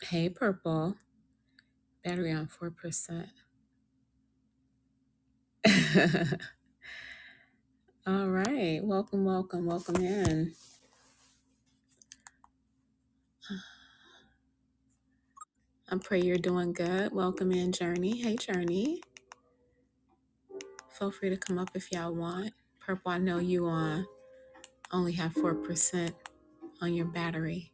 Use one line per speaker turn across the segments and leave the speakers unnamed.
Hey, Purple. Battery on 4%. All right. Welcome, welcome, welcome in. I pray you're doing good. Welcome in, Journey. Hey, Journey. Feel free to come up if y'all want. Purple, I know you uh, only have 4% on your battery.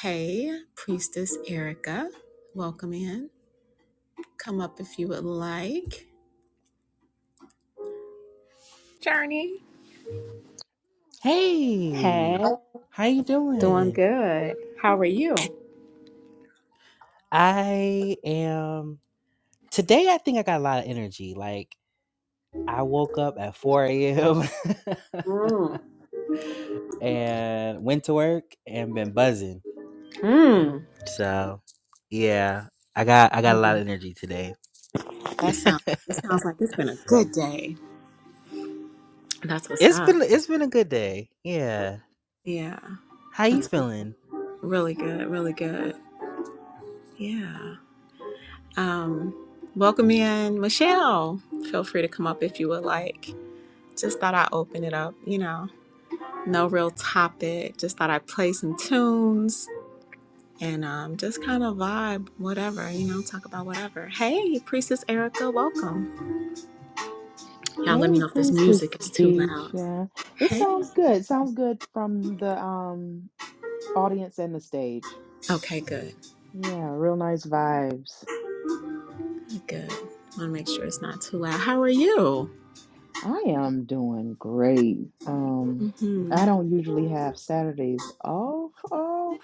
Hey, Priestess Erica. Welcome in. Come up if you would like. Journey. Hey,
Hey, how you
doing
doing?
good. How are you?
I am today I think I got a lot of energy. Like I woke up at 4 a.m.
Mm.
and went to work and been buzzing.
Mm.
So yeah, I got I got a lot of energy today.
That sounds. It sounds like it's been a good day. That's what's
It's
up.
been it's been a good day. Yeah.
Yeah,
How you
that's good.
feeling?
really good. Really good. Yeah. Um, welcome in, Michelle. Feel free to come up if you would like. Just thought I'd open it up. You know, no real topic. Just thought I'd play some tunes and um, just kind of vibe, whatever. You know, talk about whatever. Hey, Priestess Erica, welcome. Y'all, let me
Hey,
know if this
Priestess
music is too loud.
Keisha. It
Hey.
sounds good. It sounds good from the um audience and the stage.
Okay, good.
Yeah, real nice vibes.
Good. I Want to make sure it's not too loud. How are you?
I am doing great. Um,
hmm
I don't usually have Saturdays off, off.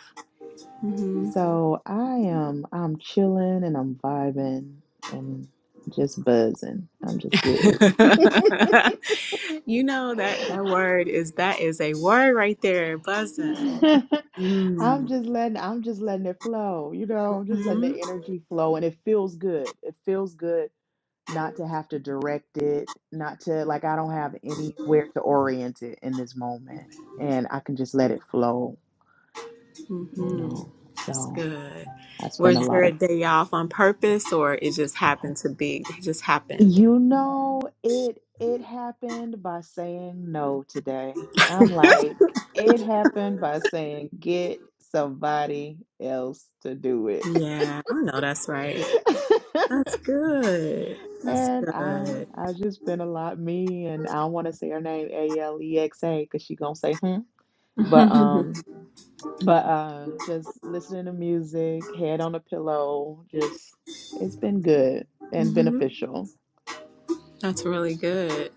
hmm
So I am I'm chilling and I'm vibing and just buzzing. I'm just good.
you know that that word is that is a word right there, buzzing. Mm-hmm.
I'm just letting I'm just letting it flow, you know, I'm just letting the energy flow and it feels good. It feels good not to have to direct it, not to like I don't have anywhere to orient it in this moment. And I can just let it flow, you
hmm
know.
That's
So
good.
I spend a
Was
lot
your
of
day off on purpose, or it just happened to be? It just happened.
you know, it it happened by saying no today. I'm like, it happened by saying get somebody else to do it.
Yeah, I know that's right. That's good. That's
and I
good.
I just been a lot me and I don't want to say her name A L E X A because she gonna say hmm. But
hmm
um but uh just listening to music, head on a pillow, just it's been good and beneficial.
That's really good.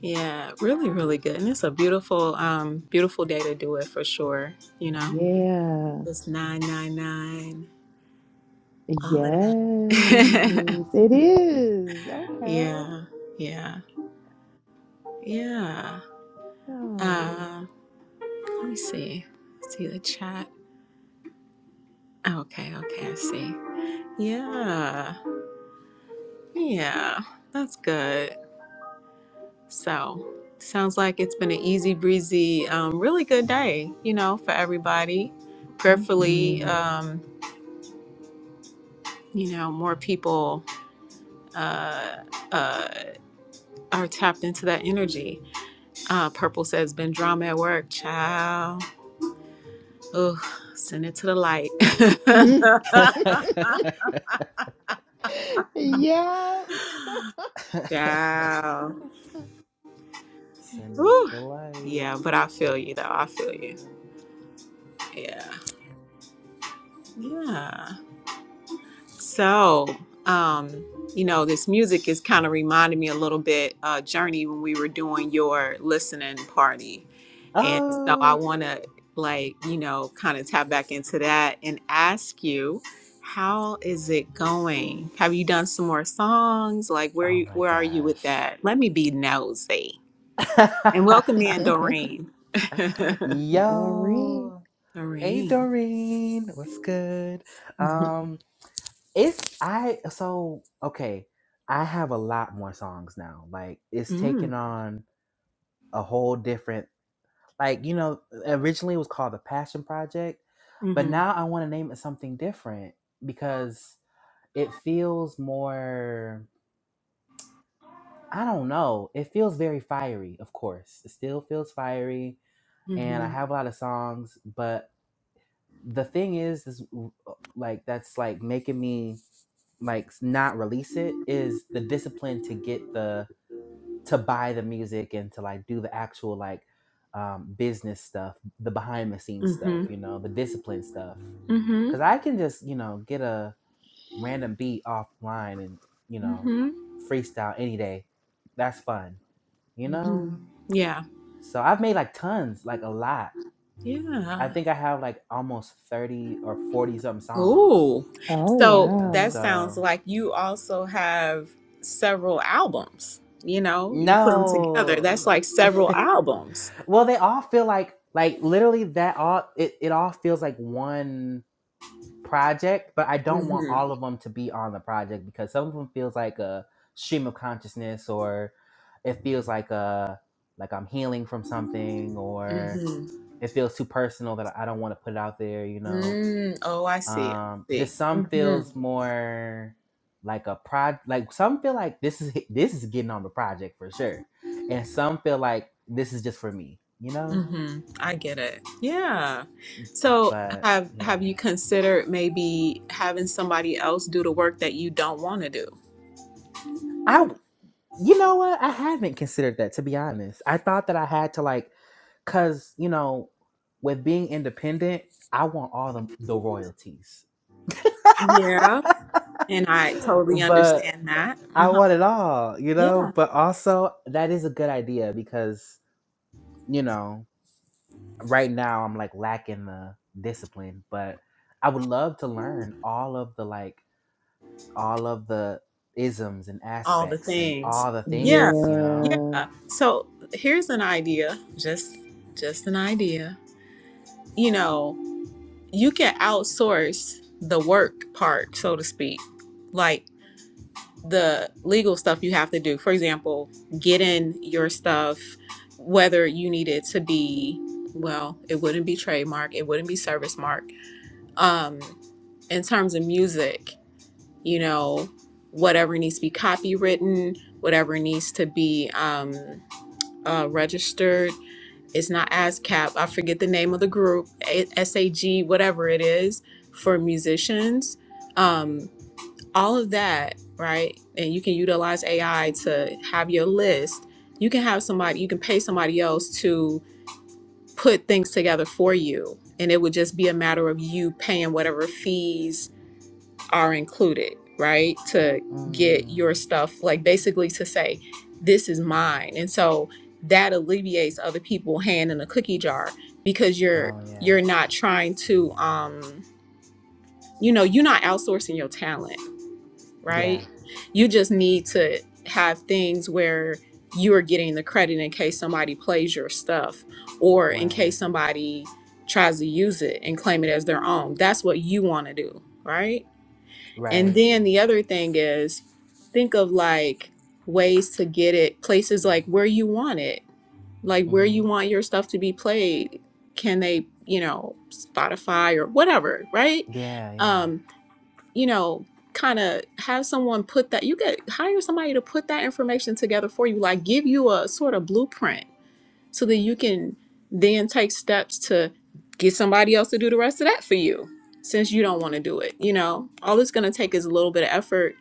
Yeah, really, really good. And it's a beautiful, um, beautiful day to do it for sure. You know,
Yeah.
it's 999,
Yes,
all of that.
it is. Okay.
yeah, yeah, yeah.
Yeah.
Uh, let me see. See the chat. Oh, Okay, okay, I see. Yeah, yeah, that's good. So, sounds like it's been an easy breezy, um, really good day, you know, for everybody. Prayerfully,
hmm
um, you know, more people. uh, uh, are tapped into that energy. Uh, Purple says, been drama at work, child. Ooh, send it to the light.
yeah.
child.
Send it to
Ooh.
the light.
Yeah, but I feel you though. I feel you. Yeah. Yeah. So, um, you know, this music is kind of reminding me a little bit, uh, Journey, when we were doing your listening party And so I
Oh,
want to, like, you know, kind of tap back into that and ask you, how is it going? Have you done some more songs? Like, where
oh
you,
my
where are you with
gosh.
that? Let me be nosy and welcome in
Yeah.
Doreen.
Doreen.
Yo, hey
Doreen.
Doreen, what's good?
Mhm.
Um, it's I so okay. I have a lot more songs now. Like it's
Mm.
taken on a whole different like you know originally it was called the Passion Project, but
Mhm.
now I want to name it something different because it feels more. I don't know. It feels very fiery. Of course, it still feels fiery, and I
Mhm.
have a lot of songs, but the thing is is like that's like making me like not release it is the discipline to get the to buy the music and to like do the actual like um business stuff the behind the scenes stuff
Mhm.
you know the discipline stuff
Mhm.
because i can just you know get a random beat offline and you know
Mhm.
freestyle any day that's fun you know
Mhm. Yeah.
so i've made like tons like a lot
Yeah.
i think i have like almost 30 or 40 something songs
Ooh.
Oh
So
And
wow.
that sounds
so,
like you also have several albums. You know, you put them together.
no.
That's like several albums.
well, they all feel like like literally that all it, it all feels like one project, but I don't want
Mm-hmm.
all of them to be on the project because some of them feels like a stream of consciousness or it feels like a like I'm healing from something or
Mm-hmm.
it feels too personal that I don't want to put it out there, you know
Mm. Oh, I see. I
um
see.
just some
Mm-hmm.
feels more like a prod like some feel like this is this is getting on the project for sure and some feel like this is just for me you know
Mm-hmm. I get it. Yeah. So
but
have have
yeah
you considered maybe having somebody else do the work that you don't want to do?
I you know what i haven't considered that to be honest i thought that i had to like because you know with being independent i want all the, the royalties
Yeah. And I totally
but
understand that.
i
Uh-huh.
want it all you
Yeah.
know but also that is a good idea because you know right now I'm like lacking the discipline, but I would love to learn all of the like all of the isms and
all the
aspects and
things.
all the
Yeah,
things, you know?
Yeah.
yeah. So here's an idea, just just an idea. You know, you can outsource the work part, so to speak, like the legal stuff you have to do. For example, getting your stuff, whether you need it to be, well, it wouldn't be trademark, it wouldn't be service mark. Um, in terms of music, you know, whatever needs to be copywritten, whatever needs to be um, uh, registered. It's not ASCAP. I forget the name of the group, SAG, whatever it is for musicians. Um, all of that, right? And you can utilize AI to have your list. You can have somebody, you can pay somebody else to put things together for you. And it would just be a matter of you paying whatever fees are included, right? To get
Mm.
your stuff, like basically to say, this is mine. And so that alleviates other people hand in a cookie jar because you're
Oh yeah.
you're not trying to um you know you're not outsourcing your talent
Yeah.
right you just need to have things where you are getting the credit in case somebody plays your stuff or in
Right.
case somebody tries to use it and claim it as their own that's what you want to do right and
Right.
then the other thing is think of like ways to get it places like where you want it, like where you
Mhm.
want your stuff to be played. Can they, you know, Spotify or whatever, right?
Yeah, yeah.
Um, you know, kind of have someone put that you could hire somebody to put that information together for you, like give you a sort of blueprint so that you can then take steps to get somebody else to do the rest of that for you since you don't want to do it you know all it's going to take is a little bit of effort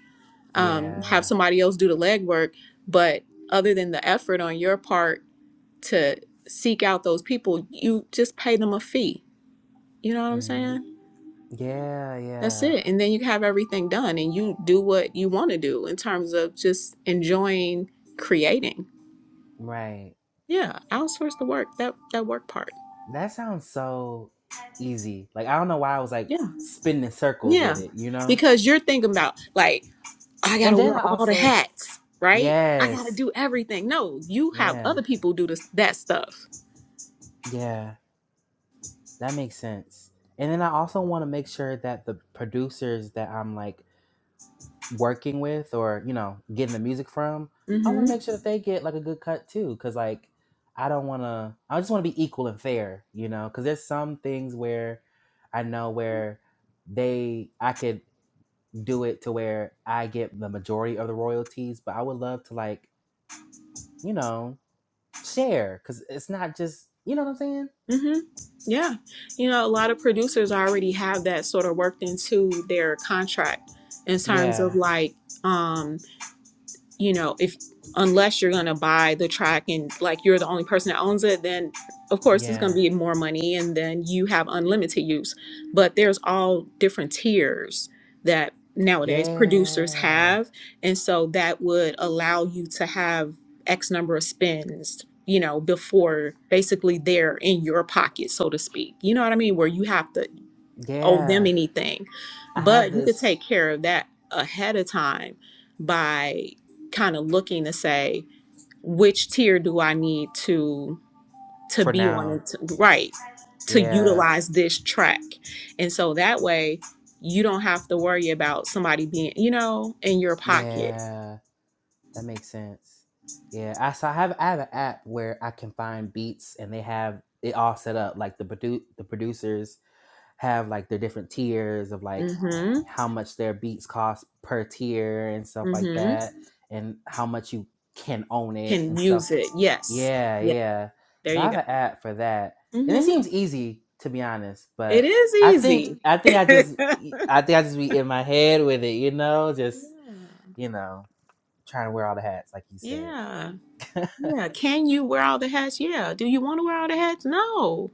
um,
Yeah.
have somebody else do the legwork but other than the effort on your part to seek out those people you just pay them a fee you know what i'm
Mhm.
saying
Yeah,
that's
yeah.
it and then you have everything done and you do what you want to do in terms of just enjoying creating
Right.
yeah outsource the work that that work part
That sounds so easy. Like I don't know why I was like
yeah
spinning in circles
Yeah,
with it, you know?
because you're thinking about like I
And
gotta
then
wear
I
all the
also
hats, right? I gotta
yes.
do everything. No, you have
Yeah.
other people do this that stuff.
Yeah. That makes sense. And then I also want to make sure that the producers that I'm like working with or, you know, getting the music from, I want
Mm-hmm.
to make sure that they get like a good cut too. Cause like, I don't want to, I just want to be equal and fair, you know, cause there's some things where I know where they, I could do it to where I get the majority of the royalties, but I would love to like, you know, share cause it's not just, you know what I'm saying?
Mm-hmm. Yeah, you know, a lot of producers already have that sort of worked into their contract in terms of
Yeah.
like, um, you know, if unless you're going to buy the track and like you're the only person that owns it, then of course it's going to
Yeah.
be more money and then you have unlimited use. But there's all different tiers that nowadays producers
Yeah.
have. And so that would allow you to have X number of spins, you know, before basically they're in your pocket, so to speak. You know what I mean? Where you have to owe them
Yeah,
anything.
I have
But you could
this
take care of that ahead of time by kind of looking to say, which tier do I need to to
for
be on
now.
it to- right to
Yeah,
utilize this track. And so that way you don't have to worry about somebody being, you know, in your pocket.
yeah, that makes sense. Yeah, I so I have I have an app where I can find beats, and they have it all set up. Like the produ- the producers have like their different tiers of like
hmm
how much their beats cost per tier and stuff like
hmm
that, and how much you can own it
Can
and stuff
use it. Yes.
Yeah,
Yeah.
yeah.
There
So I
you go.
have an app for that, and it
hmm
seems easy to be honest.
It
But
is
I think
easy.
I think I just
yeah.
e, I think I just be in my head with it, you know, just you know trying to wear all the hats, like you said.
Yeah. Yeah. Can you wear all the hats? Yeah. Do you want to wear all the hats? No.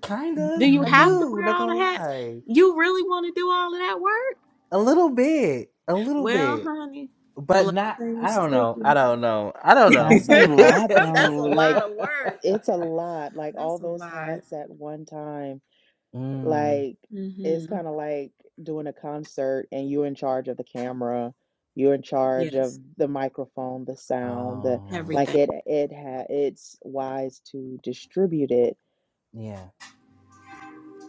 Do
Kinda,
you
I
have
Mm-mm.
to
do.
wear
Not
all the
gonna
hats?
lie,
You really want to do all of that work?
a little bit, a little
Well,
bit,
honey,
but not. I
blessings
don't
to
know. I
you.
don't know. I don't know.
That's a lot
but-
That's a
though.
lot
Like
of work.
it's a lot. Like all
That's a
those
lot.
hats at one time.
mm.
Like it's
hmm
kind of like doing a concert and you're in charge of the camera, you're in charge of
Yes.
the microphone, the sound, the
Oh,
like
Everything.
it it ha it's wise to distribute it.
yeah,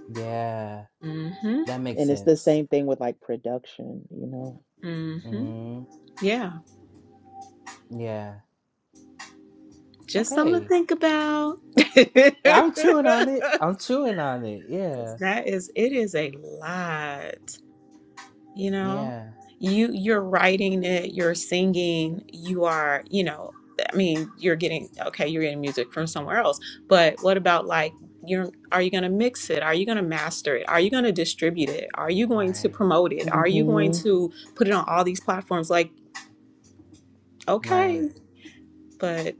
yeah.
hmm
That makes
And it's the
sense.
same thing with like production, you know.
hmm
Mm-hmm.
Yeah.
yeah.
Just something to
Okay.
think about.
Yeah, I'm chewing on it. I'm chewing on it.
Cause
Yeah.
that is it is a lot, you know.
Yeah.
You you're writing it, you're singing, you are, you know, I mean, you're getting okay, you're getting music from somewhere else. But what about like you're are you gonna mix it? Are you gonna master it? Are you gonna distribute it? Are you going to
Right.
promote it? Are you going
hmm
to put it on all these platforms? Like,
Right.
okay, but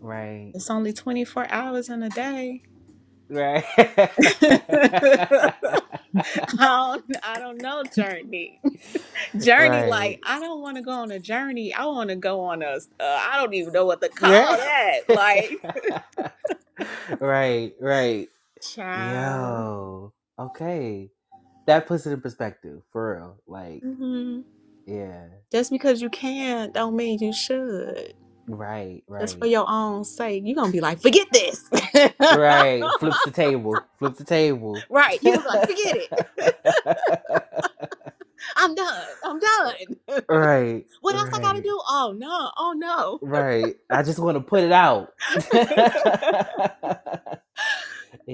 Right.
it's only 24 hours in a day.
Right.
I don't, I don't know journey. Journey, like
right.
I don't want to go on a journey. I want to go on a. Uh, I don't even know what to call
Yeah.
that. Like,
right. Right.
child.
Yo. Okay. That puts it in perspective for real. Like,
hmm
yeah.
Just because you can, don't mean you should.
Right.
Just for
Right.
your own sake, you're gonna be like, forget this.
Right. Flips the table. Flips the table.
right? You're gonna be like, forget it. I'm done. I'm done.
Right,
what else I gotta
right,
do? Oh no! Oh no!
right. I just want to put it out.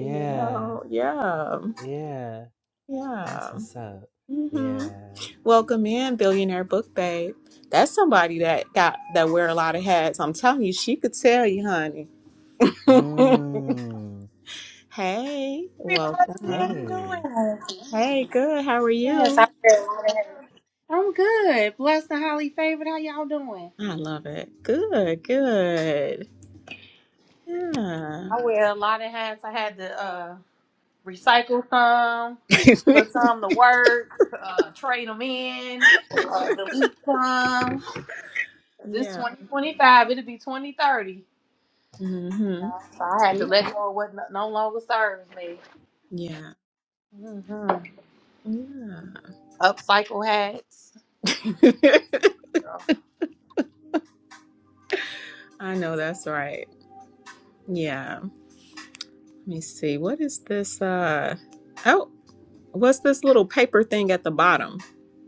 you know? Yeah.
yeah. That's
Yeah.
what's up.
hmm
Yeah.
Welcome in, billionaire book babe. That's somebody that got that wear a lot of hats. I'm telling you, she could tell you, honey.
Mm.
hey,
How
welcome.
you
Hey,
doing?
Hey, good. How are
Yes, I
you?
wear a lot of hats. I'm good. Blessed and highly favored. How y'all doing?
I love it. Good, good. Yeah.
I wear a lot of hats. I had to uh, recycle some, put some to work, uh, trade them in, uh, delete some. 'Cause It's
yeah.
2025. It'll be 2030.
Mm-hmm.
So I had to
See?
let go of what no no longer serves me.
Yeah.
Mm-hmm.
Yeah.
Upcycle hats.
I know that's right. Yeah. Let me see. What is this? Uh oh, what's this little paper thing at the bottom?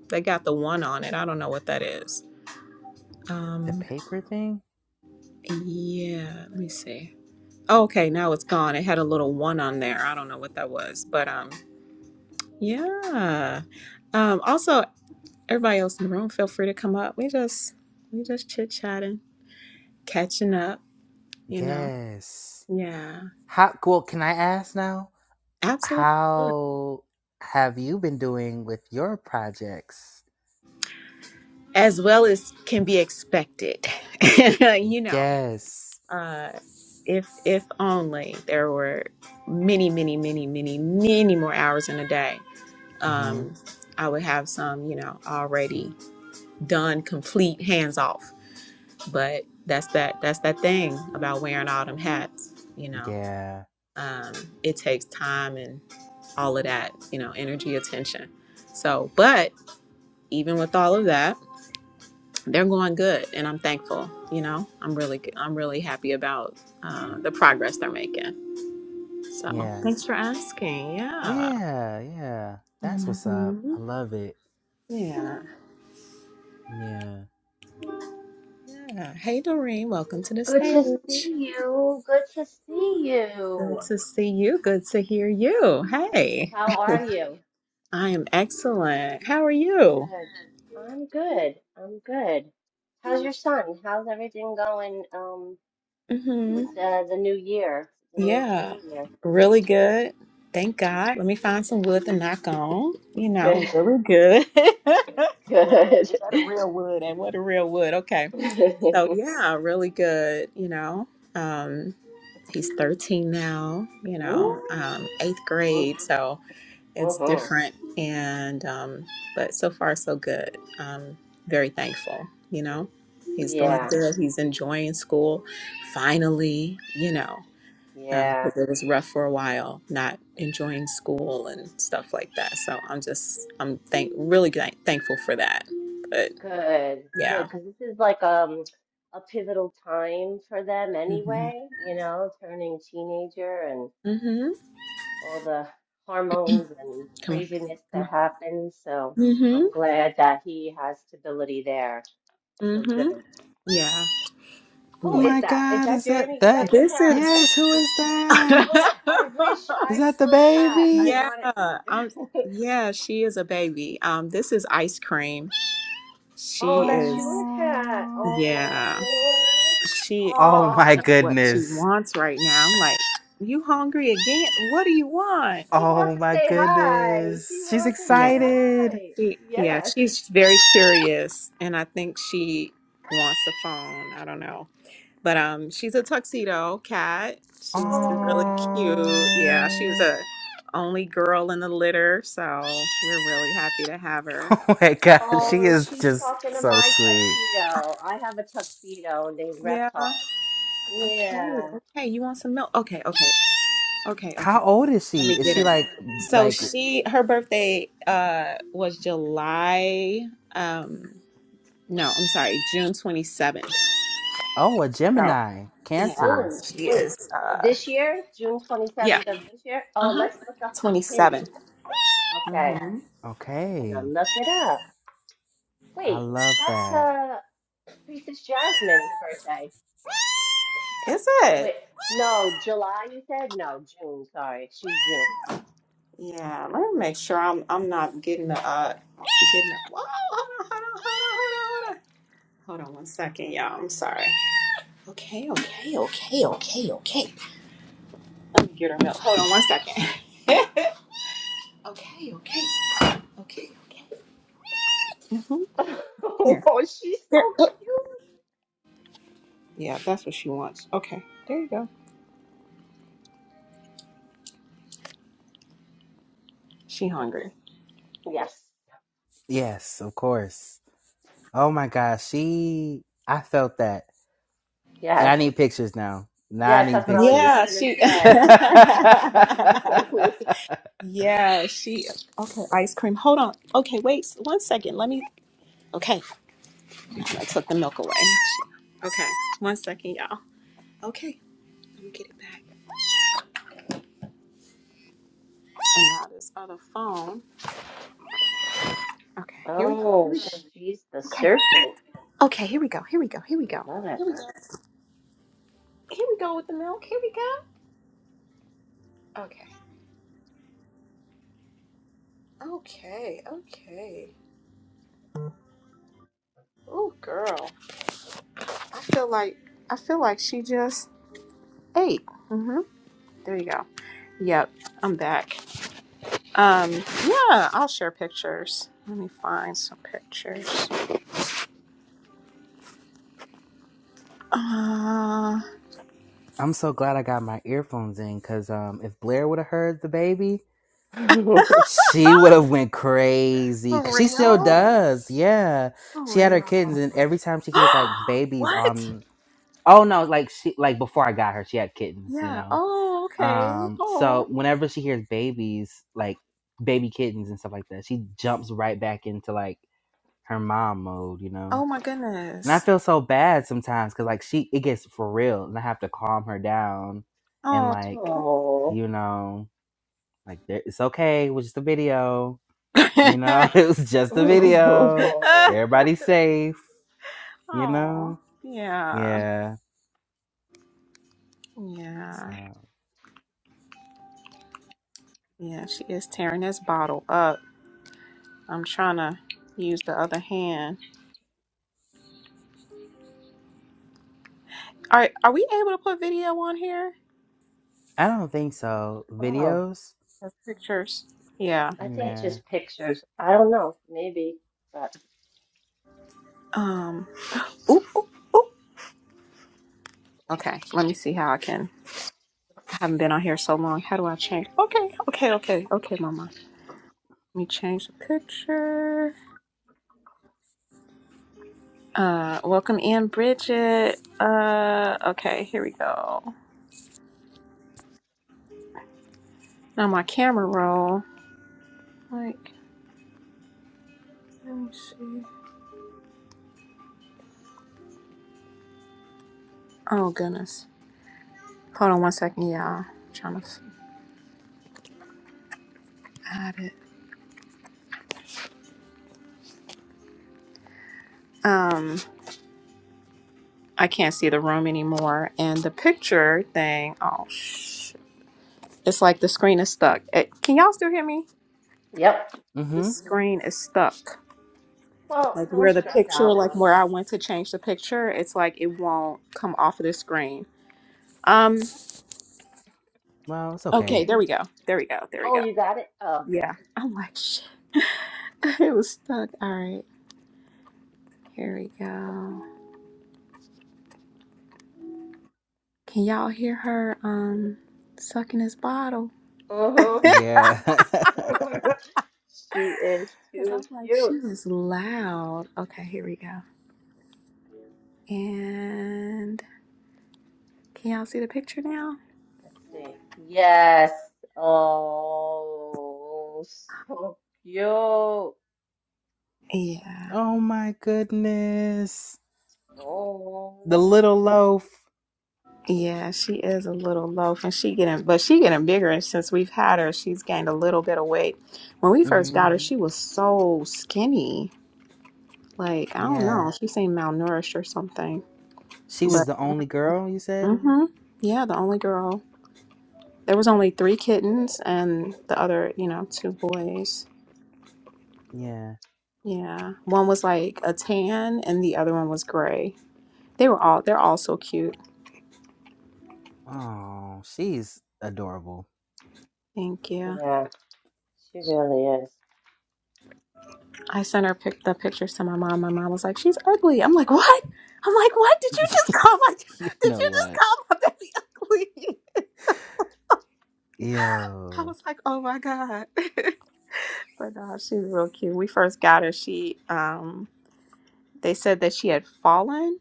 They got the one on it. I don't know what that is.
the
Um,
paper thing?
yeah, let me see. Oh, okay, now it's gone. It had a little one on there. I don't know what that was, but um, yeah. Um, also, everybody else in the room, feel free to come up. We just we just chit chatting, catching up. You know,
Yes.
yeah,
How well can I ask now?
absolutely,
How have you been doing with your projects?
as well as can be expected. you know.
Yes.
Uh, if if only there were many, many, many, many, many more hours in a day,
Mm-hmm.
um, I would have some, you know, already done, complete, hands off. But that's that. That's that thing about wearing all them hats. You know,
Yeah.
um, it takes time and all of that. You know, energy, attention. So, but even with all of that, they're going good, and I'm thankful. You know, I'm really, I'm really happy about uh, the progress they're making. So
Yeah.
thanks for asking. Yeah.
Yeah. Yeah. That's what's up.
hmm
I love it.
Yeah.
Yeah.
Yeah. Hey, Doreen. Welcome to the
Good to
stage.
see you. Good to see
Good
you.
to see you.
H-
Good to hear you. Hey.
How are you?
I am excellent. How are you?
Good. I'm good. I'm good. How's your son? How's everything going um
hmm
with uh, the new year, the new
Yeah.
school year?
Really good. Thank God. Let me find some wood to knock on. You know,
Good.
really good.
Good.
what a real wood and what a real wood. Okay. So yeah, really good, you know. Um he's 13 now you
Woo.
know um, eighth
Mm,
grade so it's
mhm.
different and um, but so far so good um, very thankful you know he's doing
Yeah.
good he's enjoying school finally you know
Yeah.
because it was rough for a while not enjoying school and stuff like that so i'm just i'm thank really thank- thankful for that but
Good. Good.
yeah
Because this is like um a pivotal time for them
mm-hmm.
anyway, you know, turning teenager and
Mm-hmm.
all the hormones and
come on
craziness
come
that
on
happens. So
mm-hmm
I'm glad that he has stability there. So
mm-hmm
good.
yeah
Oh
Who
yeah.
is
my
that? Is
God,
that
is
Journey?
that
Is that
that?
your
This
cat?
is
Yes, who is
What?
that?
I wish
Is
I
that the
spoke cat. I
baby?
Yeah,
want it.
um yeah, she is a baby. Um this is ice cream.
Oh,
She
that's your
is
cat.
Oh,
yeah.
Oh,
She
oh
I
my
don't know
oh.
what she
goodness.
wants right now. I'm like, you hungry again? What do you want?
She wants
Oh
to
my
say hi. She
goodness. She's
wants to
Yeah.
say
excited.
hi.
She yeah,
Yes.
she's very curious and I think she wants a phone. I don't know. But um, she's a tuxedo cat. She's really
Oh.
cute. Yeah, she was
Oh,
a only girl in the litter, so we're really happy to have her.
oh my God,
Yeah.
she
Oh,
is
she's
just
talking to
so
my
sweet.
tuxedo. I have a tuxedo named
Yeah.
Reptar.
Okay.
Yeah.
Okay. You want some milk? Okay. Okay. Okay. Okay.
How old is
Let
she?
me
Is
get
she
her.
like
So
like
she her birthday uh was July um no, I'm sorry, June 27th.
oh a
So,
Gemini,
yeah,
Cancer?
Oh,
she
wait.
is uh
This year, June
yeah.
27th of this year. Oh,
Uh-huh.
let's look up her pin.
27th.
Okay.
Mhm.
I'm gonna
Okay,
look it up.
I
Wait,
love
that's
that.
uh Priestess Jasmine's birthday.
Is it?
Wait, no, July you said? No, June, sorry. She's June.
Yeah, let me make sure I'm I'm not getting the uh getting the whoa hold on hold on hold on hold on hold on hold on one second y'all I'm sorry okay okay okay okay okay let me get her milk hold on one second okay okay okay okay hmm here
Oh, she's
here
so
oh.
cute.
yeah that's what she wants okay there you go she
Let's,
hungry
yes.
Yes, of course. Oh my gosh, she I felt that. And I
Yes.
need pictures now. Now I
Yes,
need
that's what I was just
pictures.
yeah
gonna
she
say. Yes.
yeah she okay ice cream hold on okay wait one second let me Okay. I took the milk away. Okay, one second, y'all. Okay, let me get it back. And now this other phone. Okay, here we go. Here
Oh,
we go.
she's the
Okay.
serpent.
Okay, here we go. Here we go. Here we
I
go.
love it.
Here we go. Here we go with the milk. Here we go. Okay. Okay. Okay. Oh, girl. I feel like I feel like she just ate. Mhm. There you go. Yep. I'm back. Um. Yeah. I'll share pictures. Let me find some pictures. Uh.
I'm so glad I got my earphones in cuz um if Blair would have heard the baby, she would have went crazy
For
cuz she still
real?
does. Yeah.
Oh,
She had her
real.
kittens and every time she hears like babies
what?
on Oh no, like she like before I got her, she had kittens, you
Yeah.
know.
Oh, okay.
Um, so
Oh.
whenever she hears babies, like baby kittens and stuff like that, she jumps right back into like her mom mode, you know.
Oh my
And I
goodness.
feel so bad sometimes because like she it gets for real, and I have to calm her down and
Oh.
like
Oh.
you know like there- it's okay, it was just a video, you know. It was just a video.
Oh.
Everybody's safe, you
oh.
know.
Yeah.
Yeah.
Yeah.
So
Yeah. She is tearing this bottle up. I'm trying to use the other hand. All right. Are we able to put video on here?
I don't think so.
Oh.
Videos.
There's pictures. Yeah.
I think
Yeah.
just pictures. I don't know. Maybe. But
Um. Oop, oop, oop. Okay. Let me see how I can. I haven't been on here so long. How do I change? Okay. Okay. Okay. Okay, Mama. Let me change the picture. Uh, welcome in, Bridget. Uh, okay, here we go. Now my camera roll. Like, let me see. Oh goodness. Hold on one second, y'all. trying to add it. Um, I can't see the room anymore, and the picture thing. Oh sh! It's like the screen is stuck. It, can y'all still hear me?
yep.
The
Mm-hmm.
screen is stuck.
Well,
Like
don't
where the
stress
picture,
out.
like where I went to change the picture, it's like it won't come off of the screen. Um.
Well, it's okay.
Okay, there we go. There we go. There we
Oh,
go.
you got it? Oh,
Yeah.
good.
I'm like, shit. It was stuck. All right. Here we go. Can y'all hear her um sucking his bottle?
Mm-hmm.
Yeah.
She is
Because
too
I'm like, she
cute.
is loud. Okay, here we go. And can y'all see the picture now?
Let's see. Yes. Oh, so cute.
Yeah.
oh my goodness. The
Oh,
little loaf.
Yeah, she is a little loaf and she getting but she getting bigger and since we've had her, she's gained a little bit of weight. When we first
hmm
got her, she was so skinny. Like, I don't
Yeah.
know. She seemed malnourished or something.
She was
But
the only girl, you said?
hmm yeah, the only girl. There was only three kittens and the other, you know, two boys.
Yeah.
Yeah. One was like a tan and the other one was gray. They were all they're all so cute.
Oh, she's adorable.
Thank you.
yeah, she really is.
I sent her pic- the pictures to my mom. My mom was like, She's ugly. I'm like, What? I'm like, What? Did you just
you
call my did
know
you just
what?
call my baby ugly? I
Yo.
was like, Oh my God. But no, she's real cute. We first got her. She um they said that she had fallen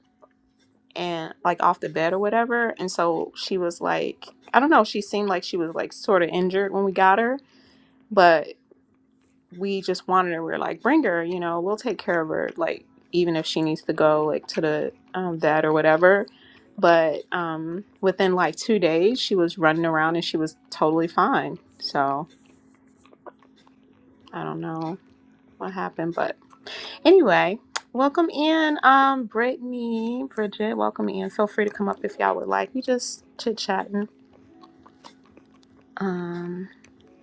and like off the bed or whatever and so she was like i don't know she seemed like she was like sort of injured when we got her but we just wanted her we were like bring her you know we'll take care of her like even if she needs to go like to the um, vet or whatever but um within like two days she was running around and she was totally fine so i don't know what happened, but anyway, welcome in, um, Brittany, Bridget, welcome in. Feel free to come up if y'all would like. We just chit chatting. Um,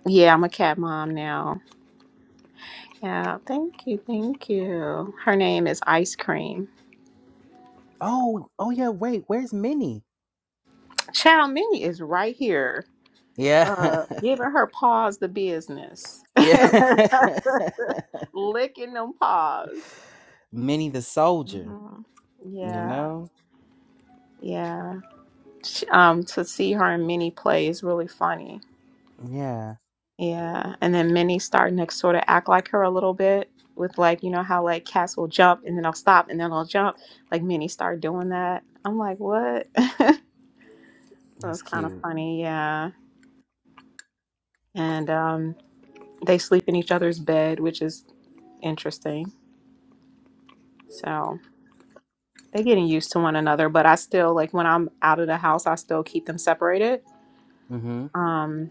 yeah, I'm a cat mom now. Yeah, thank you, thank you. Her name is Ice Cream.
Oh, oh yeah, wait, where's Minnie?
Child Minnie is right here,
Yeah.
uh, giving her paws the business,
yeah.
licking them paws.
Minnie the soldier,
Mhm.
you
Yeah,
know?
yeah. She- um, to see her and Minnie play is really funny
Yeah.
Yeah, and then Minnie starting to sort of act like her a little bit with like you know how like cats will jump and then I'll stop and then I'll jump. Like Minnie started doing that. I'm like, what? It was
That's
kind of
cute.
funny, yeah. And um, they sleep in each other's bed, which is interesting. So they're getting used to one another. But I still like when I'm out of the house, I still keep them separated.
Mm-hmm.
Um.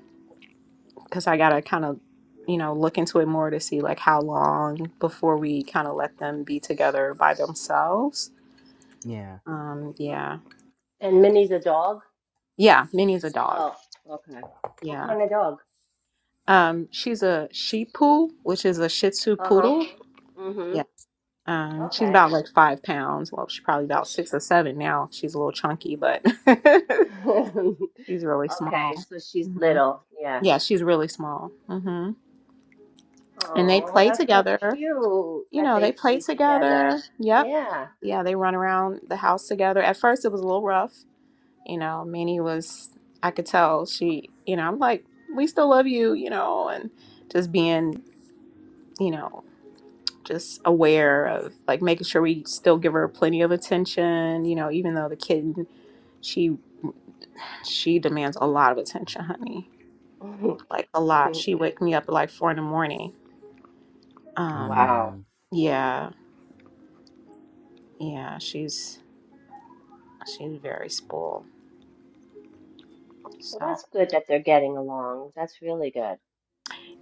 because I gotta kind of, you know, look into it more to see like how long before we kind of let them be together by themselves.
Yeah.
Um, yeah,
And Minnie's a dog?
yeah, Minnie's a dog.
Oh, okay. What
Yeah,
kind of dog?
um, she's a Shih Poo, which is a Shih Tzu
Uh-huh.
poodle.
Mm-hmm.
Yeah, um, she's
Okay.
about like five pounds. Well, she's probably
So
about six or seven now. She's a little chunky, but
she...
she's really
Okay,
small.
so she's
hmm
little. Yeah.
Yeah, she's really small. hmm And they
Oh,
play
that's so
together.
cute
you
that
know, they
they
play
play together.
together. Yep.
Yeah.
Yeah, they run around the house together. At first, it was a little rough. You know, Minnie was, I could tell she, you know, I'm like, we still love you, you know, and just being, you know, just aware of like making sure we still give her plenty of attention, you know, even though the kitten, she, she demands a lot of attention, honey. Like a lot. She wake me up at like four in the morning. Um,
Wow.
Mm.
yeah, yeah, she's, she's very spoiled.
Well,
So.
that's good that they're getting along. That's really good.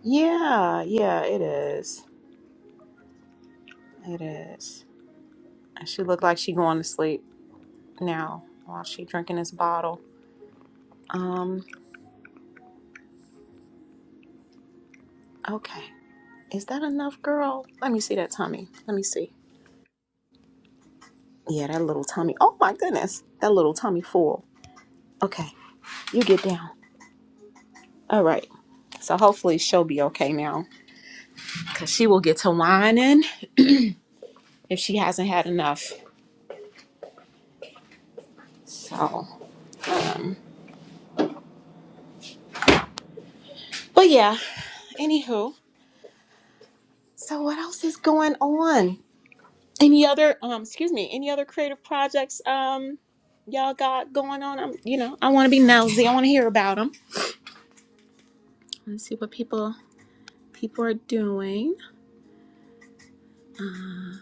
Yeah, yeah, it is. It is. And she looked like she going to sleep now while she drinking this bottle. Um, okay. Is that enough, girl? Let me see that tummy. Let me see. Yeah, that little tummy. Oh my goodness. That little tummy full. Okay, you get down. All right. So hopefully she'll be okay now. Cause she will get to whining if she hasn't had enough. So um but yeah, anywho. So what else is going on? Any other um excuse me, any other creative projects um y'all got going on? I'm you know, I want to be nosy. I want to hear about them. Let's see what people people are doing. Uh,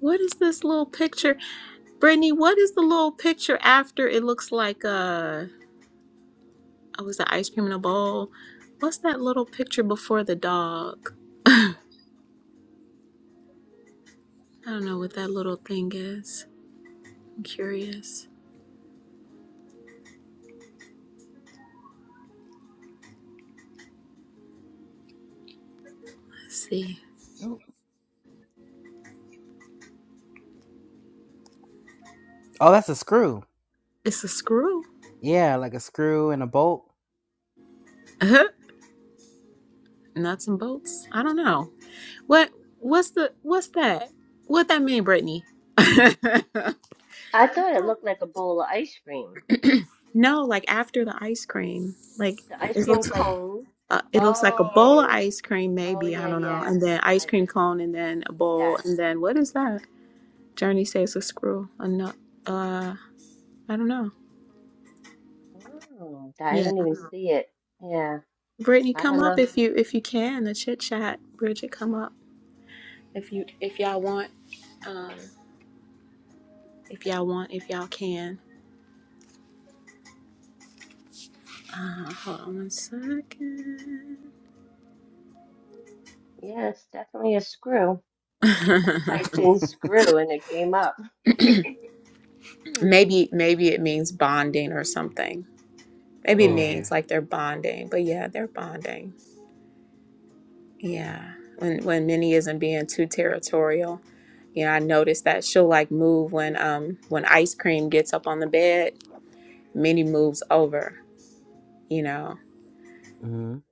what is this little picture? Brittany, what is the little picture after it looks like uh oh, was the ice cream in a bowl? What's that little picture before the dog? I don't know what that little thing is. I'm curious. Let's see.
Ooh. Oh, that's a screw.
It's a screw.
Yeah, like a screw and a bolt.
Nuts and bolts. I don't know. What what's the what's that? What that mean, Brittany?
I thought it looked like a bowl of ice cream.
no, like after the ice cream. Like
The ice
it
cream
looks like
cone.
uh, it looks like a bowl of
Oh.
ice cream,
Oh
maybe I
yeah,
don't know,
yeah.
and then ice
I
cream cone, and then a bowl,
yes.
and then what is that? Journey says a screw, a nut. Uh, I don't know.
Oh, I
Yeah,
didn't even see it. Yeah,
Brittany,
I
come
don't
up
know.
if you if you can. The chit chat, Bridget, come up if you if y'all want. Um, if y'all want, if y'all can. Uh, hold on one second.
Yeah, it's definitely a screw because I typed in screw and it came up. Hmm.
maybe maybe it means bonding or something. Maybe it
Mm.
yeah.
means like they're bonding. But yeah, they're bonding. Yeah. When when Minnie isn't being too territorial. You know, I noticed that she'll like move when um when ice cream gets up on the bed, Minnie moves over, you know.
Mm.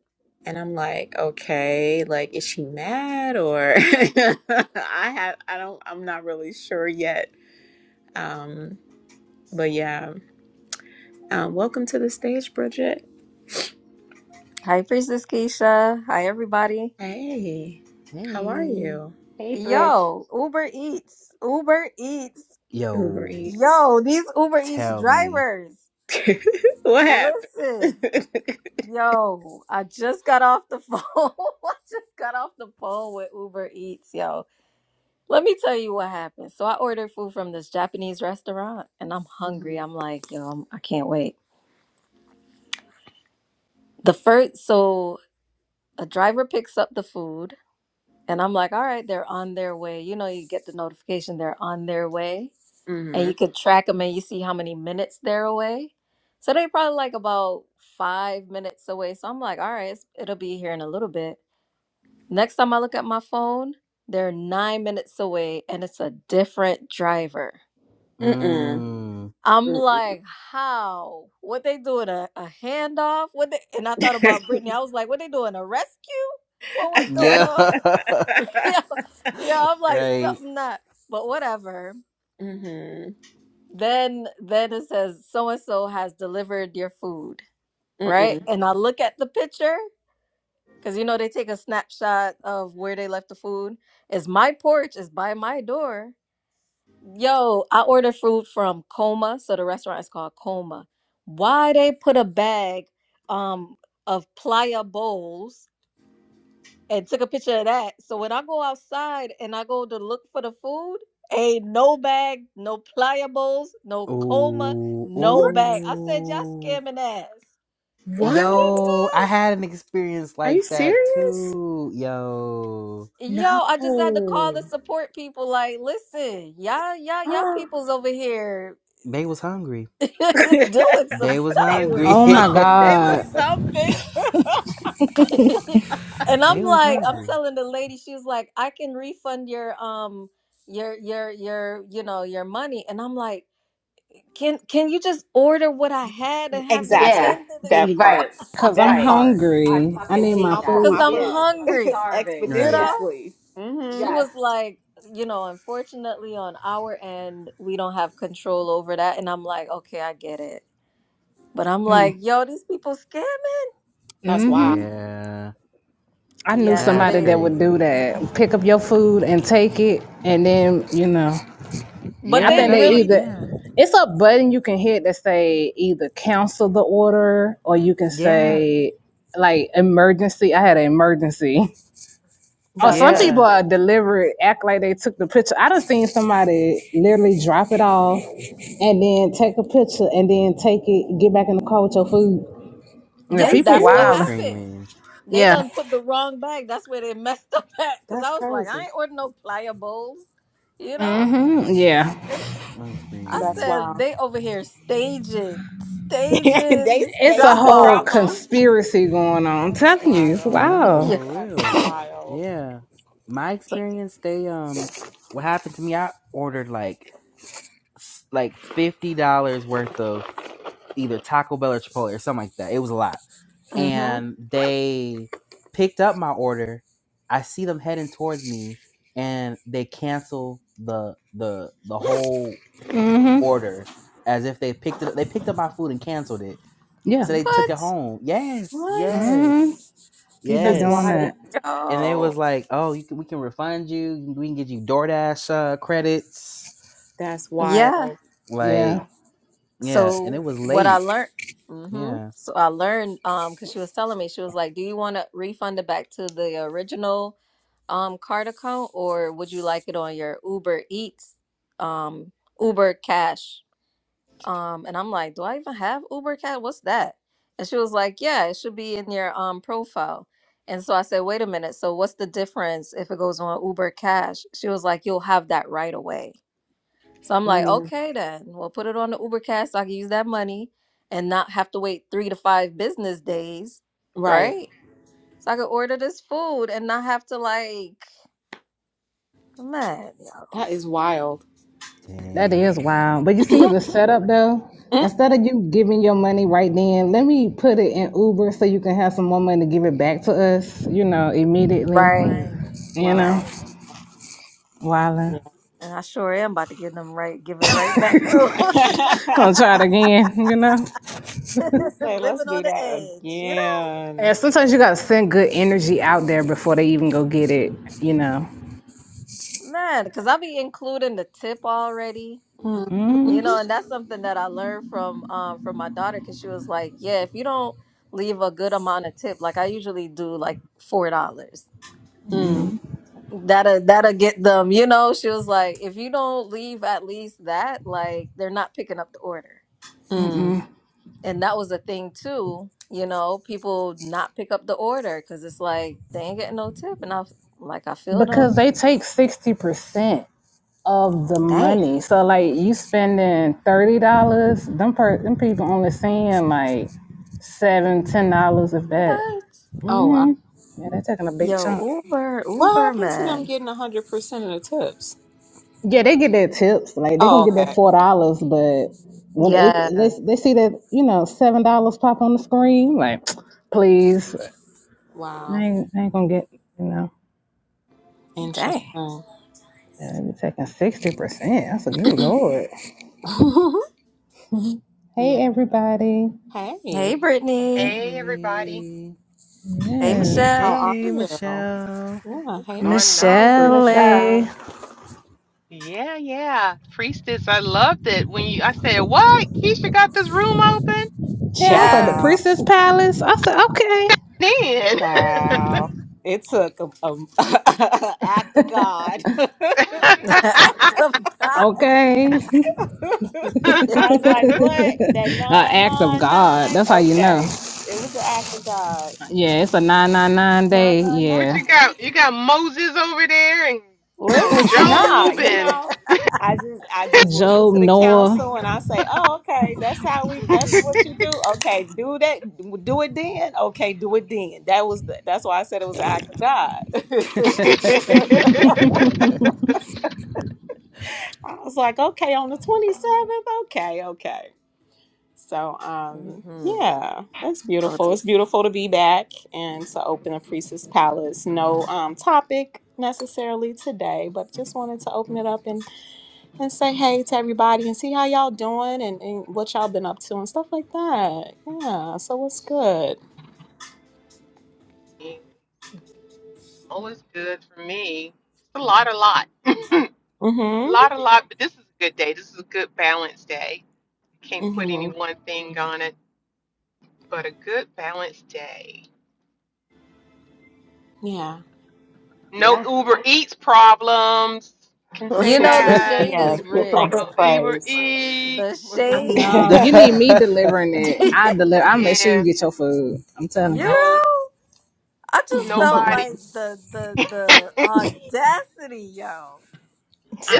And I'm like, okay, like is she mad or I have I don't I'm not really sure yet. Um but yeah. Um welcome to the stage, Bridget.
Hi, Princess Keisha. Hi, everybody.
Hey, how are
Hey.
you?
Hey, Bridge.
Yo, Uber Eats. Uber Eats.
Uber
Yo,
Eats.
Yo, these Uber Eats
tell me.
drivers.
what happened?
Listen. Yo, I just got off the phone. I just got off the phone with Uber Eats, yo. Let me tell you what happened. So I ordered food from this Japanese restaurant and I'm
mm-hmm.
hungry. I'm like, yo, I'm, I can't wait. The first, so a driver picks up the food and I'm like, all right, they're on their way. You know, you get the notification they're on their way. and
Mm-hmm.
you could track them and you see how many minutes they're away. So they probably like about five minutes away. So I'm like, all right, it's, it'll be here in a little bit. Next time I look at my phone, they're nine minutes away and it's a different driver.
Mm-mm.
Mm.
I'm
Mm-mm.
like, how? What they doing? A, a handoff? What they, and I thought about Brittany. I was like, what they doing? A rescue? What was going
Yeah.
on? yeah, yeah, I'm like,
right.
something not, but whatever
mm-hmm.
Then then it says so and so has delivered your food, right?
Mm-mm.
And I look at the picture because you know they take a snapshot of where they left the food. It's my porch, it's by my door. Yo, I ordered food from Coma, so the restaurant is called Coma. Why they put a bag um of playa bowls and took a picture of that. So when I go outside and I go to look for the food, ain't no bag, no pliables, no coma,
Ooh.
no
What?
bag. I said, y'all
Ooh.
scamming ass. Y'all
What?
scamming
Yo, I
ass.
had an experience
Are you
like that
serious?
too. Yo.
Yo,
No.
I just had to call the support people. Like, listen, y'all, y'all, y'all
Oh.
people's over here
They was hungry.
they
doing some
They was
stuff.
hungry.
was
Oh my
something. They was
God.
something.
and I'm
they was
like, I'm
hungry.
telling the lady, she was like, I can refund your um your your your you know your money. And I'm like, Can can you just order what I had and have them
exactly.
Yeah,
send it
That
hey, right,
part.
again?
Cause I'm
That
right.
part.
I
hungry. I
fucking
need my
hate
I want
that.
Cause
food.
my
I'm
food
Yeah, I'm
hungry,
starving.
you
Right.
Yeah,
know?
expeditiously. hmm
She
yes.
was like, you know, unfortunately on our end, we don't have control over that. And I'm like, okay, I get it. But I'm like, yo, these people scamming.
That's
hmm
wild.
Yeah.
I knew
Yeah, so
That's
somebody
they,
that would do
crazy.
that. Pick up your food and take it, and then you know.
but
I
Yeah,
they
think they
that's what
really,
either
yeah.
it's a button you can hit that say either cancel the order or you can
Yeah.
say like emergency. I had an emergency. Oh,
That's
some
Mm,
people
crazy.
Yeah,
are deliberate, act like they took the picture. I done seen somebody literally drop it off and then take a picture and then take it, get back in the car with your food. Yeah,
Are
yeah,
you
people
that's what
I'm
wild.
serious?
happened.
screaming.
They
Yeah.
done put the wrong bag. That's where they messed up at. Cause I
That's
was like, I
crazy.
ain't ordering no pliables, you know?
Mm, Yeah.
They.
I'm
I
That's
screaming.
said
wild.
they over here staging,
they
staging
It's a
drop
staging the
whole
drop
offs.
off.
conspiracy going on. I'm
That's
telling you.
wild.
No,
Wow.
yeah.
for
That's
real.
wild.
Yeah, my
so,
experience. They um, what happened to me? I ordered like s- like fifty dollars worth of either Taco Bell or Chipotle or something like that. It was a lot,
Mm-hmm.
and they picked up my order. I see them heading towards me, and they cancel the the the whole order as if they picked it. They picked up my food and canceled it
Yeah.
So they took it
What?
home. Yes,
What?
Mm-hmm.
yes,
You be
That's
doing
yes.
wild.
that.
And it
Oh.
was like, oh, you can, we can refund you. We can get you DoorDash uh, credits.
That's
Yeah.
wild.
Like,
Yeah.
yeah. And
So
it was
what I
late.
learned. Mm-hmm.
Yeah.
So I learned um because she was telling me she was like, "Do you want to refund it back to the original um card account, or would you like it on your Uber Eats um Uber Cash?" Um, and I'm like, do I even have Uber Cat? What's that? And she was like, yeah, it should be in your um profile. And so I said, wait a minute. So what's the difference if it goes on Uber Cash? She was like, you'll have that right away. So I'm like,
Mm,
okay then. Well, put it on the Uber Cash so I can use that money and not have to wait three to five business days,
Right.
right? So I could order this food and not have to like, man, yeah,
That is wild.
That
Dang.
is wild. But you see the setup though? Instead of you giving your money right then, let me put it in Uber so you can have some more money to give it back to us, you know, immediately.
right,
You know?
wow.
right.
Yeah.
Wildin'.
And I sure am about to give them right, give it right back to 'em.
I'll try it again, you know?
Who say let's
living
do
on the
that
edge, you
Yeah,
again.
sometimes you gotta send good energy out there before they even go get it, you know.
know? Man, because I'll be including the tip already,
Mm,
you know, and that's something that I learned from um from my daughter because she was like, Yeah, if you don't leave a good amount of tip, like I usually do like four dollars.
mm,
That'll that'll get them, you know. She was like, if you don't leave at least that, like they're not picking up the order.
mm.
And that was a thing too, you know, people not pick up the order because it's like they ain't getting no tip. And I was like, I feel
because
them.
they take 60% of the
Dang.
money. So like you spending $30, them per- them people only seeing like seven, ten dollars of that.
What?
Oh wow.
hmm Yeah, they're taking a big
Yo,
chunk.
Uber,
What
Uber
happened to them
man.
getting 100% of the tips?
Yeah, they get their tips. Like they're
Oh,
gonna get that
okay.
four dollars, but when they, they
Yeah.
they see that, you know, seven dollars pop on the screen, like, please, I
Wow.
ain't, I ain't gonna get, you know.
Dang.
Interesting.
Yeah, they be taking 60%. That's a good lord.
yeah.
Hey everybody.
Hey,
Hey,
Brittany.
Hey everybody,
Hey.
Hey,
Yes.
how
Michelle.
are
Hey,
you?
Michelle.
Yeah.
what's
Hey,
going
Michelle.
on?
Hey,
Hi,
Brittany.
Michelle. Yeah,
Michelle.
Yeah, yeah, priestess, I loved it when you. I said, "What? Keisha got this room open?"
I was like the
Ciao.
Yes.
princess Palace. I said, okay,
Then,
Ciao. It took a, a act of God.
The act of God.
okay,
I was like, what? That
an act of God.
999?
That's how you know.
Okay. It was an act of God.
Yeah, it's a nine nine nine day.
what
999.
Yeah,
you got? You got Moses over there and
Lit?
and
Nah,
Job
you
and
know, I just I just listen
Job
to the
Noah.
council and I say, oh, okay, that's how we. That's what you do. Okay, do that. Do it then. Okay, do it then. That was the, that's why I said it was an act of God. I was like, okay, on the twenty seventh. Okay, okay. So, um,
hmm
yeah, it's beautiful. It's beautiful to be back and to open a Priestess Palace. No um topic necessarily today, but just wanted to open it up and say hey to everybody and see how y'all doing and, and what y'all been up to and stuff like that. Yeah. So what's good?
all is good for me. Just a lot, a lot, a
Mm-hmm.
lot, a lot. But this is a good day. This is a good balanced day. Can't put any
Mm-hmm.
one thing on it. but a good balanced day.
Yeah.
No
Yeah.
Uber Eats problems. Can say
You know, the
that.
shade
Yes.
is
Give thanks
real.
and
No Uber
praise.
The
Eats.
I
shade.
so
know you need me delivering it.
you
I deliver. I make sure you
Yeah.
get your food. I'm telling you.
know,
No
I just felt
nobody.
like the the
this
the audacity, yo.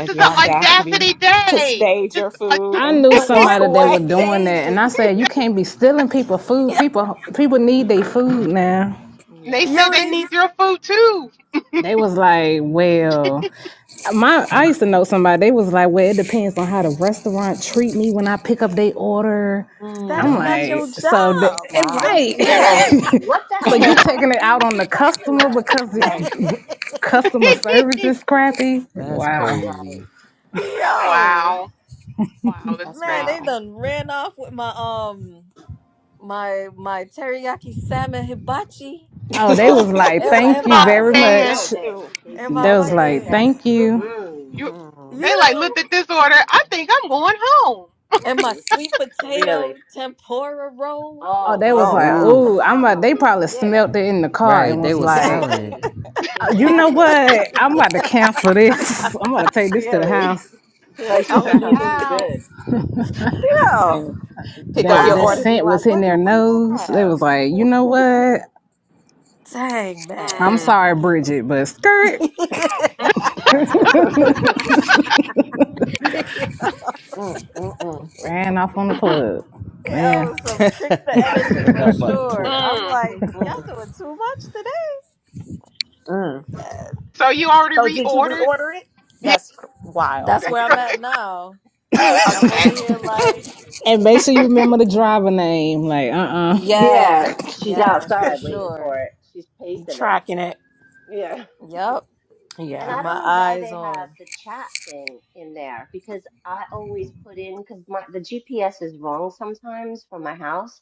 is
the
an
audacity
audacity
to
day.
stage
This is
your
a-
food
I
and
knew
Yeah,
walk
somebody that
to
was
away.
doing
stage
that, and I
it.
said, you can't be stealing people food. People people need their food now.
And they
Yeah.
said
Yo,
they
they,
need your food too.
They was like, well. My I used to know somebody. They was like, "Well, it depends on how the restaurant treat me when I pick up their order."
that
I'm
is
Mm.
not
what?
your
like, so the,
job.
Wow.
Yeah.
it, right.
What the
so
hell does
you
that have
taking
to
it
do
out
with
on
the
the customer
customer?
because it's
Yeah.
Right.
customer service is crappy.
That's
Wow.
Right.
crazy.
Yo,
wow. Wow, that's
That's
man, they
crazy.
wild.
done ran off with my um my my teriyaki salmon hibachi
Oh, they
Oh,
was like,
and my
"Thank
that's
and
you
Oh
that
my,
why
very
they
sounds
man.
smelt
good
much."
it.
too.
They
and my
They
smelt
was
it and
like,
fucking
said,
"Thank you."
"Mm-hmm.
You
Mm.
you
they like
know
looked at this order. I think I'm going home
and my
Oh,
sweet
for
potato
really?
tempura roll.
Oh,
Oh,
they
Yeah,
well,
was
Oh
that's
like,
wow.
that's
Ooh.
the
"Oh, I'm about." They
problem.
probably
Yeah,
smelt it in the car
Right.
and
They
was
were
like,
smelling it.
exactly,
"Uh, "You know
exactly.
what? I'm about to cancel this. I'm about to take this to the
Really,
house."
They're like
to
I'm
this
gonna
the
need
smells
this.
too
house.
good.
Yo,
Pick up
I
that
your
that
Wow.
order,
said,
be
scent was
like,
hitting
what
their
do we
nose. They
have?
was like, you know what?
dang man.
I'm
Mm.
sorry,
Mhm.
Bridget, but skirt
That's funny. Mm, mm, mm.
ran off on the
Mhm.
plug. Yeah.
Yo, some tricks the energy
Right
for
out by the
sure.
plug.
I'm
mm.
like, y'all
Mhm.
doing too much today,
Mm.
man.
So you already
So, did you
reordered?
reorder it? That's cr- wild.
That's where I'm at
okay.
now. I'm over here like,
And make sure you remember the driver name. Like, uh uh
yes,
yeah, she's
yes, for
outside waiting for
sure.
it. She's
You
pacing it.
tracking it?
Yeah."
Yep.
And
Keep
Yeah.
I
my
don't know why
eyes
they have
on.
the chat thing in there because I always put in because my the GPS is wrong sometimes for my house.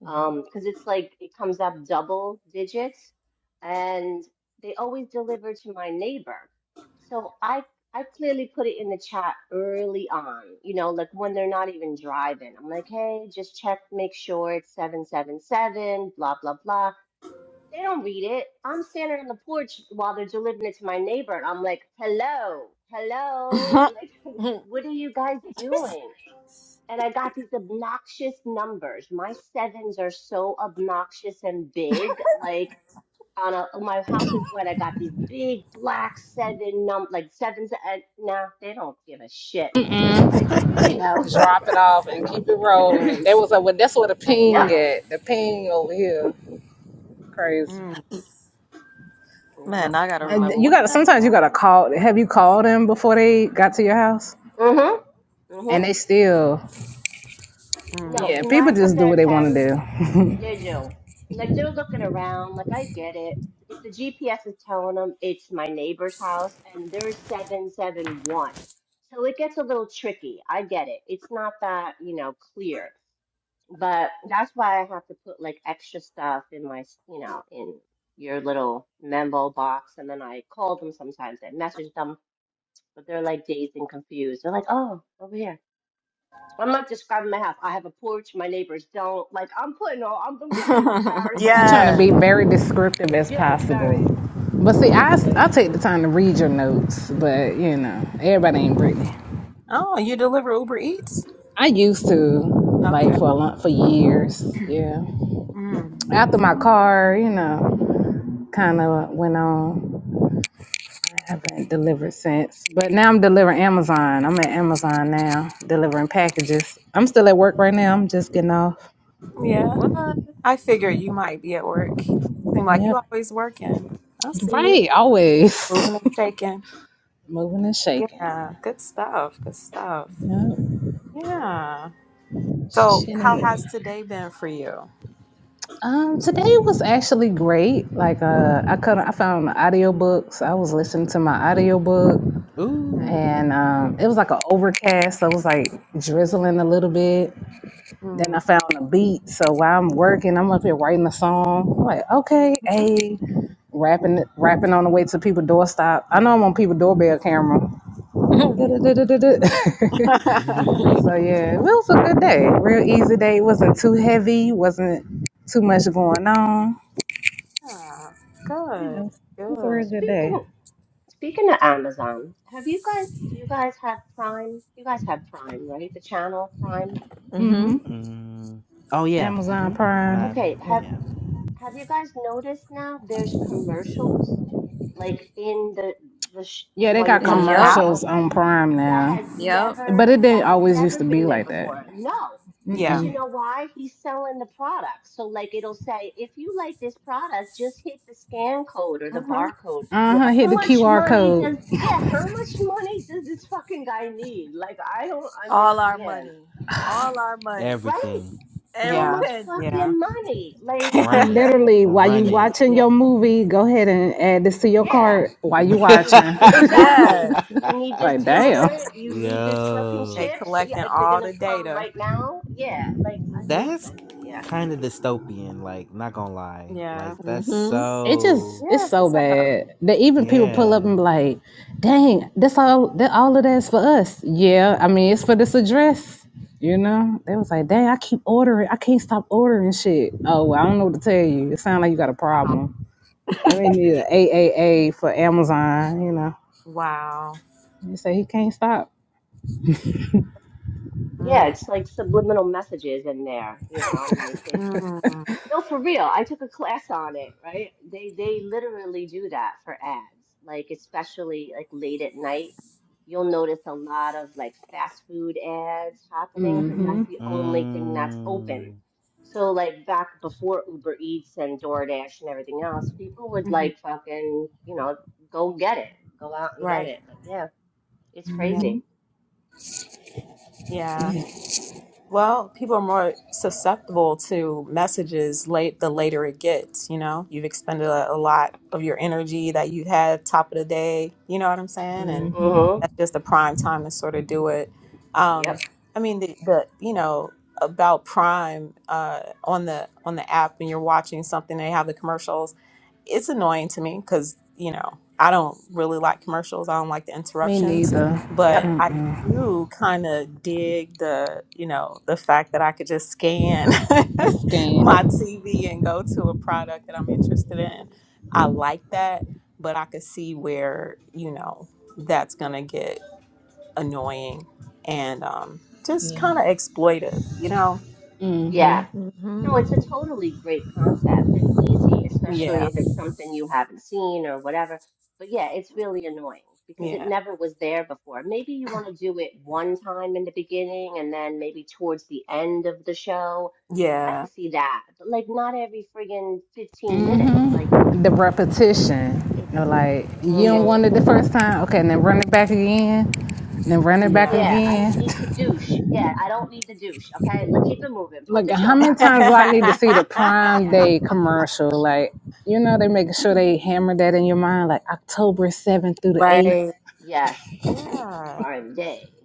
hmm
um, because it's like it comes up double digits, and they always deliver to my neighbor. So I I clearly put it in the chat early on, you know, like when they're not even driving. I'm like, hey, just check, make sure it's seven seven seven, blah blah blah. They don't read it. I'm standing on the porch while they're delivering it to my neighbor, and I'm like, hello, hello,
That's
like, what are you guys doing? and I got these obnoxious numbers. My sevens are so obnoxious and big. Like on a my house is white. I got these big black seven num like sevens. And nah, they don't give a shit. They're just like, here you go.
Drop it off and keep it rolling. There was a well, that's where the
Yep.
ping
wild.
at. The ping over here. Crazy.
Mm.
Yeah.
Man, I gotta
Oh.
And
remember
you
what did
gotta
I
sometimes
say?
you gotta call have you called them before they got to your house?
Mhm. Mhm.
And they still
No,
Mm.
yeah, people
nine times
just do
out
what
of
they wanna
ten.
do.
Did you? Like they're looking around, like I get it. If the GPS is telling them it's my neighbor's house and they're 771. So it gets a little tricky. I get it. It's not that, you know, clear. But that's why I have to put like extra stuff in my, s- you know, in your little memo box. And then I call them sometimes. I message them, but they're like dazed and confused. They're like, oh, over here. So I'm not describing my house. I have a porch. My neighbors don't. Like, I'm putting all, I'm, I'm giving them a
You're
paragraph
trying
of
to
Yeah.
be
shit.
very descriptive as
Yeah,
possible.
very.
But see, I,
And they're-
I take the time to read your notes, but you know, everybody ain't Brittany.
oh, you deliver Uber Eats?
I used to, like,
Okay.
for a long, for years, yeah.
Mm.
After my car, you know, kind of went on. I haven't delivered since. But now I'm delivering Amazon. I'm at Amazon now, delivering packages. I'm still at work right now. I'm just getting off.
Yeah.
What?
I figured you might be at work. Seem like you
Yep.
always working. I see you.
Right, always.
Moving and shaking.
Moving and shaking.
Yeah, good stuff. Good stuff.
Yep.
Yeah. So,
Shaking and
how
moving.
has today been for you?
Um, today was actually great. Like, uh, I could I found audiobooks. I was listening to my audiobook,
Mm-hmm.
Ooh.
and um, it was like an overcast. So it was like drizzling a little bit. Then I found a beat. So while I'm working, I'm up here writing a song. I'm like, okay, hey, rapping, rapping on the way to people doorstop. I know I'm on people doorbell camera. Du-du-du-du-du-du.
mm-hmm.
so yeah, it
mm.
was a good day. Real easy day. wasn't too heavy. Wasn't too much going on.
yeah. Good.
Yeah, it's a
Good.
real good day.
speaking, speaking of Amazon, have you guys, do you guys have Prime? You guys have Prime, right? The channel Prime.
hmm
Oh yeah.
Amazon
hmm My
Mhm.
Prime.
Okay,
mm,
have,
yeah.
have you guys noticed now there's commercials like in the, the, sh
Yeah, they
while you're
got
In the
watching a
Yep.
app?
show?
commercials on Prime
that
now,
has
Yep.
never
but it
that
didn't
has
always used
never
to be
been there
like that.
before. No, because
Yeah.
you know why? He's selling the product. So like it'll say, if you like this product, just hit the scan code or the
hmm
barcode.
Uh huh.
Yeah.
Hit
How
the
much
QR
money
code.
does yeah, how much money does this fucking guy need? Like I don't
All our
understand.
money. All our money.
Right?
Everything.
How
Every
Yeah.
much
penny.
Yeah.
fucking money? Like
Run
I, I
it.
mean,
Literally, while you
Run it.
watching
yeah. Yeah.
your movie, go ahead and add this to your
yeah.
cart while you
You
watching.
yeah,
Yeah.
exactly.
yeah.
You need this
like, damn.
deodorant. You need this fucking
They
Yo.
chips. Yeah,
collecting
is it
all
gonna
the
come
data.
right now? Yeah, like I
hmm
just, uh,
That's
yeah,
kind of dystopian, like, not gonna lie.
Yeah.
Like that's
Mhm.
It just
so
it's
Yes.
so
What's up?
bad that even people pull up
yeah.
and be like, "Dang, that's all that all of that's for us." Yeah, I mean it's for this address, you know. They was like, "Dang, I keep ordering, I can't stop ordering shit." Oh, well, I don't know what to tell you. It sounds like you got a
Wow.
problem. They may need an AAA for Amazon, you know.
Wow.
You say he can't stop.
Mm-hmm.
yeah. It's like subliminal messages in there, you know. Like they No, for real. I took a class on it, right? They they literally do that for ads. Like especially like late at night, you'll notice a lot of like fast food ads happening because
hmm
that's
Mm-hmm.
the only thing that's open.
Mm.
So like back before Uber Eats and DoorDash and everything else, people would
hmm
like fucking, you know, go get it, go out and get
Right.
it. But yeah, it's
Yeah.
crazy.
yeah. Well, people are more susceptible to messages late the later it gets, you know. You've expended a, a lot of your energy that you had top of the day, you know what I'm saying? And
Mm-hmm.
that's just the prime time to sort of do it.
Yep.
Um, I mean the, the you know, about Prime uh on the on the app when you're watching something they have the commercials it's annoying to me because you know I don't really like commercials. I don't like the
Me
interruptions,
neither.
Yep.
but I do kind of dig the you know the fact that I could just scan
A scam.
my TV and go to a product that I'm interested in. I like that, but I could see where you know that's gonna get annoying and um, just kind of exploitive. You know?
Yeah. No,
Mhm.
it's a totally great concept and easy, especially
Yeah,
if it's something you haven't seen or whatever. But yeah, it's really annoying because it
yeah,
never was there before. Maybe you want to do it one time in the beginning and then maybe towards the end of the show. I
yeah,
can see that. But like not every friggin' 15 minutes. Like it's
the
just
repetition.
it's
You know, like you don't want
mm-hmm.
it the first time, okay, and then run it back again, and then run it back
yeah,
Yeah, I don't
again.
need to douche. Yeah, I don't need to douche. Okay, L- keep it moving. Put
Like
the
how
show
many
back
times do I
on. Okay.
need to see the
yeah.
Prime
Yeah.
Day commercial? Like you know, they making sure they hammer that in your mind, like October seventh through the eighth.
Right.
Yes.
Yeah,
Prime Day.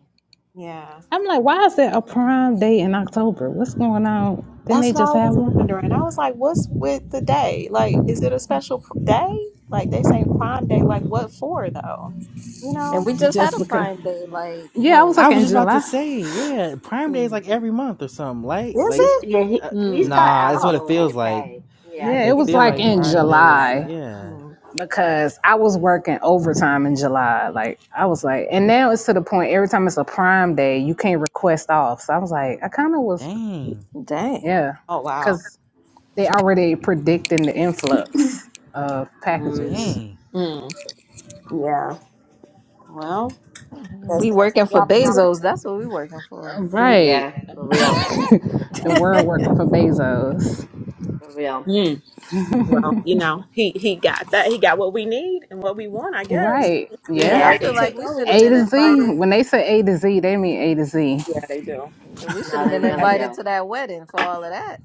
yeah.
I'm like, why is there a Prime Day in October? What's going on? Didn't they
That's what
just
I
have
was
one?
wondering. I was like, what's with the day? Like, is it a special pr- day? Like, they say Prime Day. Like, what for, though? You
And
know?
we just had a prime day. Like
Yeah, I was
when?
I
like
was
in
just about to
July.
say, yeah, Prime Day is
Mm.
like every month or something, like
Is
like it's
He,
it?
yeah, he,
uh,
he's
Mm.
got
nah, it's what it
alimony
Oh.
to
feels like.
pay. Yeah, I
Yeah, it
think
It
it's
was
feel
like
like
in
Prime
alimony,
Day was
July.
whatever.
yeah.
Mhm.
Yeah.
because I was working overtime in July. Like I was like, and now it's to the point every time it's a prime day, you can't request off. So I was like, I kind of was,
Dang.
Dang.
yeah,
Oh, wow.
because they already predicting the influx of
Mm,
packages.
Dang.
Mm. Yeah. Well, I guess
We
they see
working
the
for
opportunity,
Bezos. That's what we working for.
you know?
Right,
yeah, for real,
the
Yeah.
Shit,
world
hmm
working for Bezos.
for real.
Mm. Well, you know, he, he got that. He got what we need and what we want, I guess.
Right,
You
yeah,
know,
I
they
Yeah,
done
feel like
took
we
over
should have
with
A
been
to Z.
Amazon.
invited.
When they say A to Z, they mean A to Z.
Yeah, they do.
We should
no,
have
they
been
really
Every-
invited
do.
to that wedding for all of that.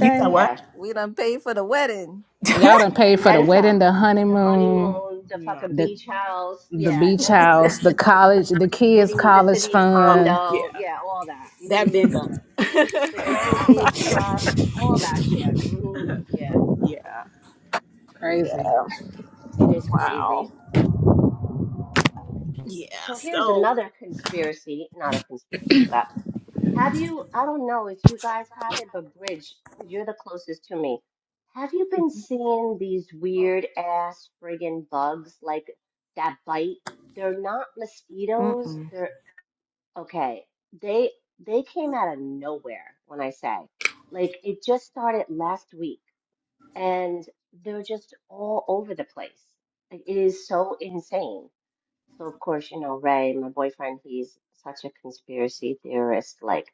You said what?
Yeah.
We done paid for the wedding.
y'all done paid
And
for the
then
wedding,
some.
the
The
honeymoon,
honeymoon, the
yeah.
fucking
the
beach house,
the
yeah,
beach
all of
house,
that.
the college, the
The
kids'
city, the
college
city
Oh
fund.
condo,
yeah,
yeah, all that.
that
hmm
been done.
The grandkids trust, all that shit. hmm Yeah,
yeah,
Crazy.
yeah.
it is crazy.
Wow. Yeah.
So here's
So
another conspiracy, not a conspiracy, but Have you, I don't know if you guys have it, but Bridge, 'cause you're the closest to me. Have you been seeing these weird ass friggin' bugs like that bite? They're not mosquitoes.
Mm-mm.
They're okay. They they came out of nowhere when I say. Like it just started last week and they're just all over the place. Like, It is so insane. So of course, you know, Ray, my boyfriend, he's such a conspiracy theorist. Like,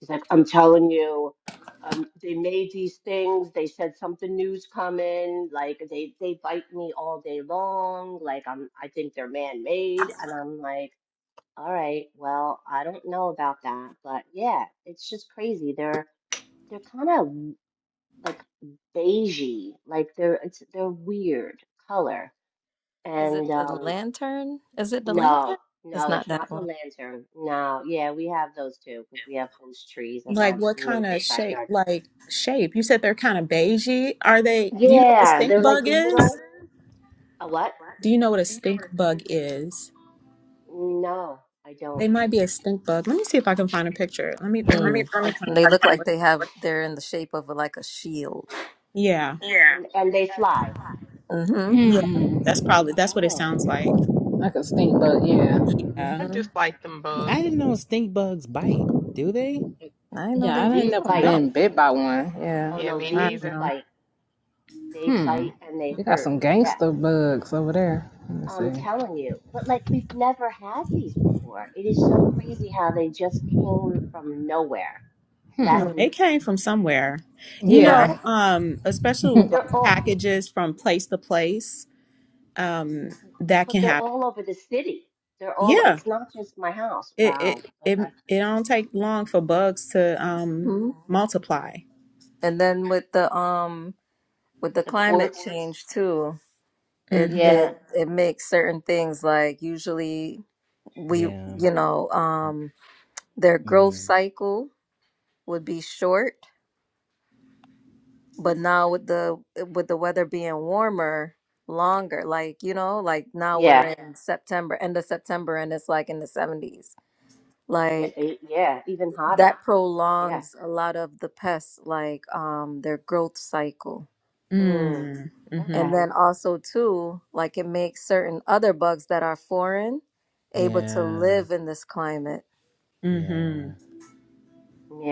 he's like, I'm telling you, um, they made these things. They said something new's coming. Like, they they bite me all day long. Like, I'm I think they're man-made, and I'm like, all right, well, I don't know about that, but yeah, it's just crazy. They're they're kind of like beigey, like they're it's they're weird color,
Is it
and
the
um.
lantern? Is it the lantern?
No,
It's
no,
not
it's
that
not the
one.
lantern. No, yeah, we have those too because we have host trees in
Like
my
what kind of
neighbor's
shape?
backyard.
Like shape? You said they're kind of beigey. Are they? Do you know what a
Yeah,
stink
they're like
bug is?
little. A what?
Do you know what a stink bug is?
No, I don't.
They might be a stink bug. Let me see if I can find a picture. Let me let me see if
Mm.
I can find
me.
a
They
picture.
look like
for
they have. They're in the shape of a, like a shield.
you. Yeah,
And and they fly.
Mm-hmm.
yeah. That's probably that's what it
Oh,
sounds like.
like a stink, bug, yeah.
Yeah.
I
Mm-hmm.
just like them bugs.
I didn't know stink bugs bite. Do they?
I know
Yeah,
oh,
they.
I ain't
these
Oh
never
bite.
no,
been bit by one. Yeah.
Oh
Yeah,
no,
me
I
these
don't
neither.
know.
bite. They
Hmm.
bite and they
We got
hurt.
some
Yeah,
gangster bugs over there. Let me
I'm
see.
telling you. But like we've never had these before. It is so crazy how they just came from nowhere
Oh,
last
Mm.
they
week.
came from somewhere. You know,
Right.
Yeah.
um, especially
But
with
they're
like
all.
packages from place to place, um, that
But
can
they're
happen.
all over the city. They're all,
Yeah,
it's not just my house.
it
Wow.
it it,
Okay.
it don't take long for bugs to um
hmm
multiply.
And then with the um with the
The
climate
ports.
change too. it
Mm-hmm.
Yeah.
it it makes certain things like usually we
Yeah.
you know um their growth
Mm.
cycle would be short but now with the with the weather being warmer longer like you know like now we're
Yeah.
in Yeah. September end of September and it's like in the 70s
Yeah.
like
e- Yeah. Even hotter.
that
Yeah.
prolongs a lot of the pests like um their growth cycle
Mm.
Mm, mm-hmm.
And
Okay.
then also too, like it makes certain other bugs that are foreign able to
Yeah.
live in this climate.
Yeah.
Mm-hmm.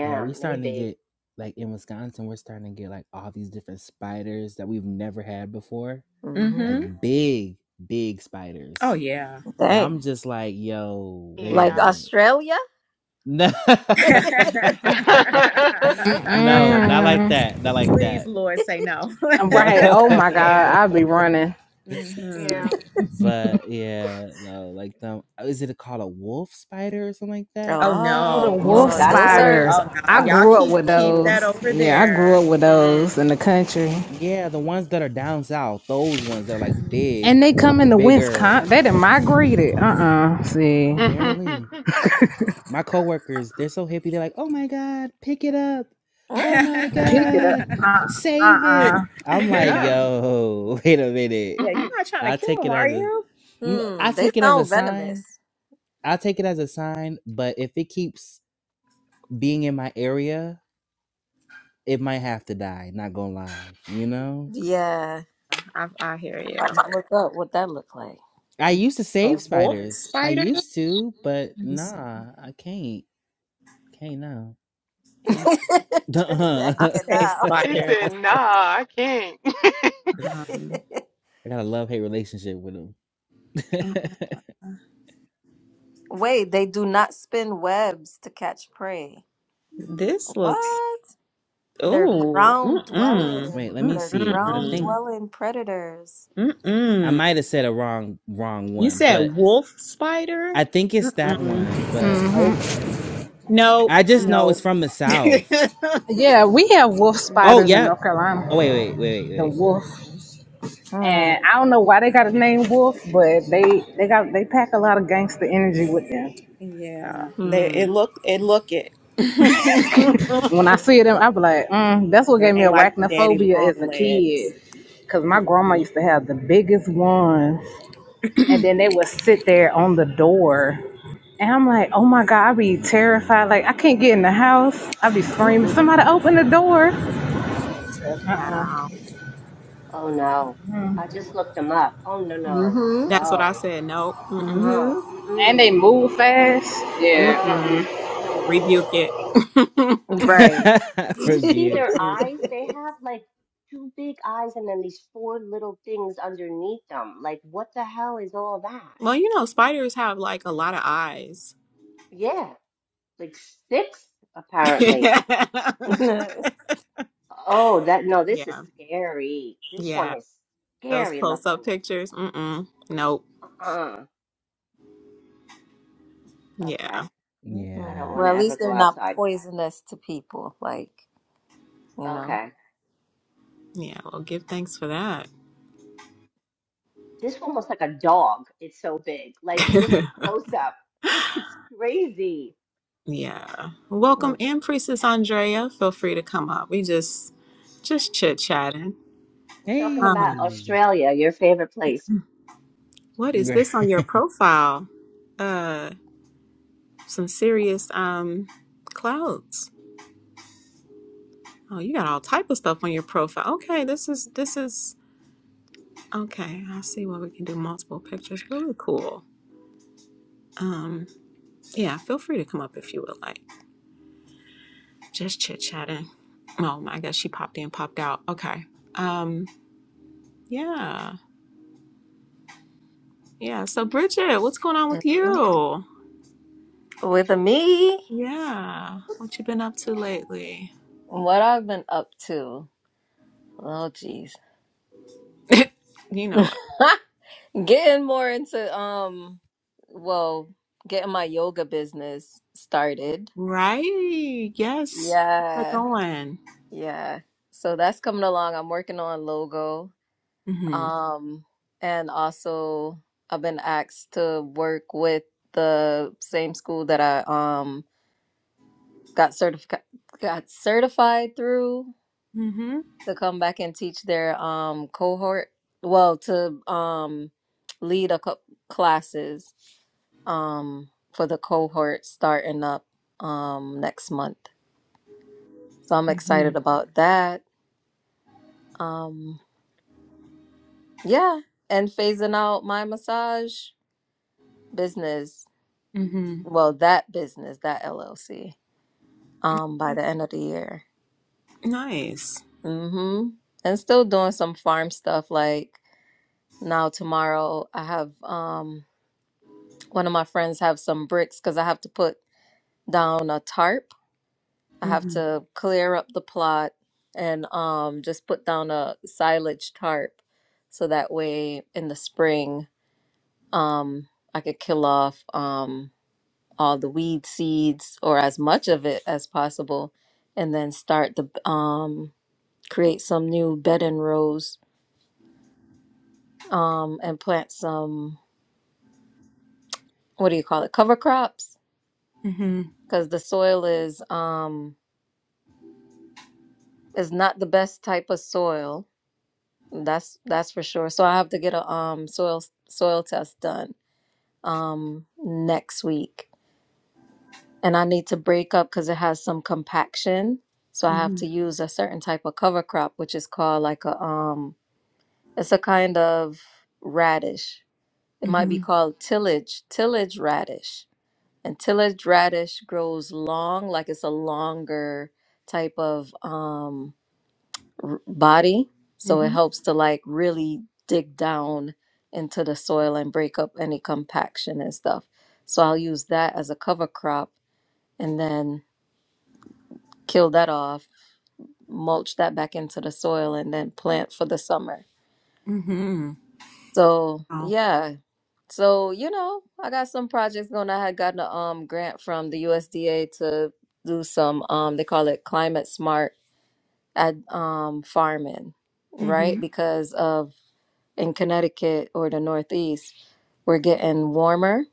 Yeah. We starting to
Maybe.
get like in Wisconsin, we're starting to get like all these different spiders that we've never had before.
hmm
Like
Mm-hmm.
big, big
Oh
spiders.
yeah.
And
Dang.
I'm just like, yo, wait a
Like
Yeah.
minute.
Australia?
No, no, not like
Mm.
that. Not like
Please,
that.
Lord, say no.
No.
Right. Oh my God.
yeah.
I'd be running.
mm-hmm.
Yeah.
But yeah, no, like the uh, is it called a wolf spider or something like that?
Oh
Oh,
oh,
the
You
no.
know what I'm
wolf
Well,
talking
that
those
about?
Seriously?
are
sounds
spiders.
Oh no.
fucked
I
up.
Y'all
grew up with
keep keep
Mm-hmm.
that
those.
over
Yeah, I grew
there.
up with
Mm.
those in the country.
Yeah, the ones that are down south, those ones that are like
hmm
And
big,
they come into Wisconsin.
bigger, I
They done
guess.
migrated. Uh uh See.
Apparently, my coworkers, they're so hippie. They're like, "Oh my god, pick it up! Oh my
Pick it up.
yeah,
god,
Uh uh
save it!"
uh.
I'm
Pick it
like,
up.
"Yo, wait a minute."
you're not trying to
I
kill
take
him,
it
are
as a,
you?
m-
hmm.
I
they
take it as a
sound
sign.
venomous.
I take it as a sign. But if it keeps being in my area it might have to die, not gonna lie, you know?
Yeah. I'm about to look up what that look like.
I used to
A
save
wolf
spiders. I
spider?
used
Let
to, but
me see.
nah, I can't. Can't now.
Yeah.
Trinity said, I
I'll
Uh
can't
say
now.
he
spider.
said, nah, I can't.
I
Um
got a love hate relationship with them.
Wait, they do not spin webs to catch prey.
this looks
What? They're
oh
ground
mm-mm.
Wait,
dwelling.
let me
They're
see it because I
ground
think
Mm-mm.
dwelling predators.
I
Mm-mm.
might have said a wrong wrong
You
one, but
said wolf spider?
I think it's that
Mm-mm.
one. But
Nope. Nope.
I just
Mm.
know it's
Nope.
from the south.
Yeah, we have wolf
Oh,
Mm-mm.
spiders in
yeah.
North
Oh,
Carolina.
wait, wait, wait,
The
Mm,
wolf,
Mm.
and I don't know why they got a name wolf, but they they got they pack a lot of gangster energy with them. You
Yeah,
know,
they,
Mm.
it look it look it.
when I
that
see them, I be like, mm, that's what gave me
ain't like the daddy
arachnophobia
long
as a
legs.
kid, cause my grandma
Mm-mm.
used to have the biggest ones, and then they would sit there on the door. And I'm like, oh my God, I be terrified. Like,
wait,
I can't get in the house. I be screaming,
Mm-mm.
somebody open the door.
Wow.
Oh, no. I just looked them up. Oh, no, no.
Mm-hmm.
That's what I
No.
said. No. Mm-mm.
Uh-uh.
Mm-hmm.
And they
Mm-mm.
move fast. Yeah.
Uh-uh.
Mm-mm.
Mm-mm.
Rebuke it.
wait.
Right.
Do
Mm-mm.
you see
Rebuke.
their
Mm.
eyes? They have like two big eyes and then these four little things underneath them. Like, what the hell is all that?
Well, you know, spiders have like a lot of eyes.
Yeah, like six apparently.
yeah.
Oh, that no, this is scary. This one
Yeah.
is
Those
scary
close up
looking.
pictures. Mm-mm. Nope.
Uh-uh.
Yeah.
Okay. I
Mm-mm.
don't
Yeah.
want
well,
to
at
ever
least
go
they're not
outside.
poisonous to people. Like, you know.
Okay.
Yeah. Well, give thanks for that.
This one looks like a dog. It's so big. Like just a close up. Like it's crazy.
Yeah. Welcome
Mm-mm.
in, Priestess Andrea. Feel free to come up. We just just chit chatting.
We're talking
Um,
about
Hey.
Australia, your favorite place.
what is
yes.
this on your profile? Uh some serious um clouds. Oh, you got all type of stuff on your profile. Okay, this is this is okay. I see why we can do multiple pictures. Really cool. Um, yeah, feel free to come up if you would like. Just chit chatting. Oh I guess she popped in, popped out. Okay. Um, yeah. Yeah. So Bridget, what's going on with you?
With me,
Yeah. What you been up to lately?
what I've been up to. Oh, jeez.
you know it.
getting more into, um, well, getting my yoga business started.
Right. Yes. How's that
Yeah.
going?
Yeah. So that's coming along. I'm working on logo.
Mm-hmm.
Um, and also I've been asked to work with the same school that I um got certific got certified through
Mm-hmm.
to come back and teach their um cohort. Well, to um lead a co classes um for the cohort starting up um next month. So I'm
Mm-hmm.
excited about that. Um Yeah, and phasing out my massage business.
Mm-hmm.
Well, that business, that LLC, um, by
Okay.
the end of the year.
Nice.
Mm-hmm. And still doing some farm stuff like now tomorrow I have um one of my friends have some bricks because I have to put down a tarp. I have
Mm-hmm.
to clear up the plot and um just put down a silage tarp so that way in the spring um I could kill off um all the weed seeds or as much of it as possible and then start the um create some new bed and rows um and plant some what do you call it cover crops
Mm-hmm.
because the soil is um is not the best type of soil that's that's for sure so i have to get a um soil soil test done um next week and i need to break up because it has some compaction so i have
Mm-hmm.
to use a certain type of cover crop which is called like a um It's a kind of radish. It might be
Mm-hmm.
called tillage, tillage radish. And tillage radish grows long, like it's a longer type of um, r- body. So it
Mm-hmm.
helps to like really dig down into the soil and break up any compaction and stuff. So I'll use that as a cover crop and then kill that off, mulch that back into the soil, and then plant for the summer
Mm-hmm.
So
Wow.
yeah. So, you know, I got some projects going. I had gotten a um grant from the USDA to do some um they call it climate smart ad um farming, right?
Mm-hmm.
Because of in Connecticut or the Northeast, we're getting warmer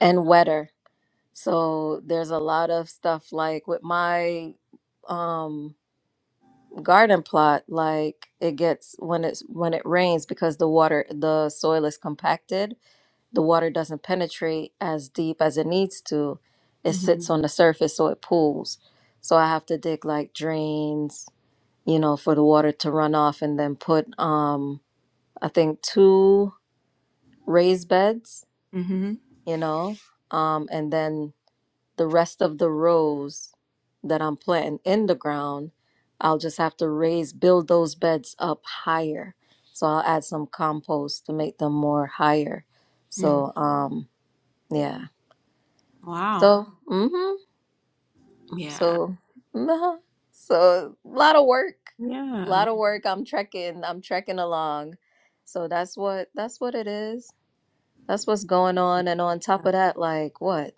and wetter. So there's a lot of stuff like with my um garden plot, like it gets when it's when it rains because the water the soil is compacted the water doesn't penetrate as deep as it needs to. It
Mm-hmm.
sits on the surface, so it pools. So I have to dig like drains, you know, for the water to run off, and then put, um, I think, two raised beds,
Mm-hmm.
you know, um, and then the rest of the rows that I'm planting in the ground, I'll just have to raise, build those beds up higher. So I'll add some compost to make them more higher.
Mm-hmm.
So, um, yeah.
Wow.
So, mm-hmm.
Yeah.
So, uh So, a lot of work. A
Yeah.
lot of work. I'm trekking. I'm trekking along. So that's what that's what it is. That's what's going on. And on top of that, like what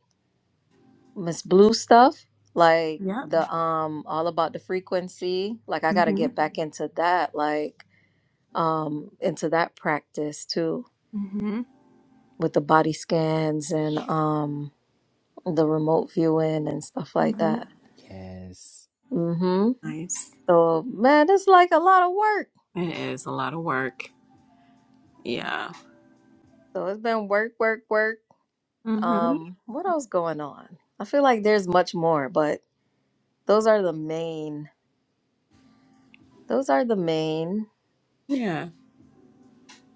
Miss Blue stuff, like
Yep.
the um, all about the frequency. Like I gotta
Mm-hmm.
get back into that. Like um, into that practice too
Mm-hmm.
with the body scans and um the remote viewing and stuff like
Mm-hmm.
that. Mm-hmm.
Nice.
So man, it's like a lot of work.
It is a lot of work. Yeah.
So it's been work, work, work.
Mm-hmm.
Um, what else going on? I feel like there's much more, but those are the main. Those are the main.
Yeah.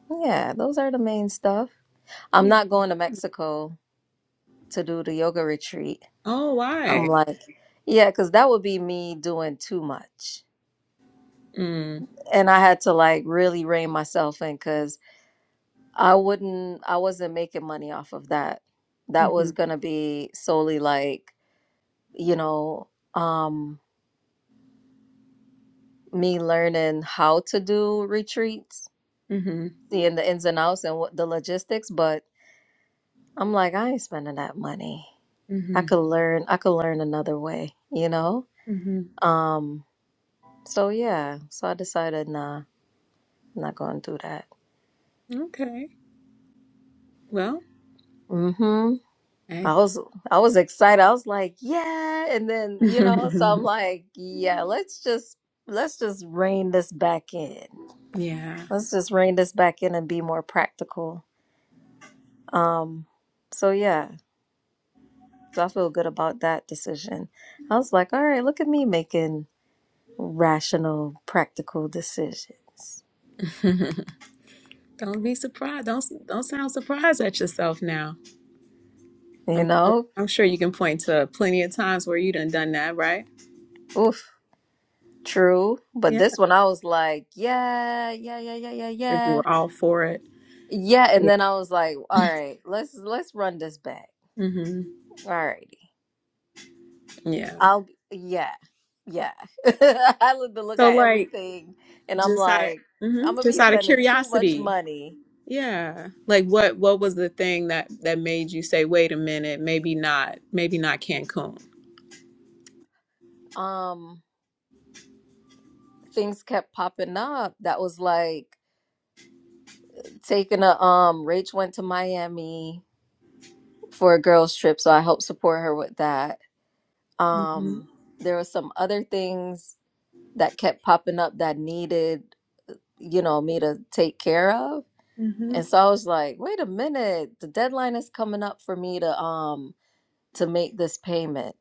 Yeah, those are the main stuff. I'm
yeah.
not going to Mexico to do the yoga retreat.
Oh,
I'm
why?
like, yeah, because that would be me doing too much.
Mm.
And I had to like really rein myself in because I wouldn't, I wasn't making money off of that. That
Mm-hmm.
was going to be solely like you know, um, me learning how to do retreats,
Mm-hmm.
seeing the ins and outs and what the logistics, but I'm like, I ain't spending that money. I
Mm-hmm.
could learn, I could learn another way, you know?
Mm-hmm.
Um, so yeah, so I decided, nah, I'm not gonna do that.
Okay. Well,
Mm-hmm. I
hey.
was I was excited. I was like, yeah, and then, you know, so I'm like, yeah, let's just let's just rein this back in.
yeah.
Let's just rein this back in and be more practical Um, so yeah, so I feel good about that decision. I was like, all right, look at me making rational, practical decisions.
don't be surprised. Don't don't sound surprised at yourself now.
You
I'm sure
know,
I'm sure you can point to plenty of times where you done done that, right?
oof, true. But
Yeah.
this one, I was like, yeah, yeah, yeah, yeah, yeah,
Because you
yeah,
were all for it.
yeah. And
Yeah.
then I was like, all right, let's let's run this back.
Mm-hmm.
All righty,
Yeah.
I'll yeah, yeah. I look to look
So
at
like
everything, and I'm
just out of
like,
hmm
I'm gonna
just
be
out of
spending too much
curiosity,
money.
Yeah. Like what what was the thing that that made you say, "Wait a minute, maybe not, maybe not Cancun."
Um. things kept popping up that was like taking a um Rach went to Miami for a girls trip, so I helped support her with that.
Mhm.
Um there were some other things that kept popping up that needed, you know, me to take care of. And
Mhm.
so I was like, wait a minute, the deadline is coming up for me to um to make this payment.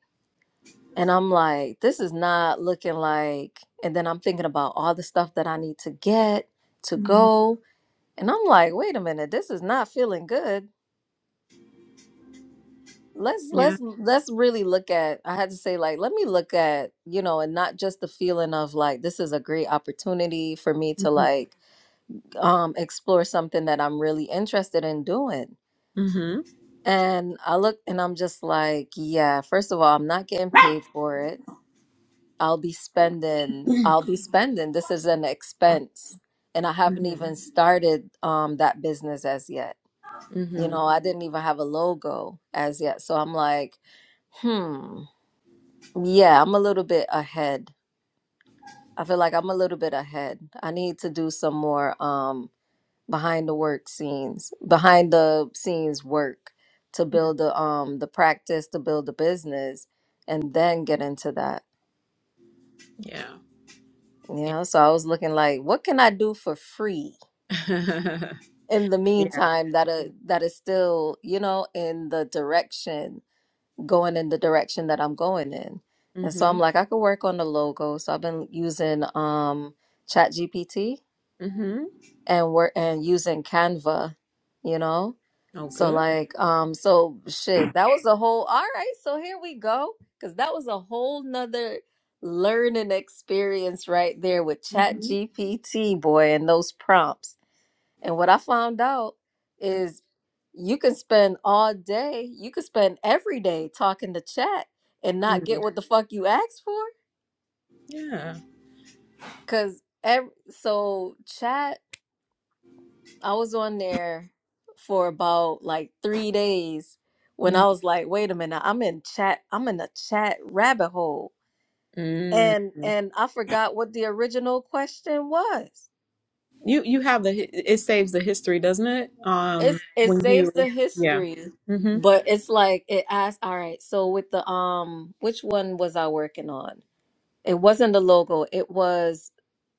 And I'm like, this is not looking like and then I'm thinking about all the stuff that I need to get to
Mhm.
go And I'm like, wait a minute, this is not feeling good. Let's
Yeah.
let's let's really look at I had to say like let me look at, you know, and not just the feeling of like this is a great opportunity for me to
Mhm.
like um explore something that I'm really interested in doing.
Mhm.
And I look and I'm just like, yeah, first of all, I'm not getting paid for it. I'll be spending I'll be spending. This is an expense. And I haven't
Mhm.
even started um that business as yet. You
Mhm.
know, I didn't even have a logo as yet. So I'm like, hmm, yeah, I'm a little bit ahead. I feel like I'm a little bit ahead. I need to do some more um behind the work scenes, behind the scenes work to build the um the practice to build the business and then get into that.
Yeah.
You
Yeah.
know, so I was looking like, what can I do for free in the
yeah.
meantime that uh, that is still, you know, in the direction going in the direction that I'm going in. And so I'm
Mhm.
like, I could work on the logo. So I've been using um ChatGPT
Mhm.
and work and using Canva, you know?
Oh,
So
good.
like um so shit, that was a whole all right, so here we go. Cause that was a whole nother learning experience right there with
Mhm.
ChatGPT boy and those prompts. And what I found out
Yep.
is you can spend all day, you can spend every day talking to chat and not get
Mm.
what the fuck you asked for.
Yeah.
Cause every, so chat, I was on there for about like three days when
Mm.
I was like, wait a minute, I'm in chat, I'm in a chat rabbit hole.
Mm.
And and I forgot what the original question was.
You you have the hi- it saves the history, doesn't it?
it's
Um,
it
when you
saves the
yeah.
history,
Mhm.
but it's like it asks, all right, so with the um which one was I working on? It wasn't the logo, it was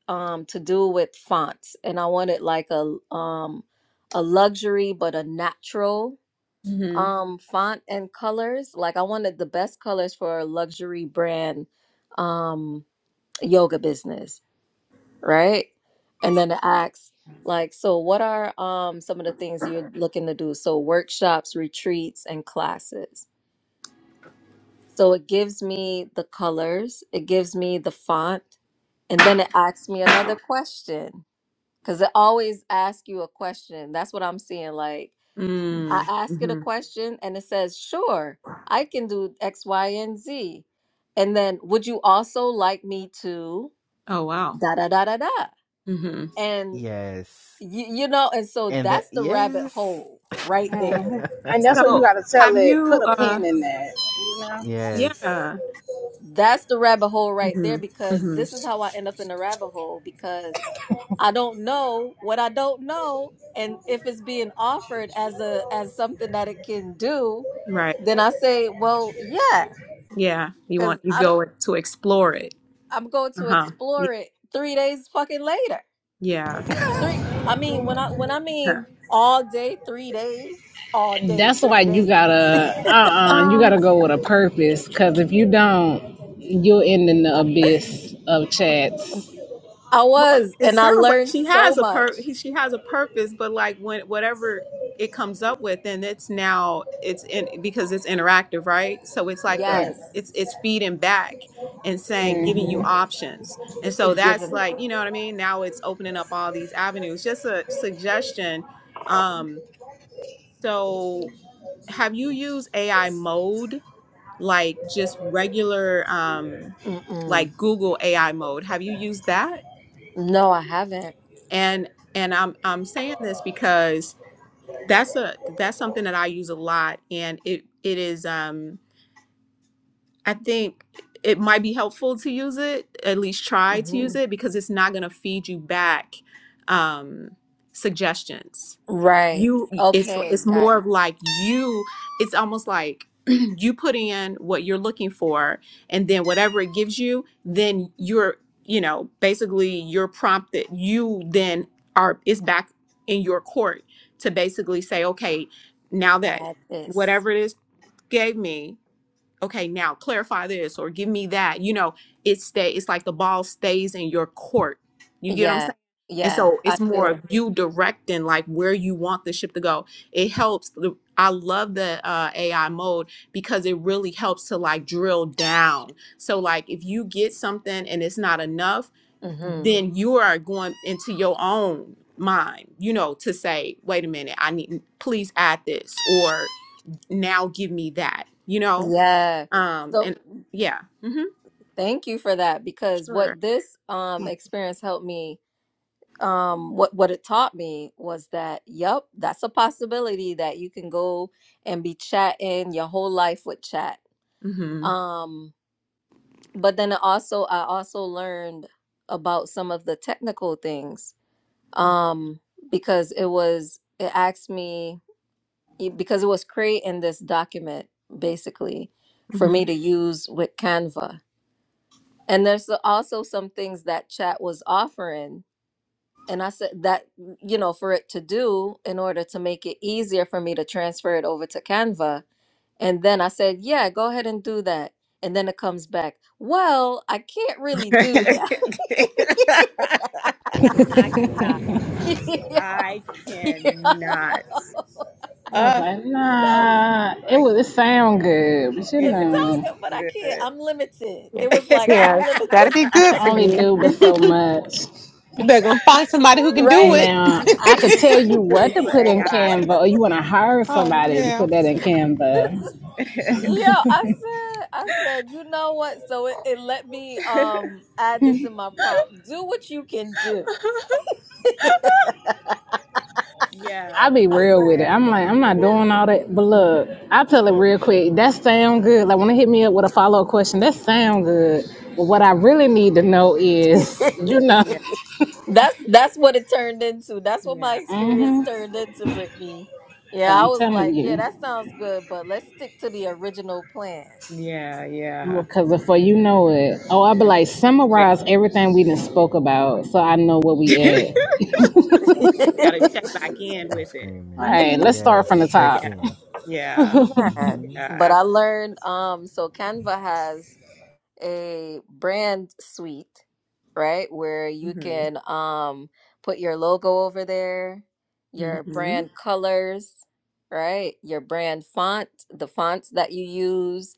um to do with fonts and I wanted like a um a luxury but a natural
Mhm.
um font and colors. Like I wanted the best colors for a luxury brand um yoga business right? And then it asks, like, so what are um some of the things you're looking to do? So workshops, retreats, and classes. So it gives me the colors, it gives me the font, and then it asks me another question. Cause it always asks you a question. That's what I'm seeing. Like I
Mm.
ask it a
Mhm.
question and it says, sure, I can do X, Y, and Z. And then would you also like me to
Oh, wow.
da da da da da?
hmm
And
Yes.
you, you know and so
And that
that's the rabbit
yes.
hole right there
And that's what you
So
gotta tell
have
it. Put
you?
a
Uh,
pin in that. You know.
Yes.
yeah.
that's the rabbit hole right there
hmm
because
hmm
this is how i end up in the rabbit hole because i don't know what i don't know and if it's being offered as a as something that it can do
Right.
then i say well yeah
Yeah. You
because
want you
i don't
go to explore it.
i'm going
Uh
to
huh. Yeah.
explore it three days fucking later
Yeah.
three i mean when i when i
Huh.
mean all day three days all
And
day
That's why
three
you
days
gotta uh uh you gotta
Um,
go with a purpose. Cause if you don't, you'll end in the abyss of chats.
I
Well,
was,
it
and I
sounds like
learned
she
so
has a
much.
per she has a purpose, but like when whatever it comes up with, then it's now it's in because it's interactive, right? So it's like a
Yeah.
Yes,
I
it's it's feeding back and saying giving you options, and so
it
that's
given.
like you know what I mean. Now it's opening up all these avenues. Just a suggestion. Um, so have you used AI mode like just regular um
Mm-mm.
like Google AI mode? Have you used that?
No, I haven't.
and and i'm i'm saying this because that's a that's something that i use a lot and it it is um i think it might be helpful to use it at least try to
hmm
use it because it's not going to feed you back um suggestions
Right.
you it's
Okay,
it's
got
more
you.
of like you it's almost like you put in what you're looking for and then whatever it gives you then you're you know basically you're prompted you then are it's back in your court to basically say okay now that
Add this.
whatever it is gave me okay now clarify this or give me that you know it's stay it's like the ball stays in your court you get what i'm
Yeah,
saying and
yeah,
so
I
it's more
do.
of you directing like where you want the ship to go it helps the, i love the uh, ai mode because it really helps to like drill down so like if you get something and it's not enough
hmm
then you are going into your own mind you know to say wait a minute i need please add this or now give me that you know
Yeah.
um,
So
and yeah, mm-hmm,
thank you for that because
sure.
what this um experience helped me um what what it taught me was that yep, that's a possibility that you can go and be chatting your whole life with chat.
Mm-hmm.
um. but then also I also learned about some of the technical things um because it was it asked me it- because it was creating this document basically for
hmm
me to use with Canva and there's also some things that chat was offering and I said that you know for it to do in order to make it easier for me to transfer it over to Canva and then I said yeah go ahead and do that and then it comes back well I can't really do that
I cannot.
yeah,
I
yeah.
cannot.
was
Uh,
like,
So
nah, it
I
was it sound good, but you
it
it's
does
know,
so good, but
sound
I can't.
good.
I'm limited.
Yeah,
It was like I'm
yeah,
limited,
that'd be
I can
good for
only
you.
do but so much.
You better go find somebody who can do
right?
it.
Now I could tell you what to
Super
put in
AI.
Canva, or you want to hire
Oh
somebody to
yeah.
put that in Canva.
Yo, I said, I said, you know what? So it, it let me um add this in my prompt. Do what you can do.
yeah,
I be
I
real with it.
yeah,
I'm like, I'm not
said,
doing all that. But
mhm,
look, I tell it real quick. That sound good. Like when they hit me up with a follow up question, that sound good. But what I really need to know is,
yeah.
you know,
yeah,
that's that's what it turned into. That's what my
yeah,
experience turned into, Brittany. Yeah, I
I'm
was
telling
like, yeah, that
you,
sounds good, but let's stick to the original plan.
yeah, yeah.
because before you know it, oh, I'll be like,
yeah.
summarize everything we done spoke about, so I know where we at. All
Got to check back in
I'm
with it.
screaming.
right,
hmm
let's start
Yes.
from the
Check
top.
Yeah,
in.
yeah. Yeah,
Man,
hmm
but I
absolutely.
learned um so Canva has a brand suite, right? Where you
Mm-hmm.
can um put your logo over there, your
Mm-hmm.
brand colors, right? Your brand font, the fonts that you use,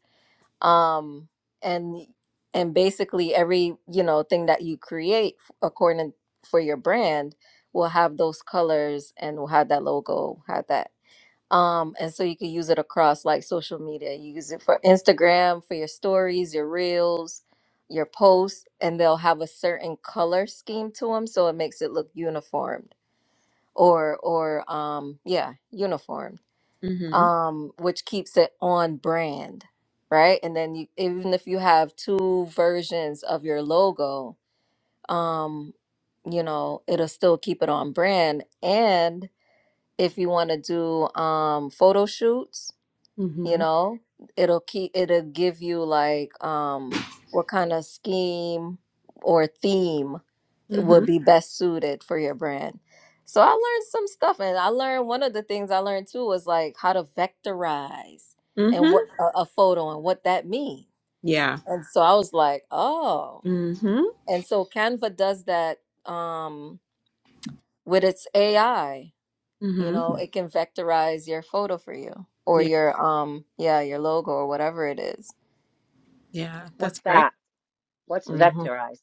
um and and basically every, you know, thing that you create f- according for your brand will have those colors and will have that logo, have that um, and so you can use it across like social media. You use it for Instagram, for your stories, your reels, your posts, and they'll have a certain color scheme to them, so it makes it look uniformed or or um yeah, uniformed,
Mm-hmm.
Um, which keeps it on brand, right? And then you even if you have two versions of your logo, um, you know, it'll still keep it on brand. And if you want to do um photo shoots, you
Mm-hmm.
know it'll keep it'll give you like um what kind of scheme or theme
Mm-hmm.
would be best suited for your brand so i learned some stuff and i learned one of the things i learned too was like how to vectorize and what
Mm-hmm.
a, a photo and what that means
Yeah.
and so i was like oh
Mm-hmm.
and so canva does that um with its ai you know
Mm-hmm.
it can vectorize your photo for you or
Yeah.
your um yeah your logo or whatever it is
Yeah.
What's
That's great.
that? What's
hmm
vectorized?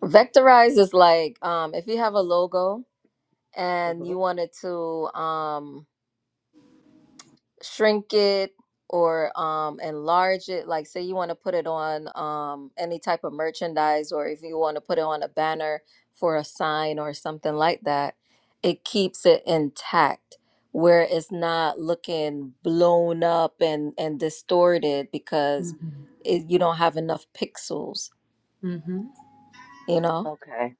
Vectorize is like um, if you have a logo and
hmm
you wanted to um, shrink it or um, enlarge it, like say you want to put it on um, any type of merchandise or if you want to put it on a banner for a sign or something like that, it keeps it intact where it's not looking blown up and, and distorted because
Mm-hmm.
it, you don't have enough pixels,
Mm-hmm.
you know?
Okay.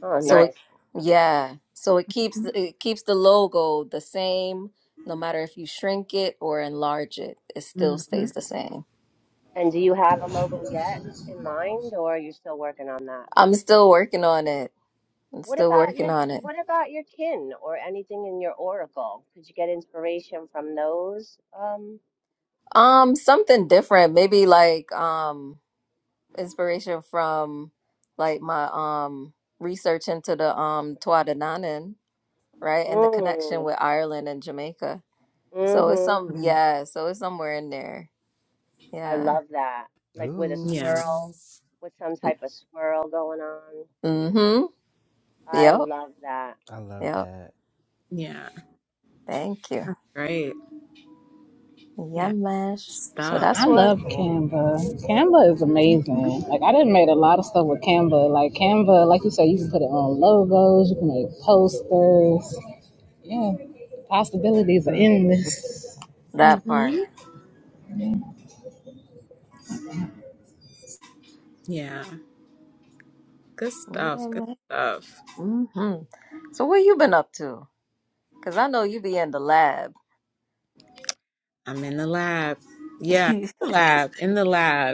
Oh,
So
Yep.
it,
nice.
yeah, so it keeps the- it keeps the logo the same no matter if you shrink it or enlarge it. It still
Mm-hmm.
stays the same.
And do you have a logo yet in mind, or are you still working on that?
I'm still working on it. I'm
What
still
about
working
your
on it.
What about your kin or anything in your oracle? Could you get inspiration from those? Um.
Um, something different, maybe like um inspiration from like my um research into the um Tuatha De Danann, right? And the connection
Mm,
with Ireland and Jamaica. So it's
hmm
some
mm
yeah, so it's somewhere in there.
I
Yeah.
love that. Like with
Ooh.
a
Yeah.
swirl, with some type of swirl going on.
Mm-hmm.
I
Yep.
love that.
I love
Yep.
that.
Yeah.
Thank you.
That's great.
Yeah,
Yeah.
mash. So
stuff.
that's
I
Very
what
love
cool.
Canva. Canva is
Mm-hmm.
amazing. Like I done made a lot of stuff with Canva. Like Canva, like you said, you can put it on logos, you can make posters. Yeah, possibilities are
Mm.
endless.
that
Mm-hmm.
part.
Yeah. Good
Yeah,
stuff. Good
man.
stuff.
hmm So what you been up to? Cause I know you be in the lab.
I'm in the lab. Yeah. in the Lab in the lab.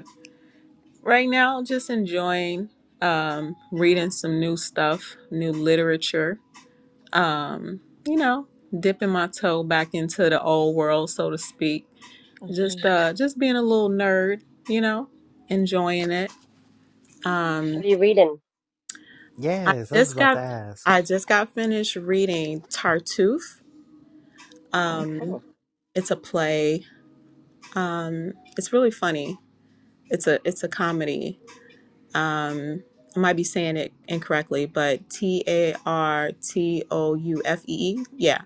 Right now, just enjoying um, reading some new stuff, new literature. Um, you know, dipping my toe back into the old world, so to speak. Just
Mm-hmm.
uh, just being a little nerd. You know, enjoying it.
What
Um,
are you reading?
I
Yes, I was
just
about to
got
ask.
I just got finished reading Tartuffe. Um,
Mm,
it's a play. Um, it's really funny. It's a it's a comedy um I might be saying it incorrectly, but T A R T O U F E E. Yeah.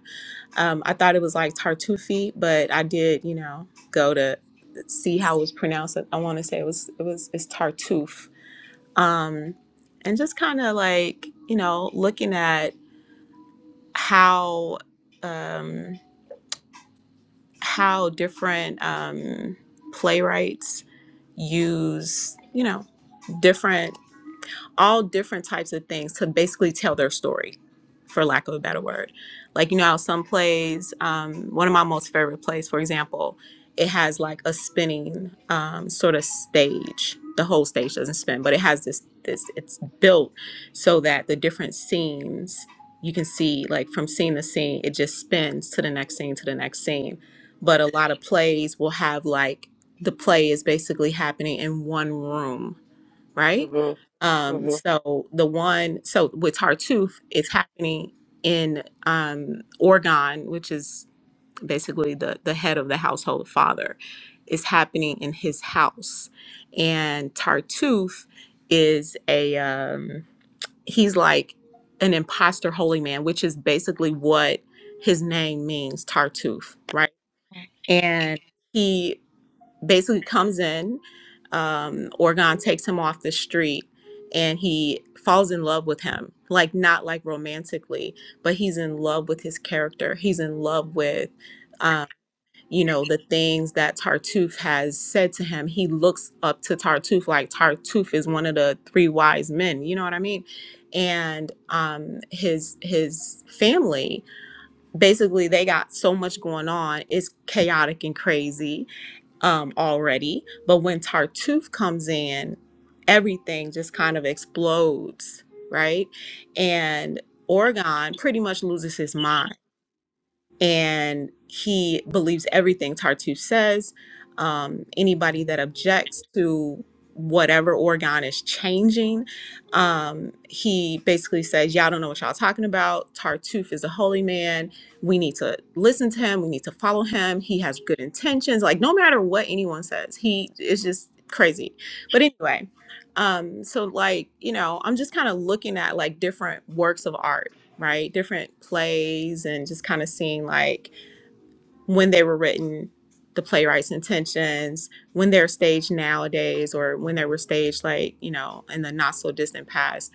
Um, I thought it was like Tartufi, but I did, you know, go to see how it was pronounced. I want to say it was, it was, it's Tartuffe. Um, and just kind of like, you know, looking at how, um, how different um, playwrights use, you know, different all different types of things to basically tell their story, for lack of a better word. Like, you know, how some plays, um, one of my most favorite plays, for example, it has like a spinning um, sort of stage. The whole stage doesn't spin, but it has this, this, it's built so that the different scenes you can see, like from scene to scene, it just spins to the next scene, to the next scene. But a lot of plays will have like the play is basically happening in one room
hmm
right? Um,
hmm
so the one, so with Tartuffe, it's happening in um, Orgon, which is basically the the head of the household father, is happening in his house, and Tartuffe is a um, he's like an imposter holy man, which is basically what his name means, Tartuffe, right? And he basically comes in. Um, Orgon takes him off the street and he falls in love with him. Like, not like romantically, but he's in love with his character. He's in love with, um, you know, the things that Tartuffe has said to him. He looks up to Tartuffe like Tartuffe is one of the three wise men. You know what I mean? And um, his his family basically they got so much going on. It's chaotic and crazy um, already. But when Tartuffe comes in, everything just kind of explodes, right? And Orgon pretty much loses his mind and he believes everything Tartuffe says. Um, anybody that objects to whatever Oregon is changing, um, he basically says, Y'all don't know what y'all talking about. Tartuffe is a holy man. We need to listen to him. We need to follow him. He has good intentions. Like, no matter what anyone says, he is just crazy. But anyway, um, so like, you know, I'm just kind of looking at like different works of art right? Different plays and just kind of seeing like when they were written, the playwright's intentions, when they're staged nowadays, or when they were staged like, you know, in the not so distant past,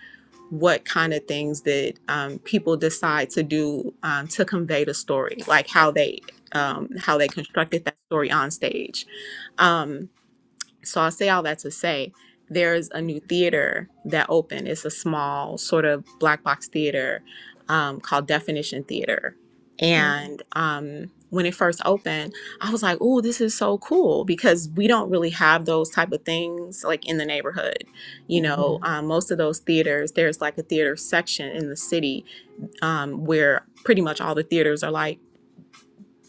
what kind of things that um, people decide to do um, to convey the story, like how they. Um, how they constructed that story on stage. Um, so I say all that to say there's a new theater that opened. It's a small sort of black box theater um, called Definition Theater. And um, when it first opened, I was like, "Oh, this is so cool!" Because we don't really have those type of things like in the neighborhood. You know, Mhm. um, most of those theaters, there's like a theater section in the city um, where pretty much all the theaters are like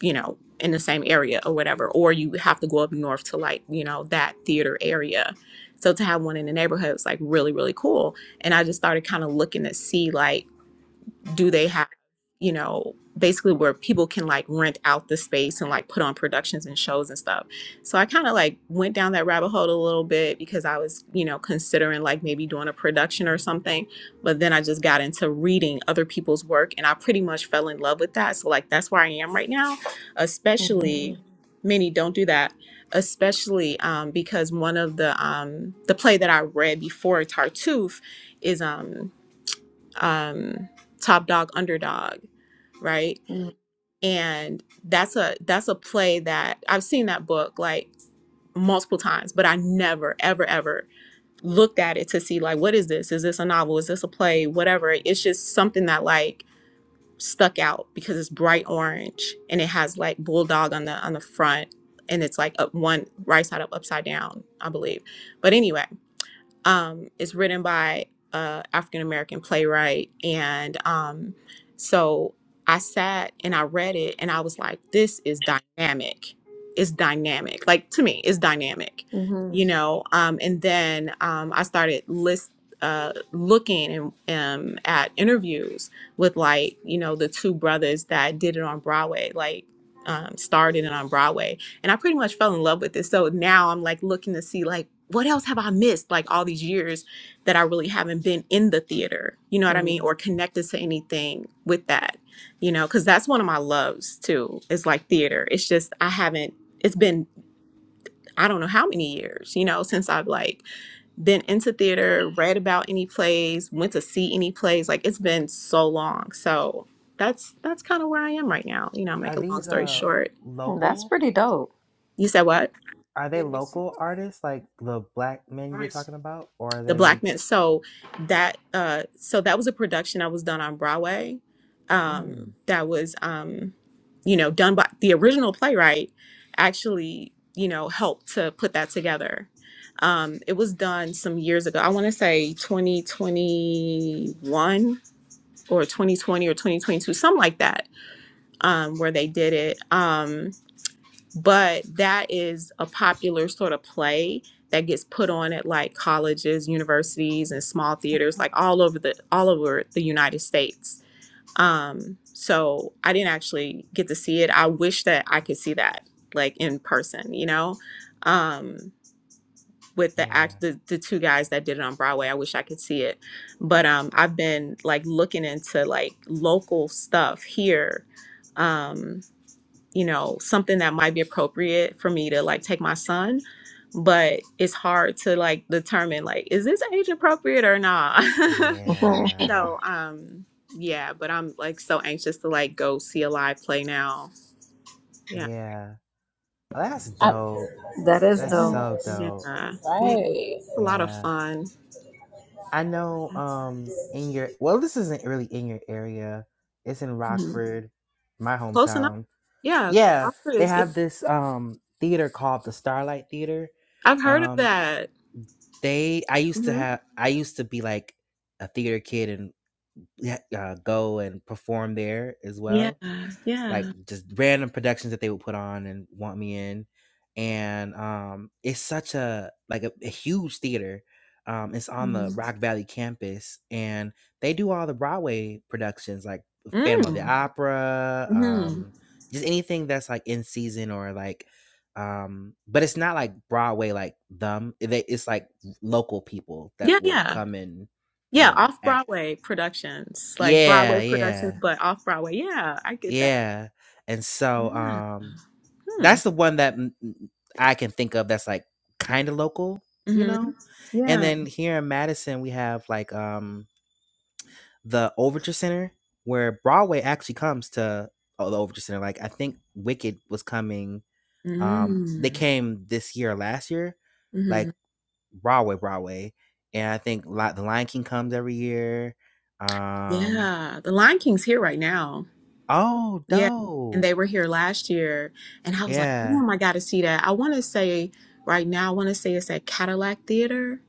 you know, in the same area or whatever, or you have to go up north to like, you know, that theater area. So to have one in the neighborhood was like really, really cool. And I just started kind of looking to see like, do they have you know basically where people can like rent out the space and like put on productions and shows and stuff so i kind of like went down that rabbit hole a little bit because i was you know considering like maybe doing a production or something but then i just got into reading other people's work and i pretty much fell in love with that so like that's where i am right now especially many don't do that especially um, because one of the um, the play that i read before tartuffe is um um, Top Dog Underdog, right? And that's a that's a play that I've seen that book like multiple times, but I never ever ever looked at it to see like what is this? Is this a novel? Is this a play? Whatever. It's just something that like stuck out because it's bright orange and it has like bulldog on the on the front and it's like up one right side up upside down, I believe. But anyway, um, is written by a African American playwright, and um, so I sat and I read it, and I was like, "This is dynamic. It's dynamic. Like to me, it's dynamic, you know." Um, and then um, I started list uh, looking and um, at interviews with like you know the two brothers that did it on Broadway, like um, started it on Broadway, and I pretty much fell in love with it. So now I'm like looking to see like what else have I missed like all these years that I really haven't been in the theater. You know what I mean or connected to anything with that. You know, cuz that's one of my loves too. Is like theater. It's just I haven't it's been I don't know how many years, you know, since I've like been into theater, read about any plays, went to see any plays. Like it's been so long. So that's that's kind of where I am right now. You know, make
Are
a long
these
story
uh
short.
That's
local?
pretty dope.
You said what?
Are they local artists like the black men you were talking about? Or are
the
they
black men so that uh so that was a production that was done on broadway
mm,
um that was um you know done by the original playwright actually you know helped to put that together um it was done some years ago i want to say 2021 or 2020 or 2022 something like that um where they did it Um, but that is a popular sort of play that gets put on at like colleges universities and small theaters like all over the all over the united states um so i didn't actually get to see it i wish that i could see that like in person you know um with the
yeah.
act the, the two guys that did it on broadway i wish i could see it but um i've been like looking into like local stuff here um, you know, something that might be appropriate for me to like take my son, but it's hard to like determine like is this age appropriate or not.
Mhm.
Yeah.
so, um yeah, but I'm like so anxious to like go see a live play now. Yeah.
Yeah. Oh, That's
I,
dope.
That is
That's
dope.
so
yes,
Yeah.
dope.
Yeah. It's
right.
a lot of
Yeah.
fun.
I know um in your well this isn't really in your area. It's in
Mhm.
Rockford, my
Close enough.
hometown.
Yeah,
Yeah, they
Oscars. Yeah.
have this um theater called the Starlight Theater.
I've heard of
Um
that.
they I used to
hmm
have I used to be like a theater kid and yeah, uh, go and perform there as
Yeah,
well like
yeah.
just random productions that they would put on and want me in and um it's such a like a, a huge theater um it's on the
Mm-hmm.
rock valley campus and they do all the broadway productions like phantom of the
Mm.
opera
hmm
um just anything that's like in season or like um but it's not like broadway like them they, it's like local people
Yeah,
that will
yeah.
come and you
Yeah,
know
off
act
Broadway productions, like Broadway
yeah
productions,
yeah
but off Broadway. Yeah, I get that.
yeah and so
Yeah.
um
Hmm.
that's the one that mm, mm, I can think of that's like kind of local, you
Mm-hmm.
know? And
Yeah.
then here in Madison, we have like um the Overture Center where Broadway actually comes to oh, the Overture Center. Like I think Wicked was coming um they
Mm.
came this year or last year,
Mm-hmm.
like Broadway, Broadway. And I think Li- the Lion King comes every year. Um
Yeah. The Lion King's here right now.
oh
Yeah. And
dope.
they were here last year. And I was like,
Yeah.
damn, I got to see that. I want to say right now, I want to say it's at Cadillac Theater.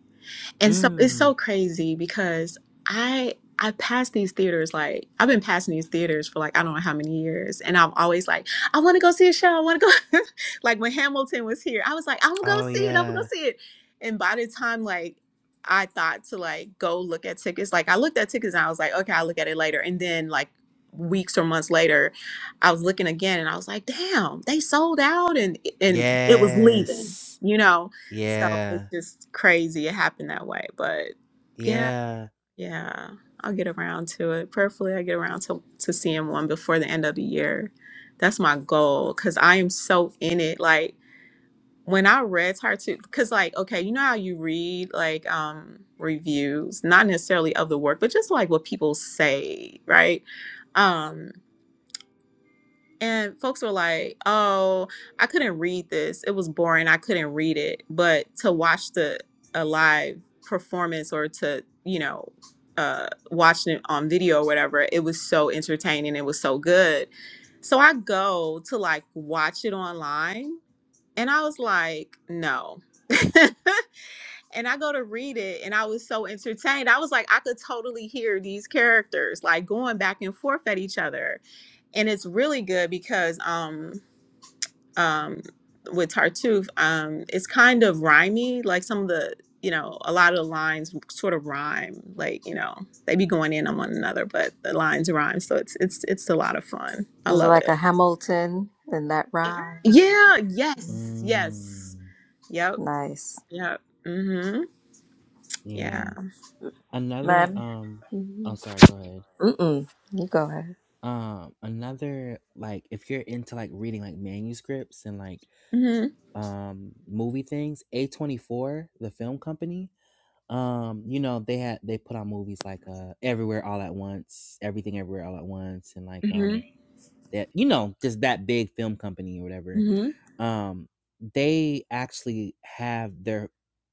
And so it's
Mm.
so crazy because I I passed these theaters like I've been passing these theaters for like I don't know how many years, and I'm always like I want to go see a show. I want to go. like when Hamilton was here, I was like I'm gonna go
Oh
see it. I'm gonna go
yeah.
see it. And by the time like I thought to like go look at tickets, like I looked at tickets and I was like okay, I'll look at it later. And then like weeks or months later, I was looking again and I was like damn, they sold out and and it was leaving.
Yes.
You know so it's
Yeah.
just crazy it happened that way. But yeah,
Yeah.
yeah. I'll get around to it. Prayerfully I get around to, to seeing one before the end of the year. That's my goal because I am so in it. Like when I read Tartu, because like, okay, you know how you read like um reviews, not necessarily of the work, but just like what people say, right? Um, and folks were like, "Oh, I couldn't read this. It was boring. I couldn't read it." But to watch the a live performance or to you know uh, watching it on video or whatever, it was so entertaining. It was so good. So I go to like watch it online, and I was like, "No." and I go to read it and I was so entertained. I was like, I could totally hear these characters like going back and forth at each other. And it's really good because um um with Tartuffe, um, it's kind of rhymey, like some of the you know, a lot of the lines sort of rhyme, like, you know, they be going in on one another, but the lines rhyme. So it's it's it's a lot of fun. I
It's
love
like
it.
a Hamilton in that rhyme.
Yeah, yes, yes.
Mm,
Yep.
Nice.
Yep. Mm-hmm.
yeah.
Yeah.
Another
Man.
um oh sorry, go ahead.
Mm-mm. You go ahead.
Um another like if you're into like reading like manuscripts and like
Mm-hmm.
um movie things, A24, the film company, um you know, they had they put out movies like uh Everywhere All at Once, Everything Everywhere All at Once and like um that you know, just that big film company or whatever
hmm
um they actually have their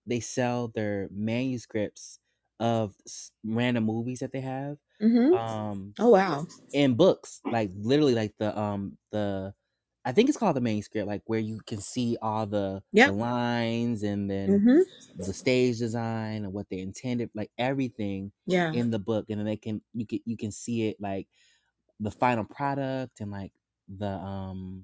they sell their manuscripts of s- random movies that they have
Mm-hmm.
um
Oh wow.
in books like literally like the um the i think it's called the manuscript like where you can see all the the
Yep.
lines and then
Mm-hmm.
the stage design and what they intended like everything
Yeah.
in the book and then they can you can you can see it like the final product and like the um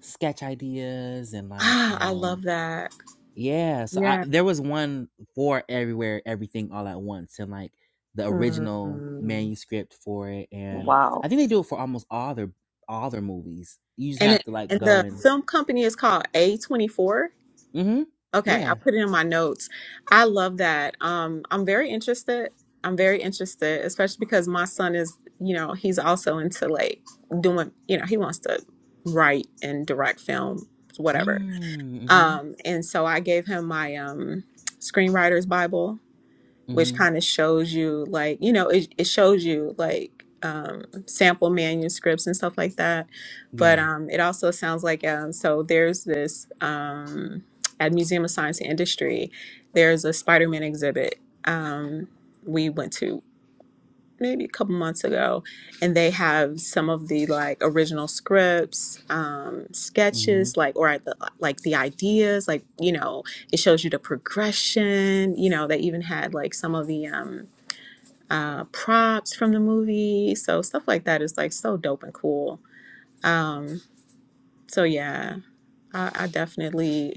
sketch ideas and like
Ah, I
um
love that.
yeah so i
Yeah.
there was one for everywhere everything all at once and like the original
Mm,
manuscript for it and
wow.
i think they do it for almost all their all their movies you just
And
have
it,
to like
and
go
the
and
film company is called A24.
mm-hmm
Okay, I
yeah
put it in my notes. I love that. Um, I'm very interested. I'm very interested, especially because my son is, you know, he's also into like doing, you know, he wants to write and direct film, whatever.
mm, mm-hmm
Um, and so I gave him my um screenwriter's Bible which
mm-hmm
kind of shows you like you know it, it shows you like um, sample manuscripts and stuff like that but
yeah
um, it also sounds like um, so there's this um, at museum of science and industry there's a spider-man exhibit um, we went to maybe a couple months ago and they have some of the like original scripts um
mm-hmm
sketches like or the, like the ideas like you know it shows you the progression you know they even had like some of the um uh props from the movie so stuff like that is like so dope and cool um so yeah i, I definitely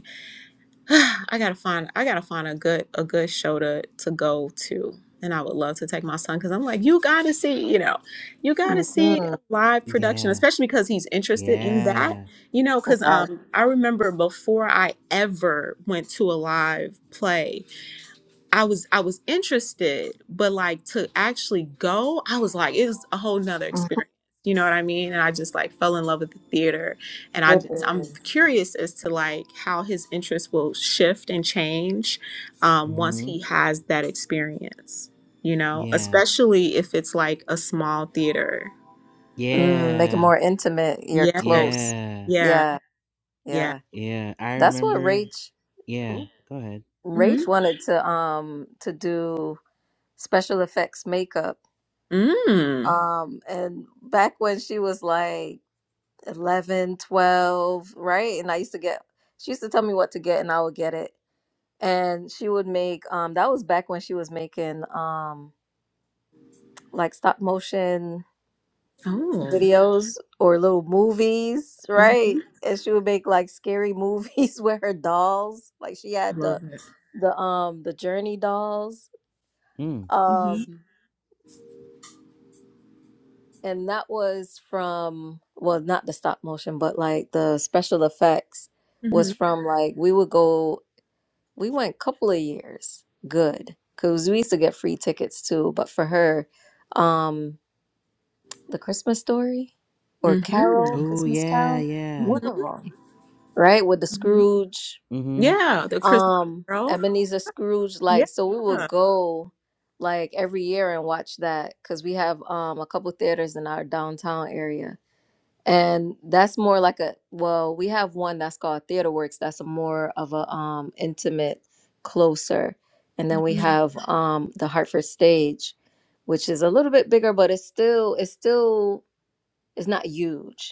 I gotta find I gotta find a good a good show to to go to. And I would love to take my son because I'm like, you gotta see, you know, you gotta see
hmm
a live production,
yeah
especially because he's interested in that.
yeah
You know, because
Yes,
um I remember before I ever went to a live play, I was I was interested, but like to actually go, I was like, it was a whole nother experience. You know what I mean? And I just like fell in love with the theater. And I
it
just I'm
is.
curious as to like how his interest will shift and change um, once
mm-hmm
he has that experience, you know,
yeah
especially if it's like a small theater.
Mm, make it
yeah
more intimate. You're
Yeah,
close.
yeah
yeah,
Yeah,
yeah.
yeah.
yeah i
That's what
remember
Rach
yeah go ahead
Mm-hmm.
Rach wanted to um to do special effects makeup.
Mm.
Um, and back when she was like eleven, twelve, right? And I used to get she used to tell me what to get and I would get it. And she would make um that was back when she was making um like stop motion
Oh.
videos or little movies, right?
Mm-hmm.
And she would make like scary movies with her dolls. Like she had
love
the
it.
the um the Journey dolls.
Mm.
Mm-hmm.
Um and that was from well not the stop motion but like the special effects was
Mm-hmm.
from like we would go we went a couple of years good cuz we used to get free tickets too but for her um the Christmas story or Carol
Mm-hmm.
Oh
Christmas
yeah,
Carol
yeah.
one
Mm-hmm.
of them. right? With the
Mm-hmm.
Scrooge,
Mm-hmm.
Yeah, the Christmas
um,
Carol.
Ebenezer Scrooge.
Yeah.
Like, so we would go like every year and watch that because we have um a couple theaters in our downtown area. And that's more like a well, we have one that's called Theater Works. That's a more of a um intimate, closer. And then we
Mm-hmm.
have um the Hartford Stage, which is a little bit bigger, but it's still it's still it's not huge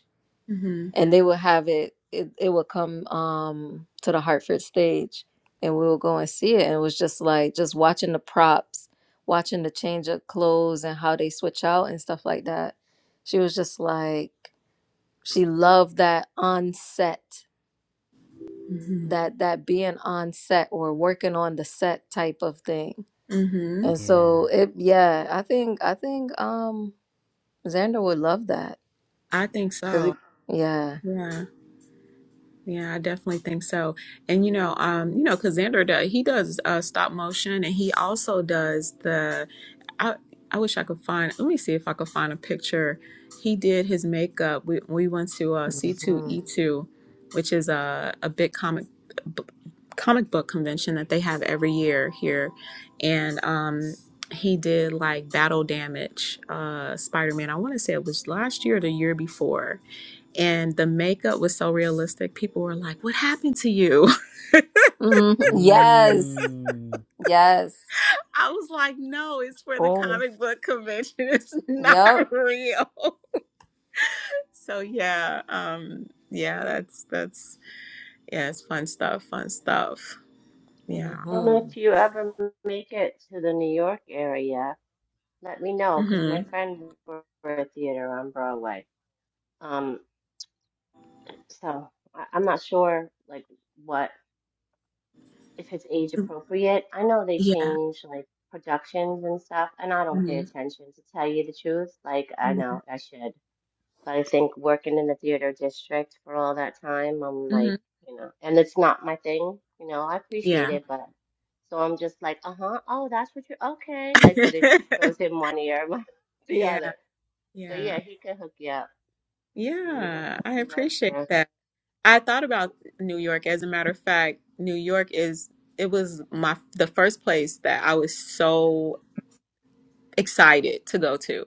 hmm
and they would have it, it it would come um to the Hartford stage and we would go and see it and it was just like just watching the props watching the change of clothes and how they switch out and stuff like that she was just like she loved that on set that that being on set or working on the set type of thing
hmm
and
Yeah.
so it yeah i think i think um xander would love that
I think
because
so.
yeah
Yeah. Yeah, I definitely think so. And you know, um, you know, because Xander does he does uh stop motion and he also does the I I wish I could find. Let me see if I could find a picture. He did his makeup. We we went to uh,
Mhm.
C2E2, which is a a big comic b- comic book convention that they have every year here, and um. He did like battle damage, uh, Spider Man. I want to say it was last year or the year before, and the makeup was so realistic. People were like, "What happened to you?"
Mhm. Yes.
Mm.
Yes.
I was like, "No, it's for the
Oh, oh,
comic book convention. It's not
Yep.
real." So yeah, um, yeah, that's that's yeah, it's fun stuff, fun stuff. Yeah.
Well,
Mm-hmm.
if you ever make it to the New York area, let me know because
hmm
my friend worked for a theater on Broadway. Um, so I, I'm not sure like what if it's age appropriate. I know they
Yeah.
change like productions and stuff, and I don't pay
hmm
attention to tell you the truth. Like I know I should. But I think working in the theater district for all that time, I'm like,
hmm
you know, and it's not my thing, you know, I appreciate
Yeah.
it, but so I'm just like, uh-huh, oh, that's what you're okay. Like, but it just goes in one ear, the
Yeah.
other. But yeah,
Yeah.
he could hook you up because he uh,
Yeah. I
he works
appreciate
there.
that. I thought about New York. As a matter of fact, New York is it was my the first place that I was so excited to go to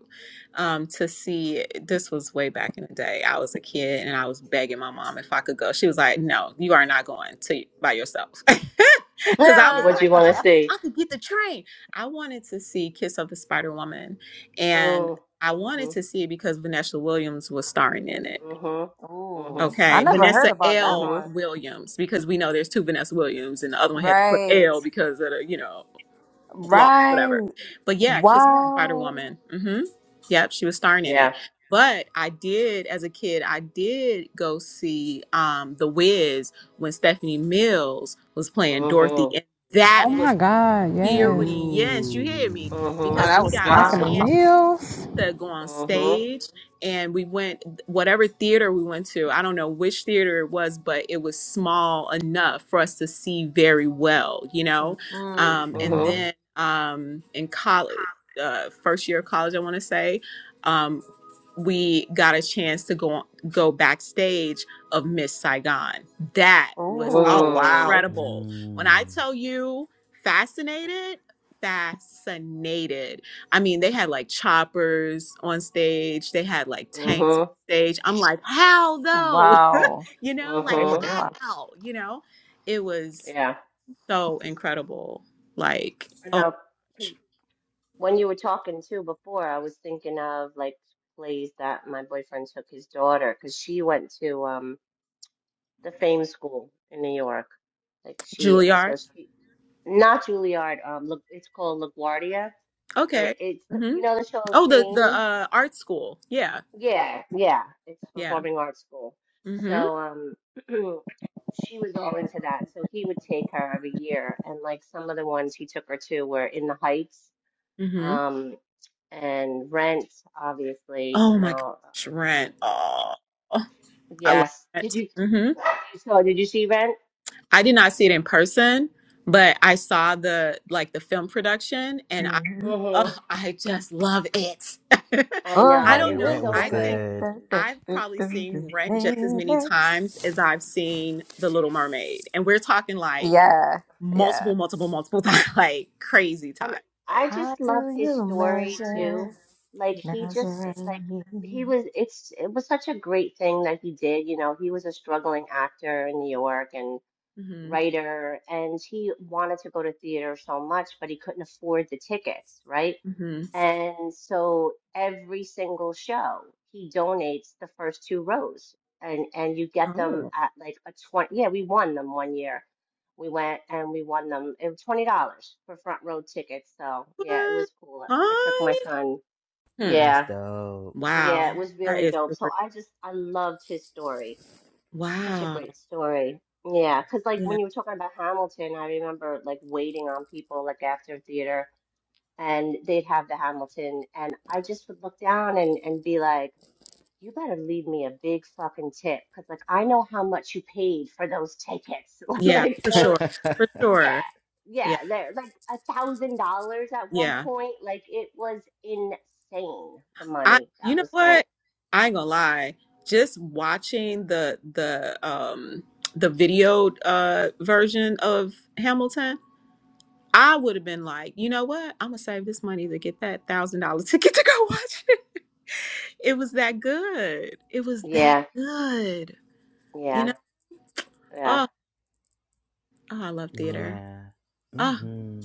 um to see this was way back in the day i was a kid and i was begging my mom if i could go she was like no you are not going to by yourself because i was
What you
like I
want to
could,
see?
I could get the train i wanted to see kiss of the spider woman and
Mm,
i wanted
mhm,
to see it because vanessa williams was starring in it
mhm,
Ooh.
mhm,
I
okay
never heard
vanessa
about that
l
mhm.
one.
williams because we know there's two vanessa williams and the other one had to put
Right.
l because of the you know blog, whatever.
Right.
But yeah, Kiss of the Spider
Wow.
Woman. hmm Yep, she was starring in it.
Yeah.
But I did, as a kid, I did go see um, The Wiz when Stephanie Mills was playing Dorothy,
Mhm,
and that
Oh my
was
God, yes.
experience. You hear me?
Ooh.
Because
mhm,
that
we
was
got a
nice.
Stephanie
chance
Wow.
meals,
to go on
mhm,
stage and we went whatever theater we went to i don't know which theater it was but it was small enough for us to see very well you know
Mm-hmm.
um and
mhm,
Mm-hmm.
then um in college uh first year of college i want to say um we got a chance to go on, go backstage of miss saigon that
Ooh.
was
Oh
mm,
wow,
incredible when i
Mm.
tell you fascinated fascinated I mean, they had like choppers on stage, they had like tanks on
mhm,
stage. I'm like, how though? you know,
oh,
like
they went
mhm.
out.
how? You know, it was
Yeah.
so incredible. Like, oh,
No, because when you were talking too before, I was thinking of like plays that my boyfriend took his daughter because she went to um the Fame School in New York. Like she,
Juilliard.
so she not Juilliard. Um, look, it's called LaGuardia, but it,
Okay.
it's the-
Mm-hmm.
you know the show of
Oh, the the
Fame.
uh, art school. Yeah,
Yeah, yeah, it's
yeah.
performing arts school.
Mm-hmm.
So um, she was all into that. So he would take her every year, and like some of the ones he took her to were in the Heights
Mm-hmm.
Um, and Rent, obviously,
Oh
you
my
know,
gosh, Rent. Oh, oh, I love
yes. Did
Rent.
you
Mm-hmm.
so did you see Rent?
I did not see it in person, but I saw the like the film production, and
Mm-hmm.
hmm
Oh, I just love it.
I
Four
I
know. It
don't
Yeah,
was
know.
hundred
rent was
so
da,
I
da,
good.
da,
think
good.
da, da,
I've
da,
probably
da, da,
seen Rent just as many
minutes.
times as I've seen The Little Mermaid. And we're talking like
Yeah. Yeah.
multiple, multiple, multiple times, like crazy
And
times. Like,
I
How
just
do
love his
you
story
yeah,
measure,
too. Like
yeah.
he just
measure up
it- like he
you?
was it's it was such a great thing that he did, you know, he was a struggling actor in New York and
hmm
writer and he wanted to go to theater so much, but he couldn't afford the tickets, right?
hmm
And so every single show, he donates the first two rows, and and you get them
Oh,
at like a twenty. Yeah, we won them one year. We went and we won them. It was twenty dollars for front row tickets. So yeah, it
what?
was cool. I took my
honey.
son.
Hmm.
That's
Yeah,
dope.
yeah, it
Wow,
was
that
really
is
dope. So
super.
I just I loved his story. It's such a
Wow.
great story. Yeah, because like
Yeah,
when you were talking about Hamilton, I remember like waiting on people like after theater and they'd have the Hamilton, and I just would look down and and be like, "You better leave me a big fucking tip, because like I know how much you paid for those tickets,
yeah,
like
for
the
sure, for
yeah."
sure.
Yeah,
Yeah,
they're like a thousand dollars at one
yeah.
point. Like it was insane the
I
money
you
that
know
was spent.
what? I ain't gonna lie. Just watching the the um the video uh version of Hamilton, I would have been like, you know what? I'm gonna save this money to get that thousand dollar ticket to go watch it. It was that good. It was that
Yeah,
good. You
yeah,
know?
yeah,
Oh, oh I love theater.
yeah.
Oh,
Mm-hmm.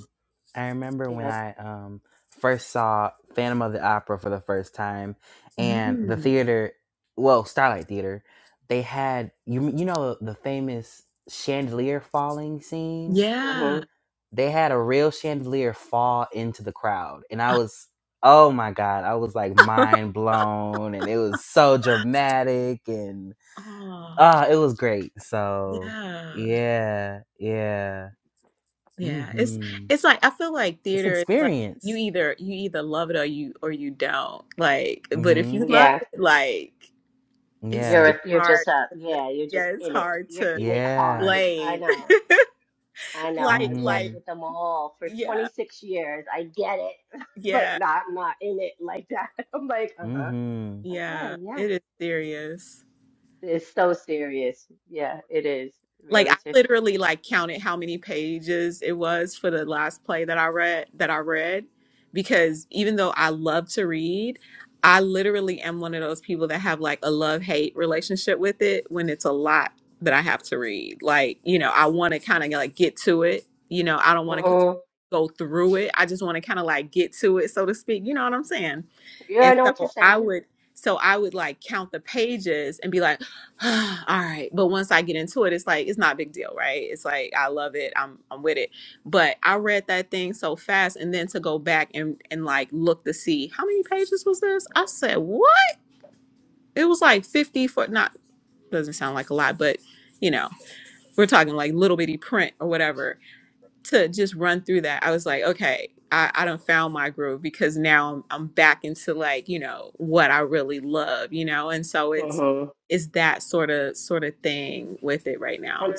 I remember when
yeah,
I um first saw Phantom of the Opera for the first time and the
mm,
theater well, Starlight Theater, they had you you know the famous chandelier falling scene?
hmm
yeah.
they had a real chandelier fall into the crowd and i
Uh,
was oh my god i was like mind blown and it was so dramatic and
Oh,
ah it was great so
yeah.
yeah yeah
Yeah, it's
mm-hmm
it's like I feel like
it's
theater is like you
experience
either you either love it or you or you don't. Like, but if
mm-hmm
you love
yeah.
it, like it's
yeah
it's
You're you're
hard
just uh
to,
yeah, you're
yeah,
just
it's
in it.
hard
You're
to
in it
yeah
hard. I
explain.
know. I know.
Like
I worked
mm-hmm
like
with them all for
yeah,
26 years. I get it, but
yeah,
not I'm not in it like that. I'm like, uh-huh.
mm-hmm
yeah.
Okay, yeah.
It is serious.
It's so serious. Yeah, it is
Like
really
I
serious.
literally like counted how many pages it was for the last play that I read that I read because even though I love to read, I literally am one of those people that have like a love-hate relationship with it when it's a lot that I have to read. Like, you know, I want to kind of like get to it. You know, I don't want to
Uh-uh.
go through it. I just want to kind of like get to it, so to speak. You know what I'm saying?
Yeah,
And
I know what you're
so I
saying.
would so I would like count the pages and be like, all right but once i get into it it's like it's not a big deal right it's like i love it i'm i'm with it but i read that thing so fast and then to go back and and like look to see how many pages was this i said what it was like 50 for not doesn't sound like a lot but you know we're talking like little bitty print or whatever to just run through that, I was like, okay, I, I done found my groove because now I'm, I'm back into like, you know, what I really love, you know? And so it's,
Mm-hmm.
it's that sort of, sort of thing with it right
And
now.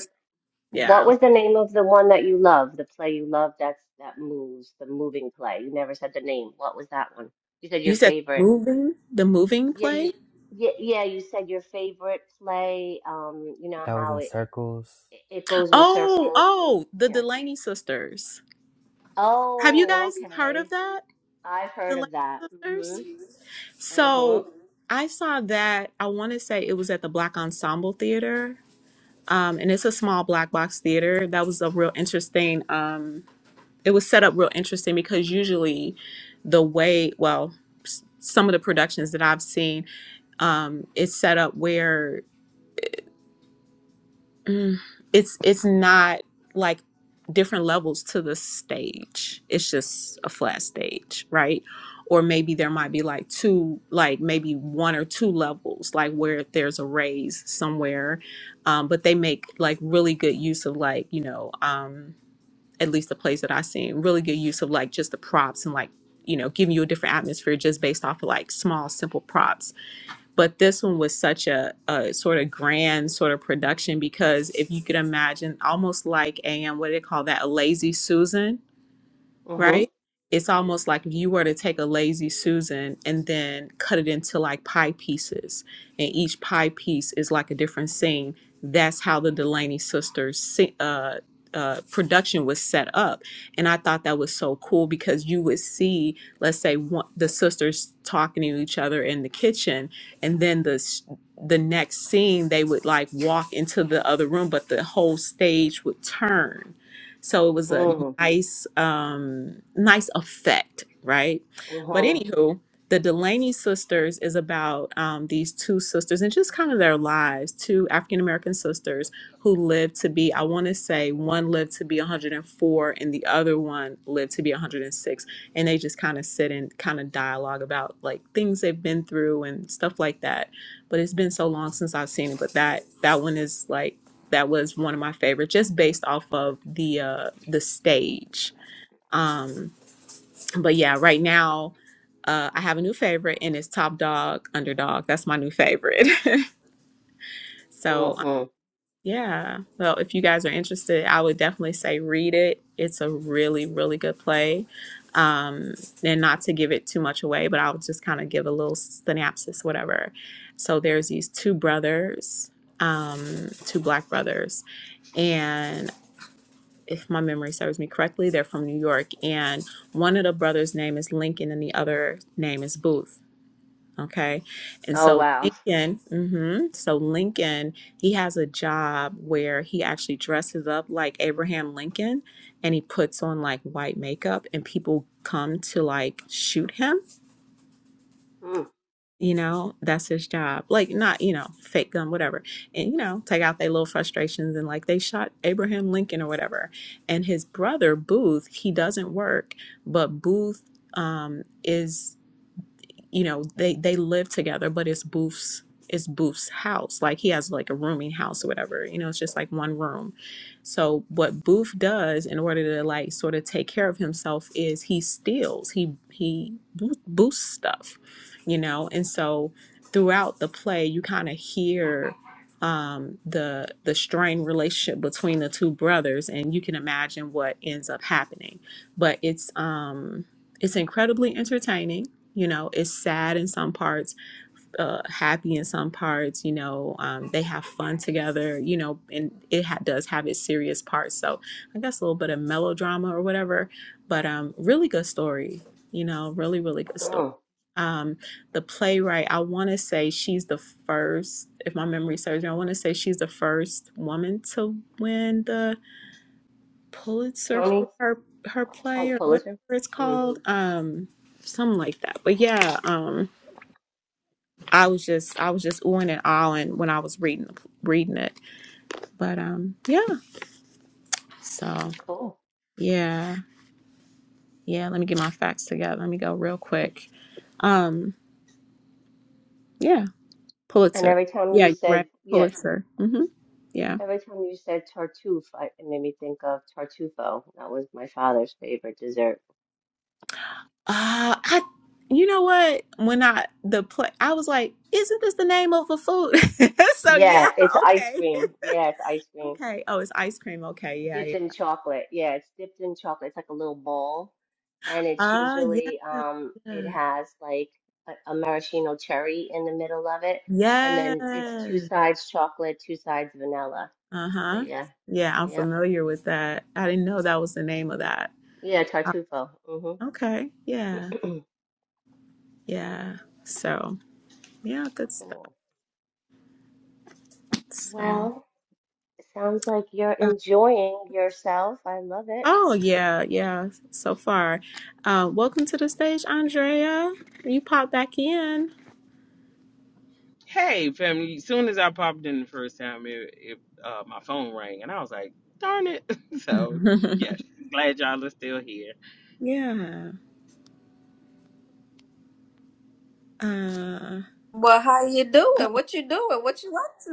what
Yeah.
was the name of the one that you love, the play you love that's that moves, the moving play? You never said the name. What was that one? You said your
You said
favorite.
moving, the moving
Yeah,
play.
you yeah, yeah, you said your favorite play. Um, you know
that was
how
in
it
circles
it, it goes in
Oh,
circles
oh, the
Yeah.
Delaney sisters. Have you
Oh,
guys heard of
okay.
that?
I've
the
heard of that.
Delaney
Mhm.
sisters. So
Mhm.
I saw that, I want to say it was at the Black Ensemble Theater um, and it's a small black box theater. That was a real interesting. Um, it was set up real interesting because usually, the way well, s- some of the productions that I've seen, um, it's set up where Mm. It's it's not like different levels to the stage. It's just a flat stage, right? Or maybe there might be like two, like maybe one or two levels, like where there's a raise somewhere. Um, but they make like really good use of like you know, um, at least the plays that I've seen, really good use of like just the props and like you know giving you a different atmosphere just based off of like small simple props but this one was such a, a sort of grand sort of production because if you could imagine almost like a um, what do they call that a lazy susan
Mhm.
right? It's almost like if you were to take a lazy Susan and then cut it into like pie pieces, and each pie piece is like a different scene. That's how the Delaney sisters si- uh, uh, production was set up, and I thought that was so cool because you would see, let's say, one, the sisters talking to each other in the kitchen, and then the s- the next scene they would like walk into the other room, but the whole stage would turn. So it was a
Mhm.
nice um nice effect right but
Mhm.
anywho the delaney sisters is about um, these two sisters and just kind of their lives two african american sisters who lived to be i want to say one lived to be 104 and the other one lived to be 106 and they just kind of sit and kind of dialogue about like things they've been through and stuff like that but it's been so long since i've seen it but that that one is like that was one of my favorites just based off of the uh the stage um but yeah right now uh i have a new favorite and it's top dog underdog that's my new favorite so um,
Mhm.
yeah well if you guys are interested i would definitely say read it it's a really really good play um and not to give it too much away but i'll just kind of give a little synopsis whatever so there's these two brothers um two black brothers and if my memory serves me correctly, they're from New York. And one of the brothers' name is Lincoln and the other name is Booth. Okay. And
Oh
so
wow.
Lincoln, hmm so Lincoln, he has a job where he actually dresses up like Abraham Lincoln and he puts on like white makeup and people come to like shoot him
Mm.
you know, that's his job. Like, not, you know, fake gun, whatever. And, you know, take out their little frustrations. And, like, they shot Abraham Lincoln or whatever. And his brother, Booth, he doesn't work, but Booth um, is you know they they live together but it's booth's it's booth's house like he has like a rooming house or whatever you know it's just like one room so what booth does in order to like sort of take care of himself is he steals he he Booth Booth's stuff you know and so throughout the play you kind of hear um the the strained relationship between the two brothers and you can imagine what ends up happening but it's um it's incredibly entertaining you know it's sad in some parts uh happy in some parts you know um they have fun together you know and it ha- does have its serious parts so i guess a little bit of melodrama or whatever but um really good story you know really really good story
Mm.
um the playwright i want to say she's the first if my memory serves me i want to say she's the first woman to win the pulitzer
Tony.
for her her
Oh,
play or whatever
Pulitzer.
it's
Mm.
called um something like that but yeah um I was just I was just oohing and ahhing when I was reading reading it. But um yeah. So
Cool.
yeah. Yeah, let me get my facts together. Let me go real quick. Um yeah,
And
Pulitzer.
every time
Yeah,
you
you're right.
said yeah,
Pulitzer. Mhm. Yeah.
every time you said tartuffe, I, it made me think of tartufo. That was my father's favorite dessert.
Uh I you know what? When I the play I was like, isn't this the name of a food? so yeah,
Yeah, it's ice
okay.
cream. Yeah, it's ice cream.
Okay. Oh, it's ice cream. Okay. Yeah,
Dipped
yeah.
in chocolate. Yeah, it's dipped in chocolate. It's like a little ball. And it's
Ah,
usually
yeah.
um it
Yeah.
has like a, a maraschino cherry in the middle of it. And then it's
Yes.
two sides chocolate, two sides vanilla. So
Uh-huh.
yeah.
Yeah, I'm
Yep.
familiar with that. I didn't know that was the name of that.
Yeah,
Uh,
tartufo. Mm-hmm.
okay. Yeah. Yeah. So, yeah, good stuff.
Cool.
So,
Well, it sounds like you're
uh,
enjoying yourself. I love it.
oh, yeah, yeah, so far. Uh, welcome to the stage, Andrea. You pop back in.
Hey, family. As Soon as I popped in the first time, it, it uh, my phone rang, and I was like, "Darn it!" So, yes, glad y'all are still here.
Yeah. Uh,
Well, how you do?
uh-oh.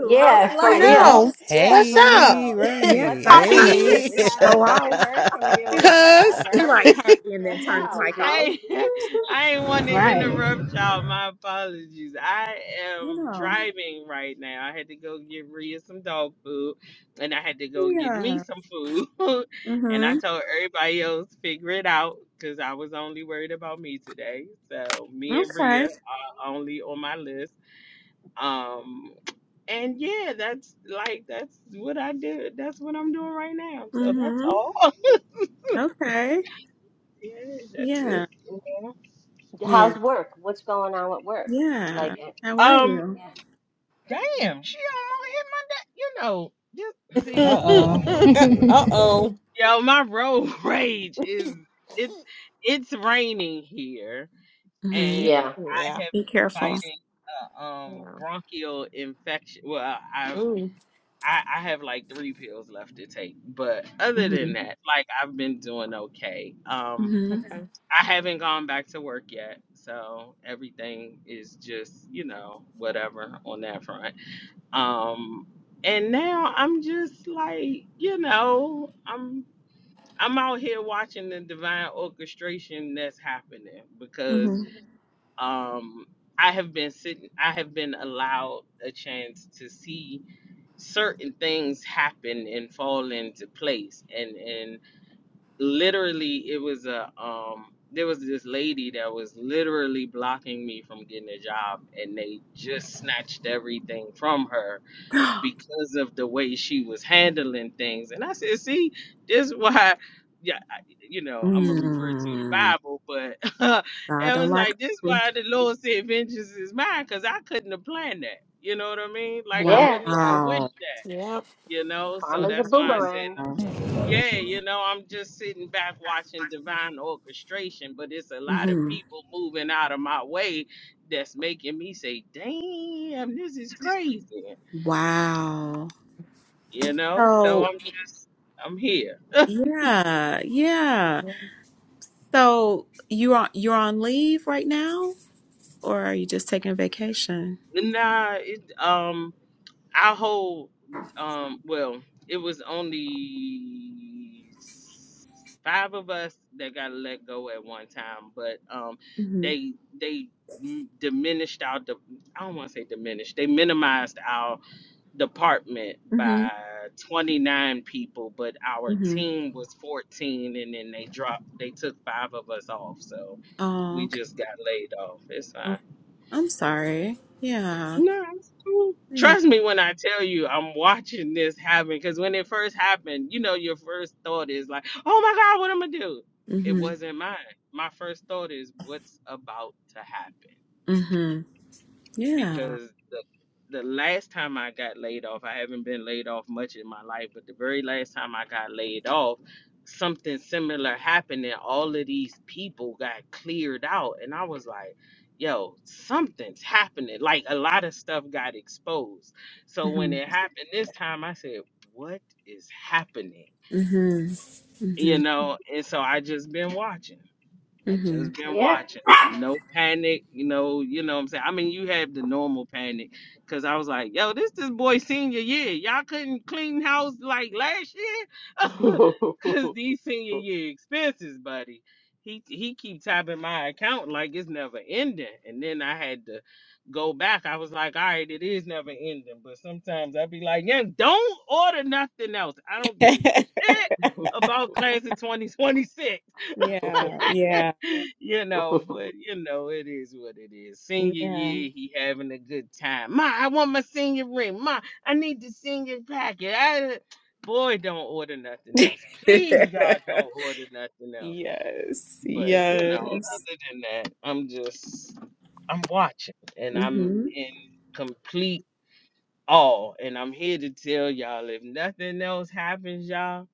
Yeah, for real.
Yeah.
No,
Yeah,
what's
for
up?
Hey,
real.
Yeah, 'cause
What
right.
the
I seen the thing
hell?
Hey.
We
just
puppies.
haven't
go
fucking
off.
heard from you
She
in
like,
Cuz.
she
forever.
like, hey, and
The
then turn the
hell,
mic off.
dude?
I I ain't want to
right?
interrupt y'all. My apologies. I
You
am
know.
driving right now. I had to go get Rhea some dog food, and I had to go get me
Yeah.
some food. and I
Mm-hmm.
told everybody else figure it out because I was only worried about me today. So me and
Okay.
Rhea are only on my list. Um. And yeah, that's like that's what I do. That's what I'm doing right now. So that's
Mm-hmm.
all.
Okay.
yeah, that's
Yeah.
it. you know.
Yeah.
How's work? What's going on with work? Like,
Yeah.
eh,
How are
Um,
you?
yeah.
damn, she almost hit my da- You know, just
Uh
see,
uh
oh.
oh.
yo, my road rage is it's it's raining here,
Mm-hmm.
and
Yeah.
Yeah.
I have
Be
been
careful.
fighting a um
Yeah.
bronchial infection. Well, I've
Ooh.
I, I have like three pills left to take, but other
Mm-hmm.
than that, like I've been doing okay. Um,
Mm-hmm.
Okay.
I haven't gone back to work yet, so everything is just, you know, whatever on that front. Um and now I'm just like, you know, I'm I'm out here watching the divine orchestration that's happening because um I have been sitting I have been allowed a chance to see certain things happen and fall into place and and literally it was a um there was this lady that was literally blocking me from getting a job and they just snatched everything from her
Mm-hmm.
because of the way she was handling things and i said see this is why yeah I- you know i'm gonna refer to the
mm.
bible but
God
it
don't
was
like
like this is
ugly.
why the lord said vengeance is mine because i couldn't have planned that you know what i mean like i
Yeah.
wouldn't even
Yeah.
have
Wow.
wished that
Yep.
you know so
Karma's a
that's why i said
boomerang.
Wow.
hmm
yeah, you know, I'm just sitting back watching divine orchestration, but it's a lot of
Mm-hmm.
people moving out of my way that's making me say, damn, this is crazy.
Wow.
You know, so
So
I'm just, I'm here.
yeah, yeah.
Yeah.
So you are you're on leave right now, or are you just taking a vacation?
Nah, it, um, our whole um well it was only s- five of us that got let go at one time but um
Mm-hmm.
they they m- diminished our de- i don't want to say diminished they minimized our department by
Mm-hmm.
29 people but our
Mm-hmm.
team was 14 and then they dropped they took five of us off so
Oh,
we
okay.
just got laid off it's fine
Okay. I'm sorry. Yeah.
no, it's cool.
Yeah.
Trust me when I tell you I'm watching this happen because when it first happened, you know, your first thought is like, oh my God, what am I going to do? It
Mhm.
wasn't mine. My first thought is, what's about to happen?
Mhm. Yeah.
because the the last time I got laid off, I haven't been laid off much in my life, but the very last time I got laid off, something similar happened and all of these people got cleared out and I was like, yo, something's happening. Like a lot of stuff got exposed. So when
Mhm.
it happened this time, I said, what is happening?
Mhm.
You
Mhm.
know, and so I just been watching. I
Mhm.
just been
Yeah.
watching. No panic, you know, you know what I'm saying? I mean, you have the normal panic cuz I was like, yo, this this boy senior year. Y'all couldn't clean house like last year cuz these senior year expenses, buddy. He he keep tapping my account like it's never ending. And then I had to go back. I was like, all right, it is never ending, but sometimes I'd be like, yeah, don't order nothing else. I don't give a shit about class of 2026
yeah. Yeah.
you know, but you know, it is what it is. Senior
Yeah.
year, he having a good time. Ma, I want my senior ring. Ma, I need the senior packet. I, boy, don't order nothing else. Please, God, don't order nothing else.
yes.
But you know,
Yes.
other than that, I'm just, I'm watching, and I'm
Mhm.
in complete awe. And I'm here to tell y'all, if nothing else happens, y'all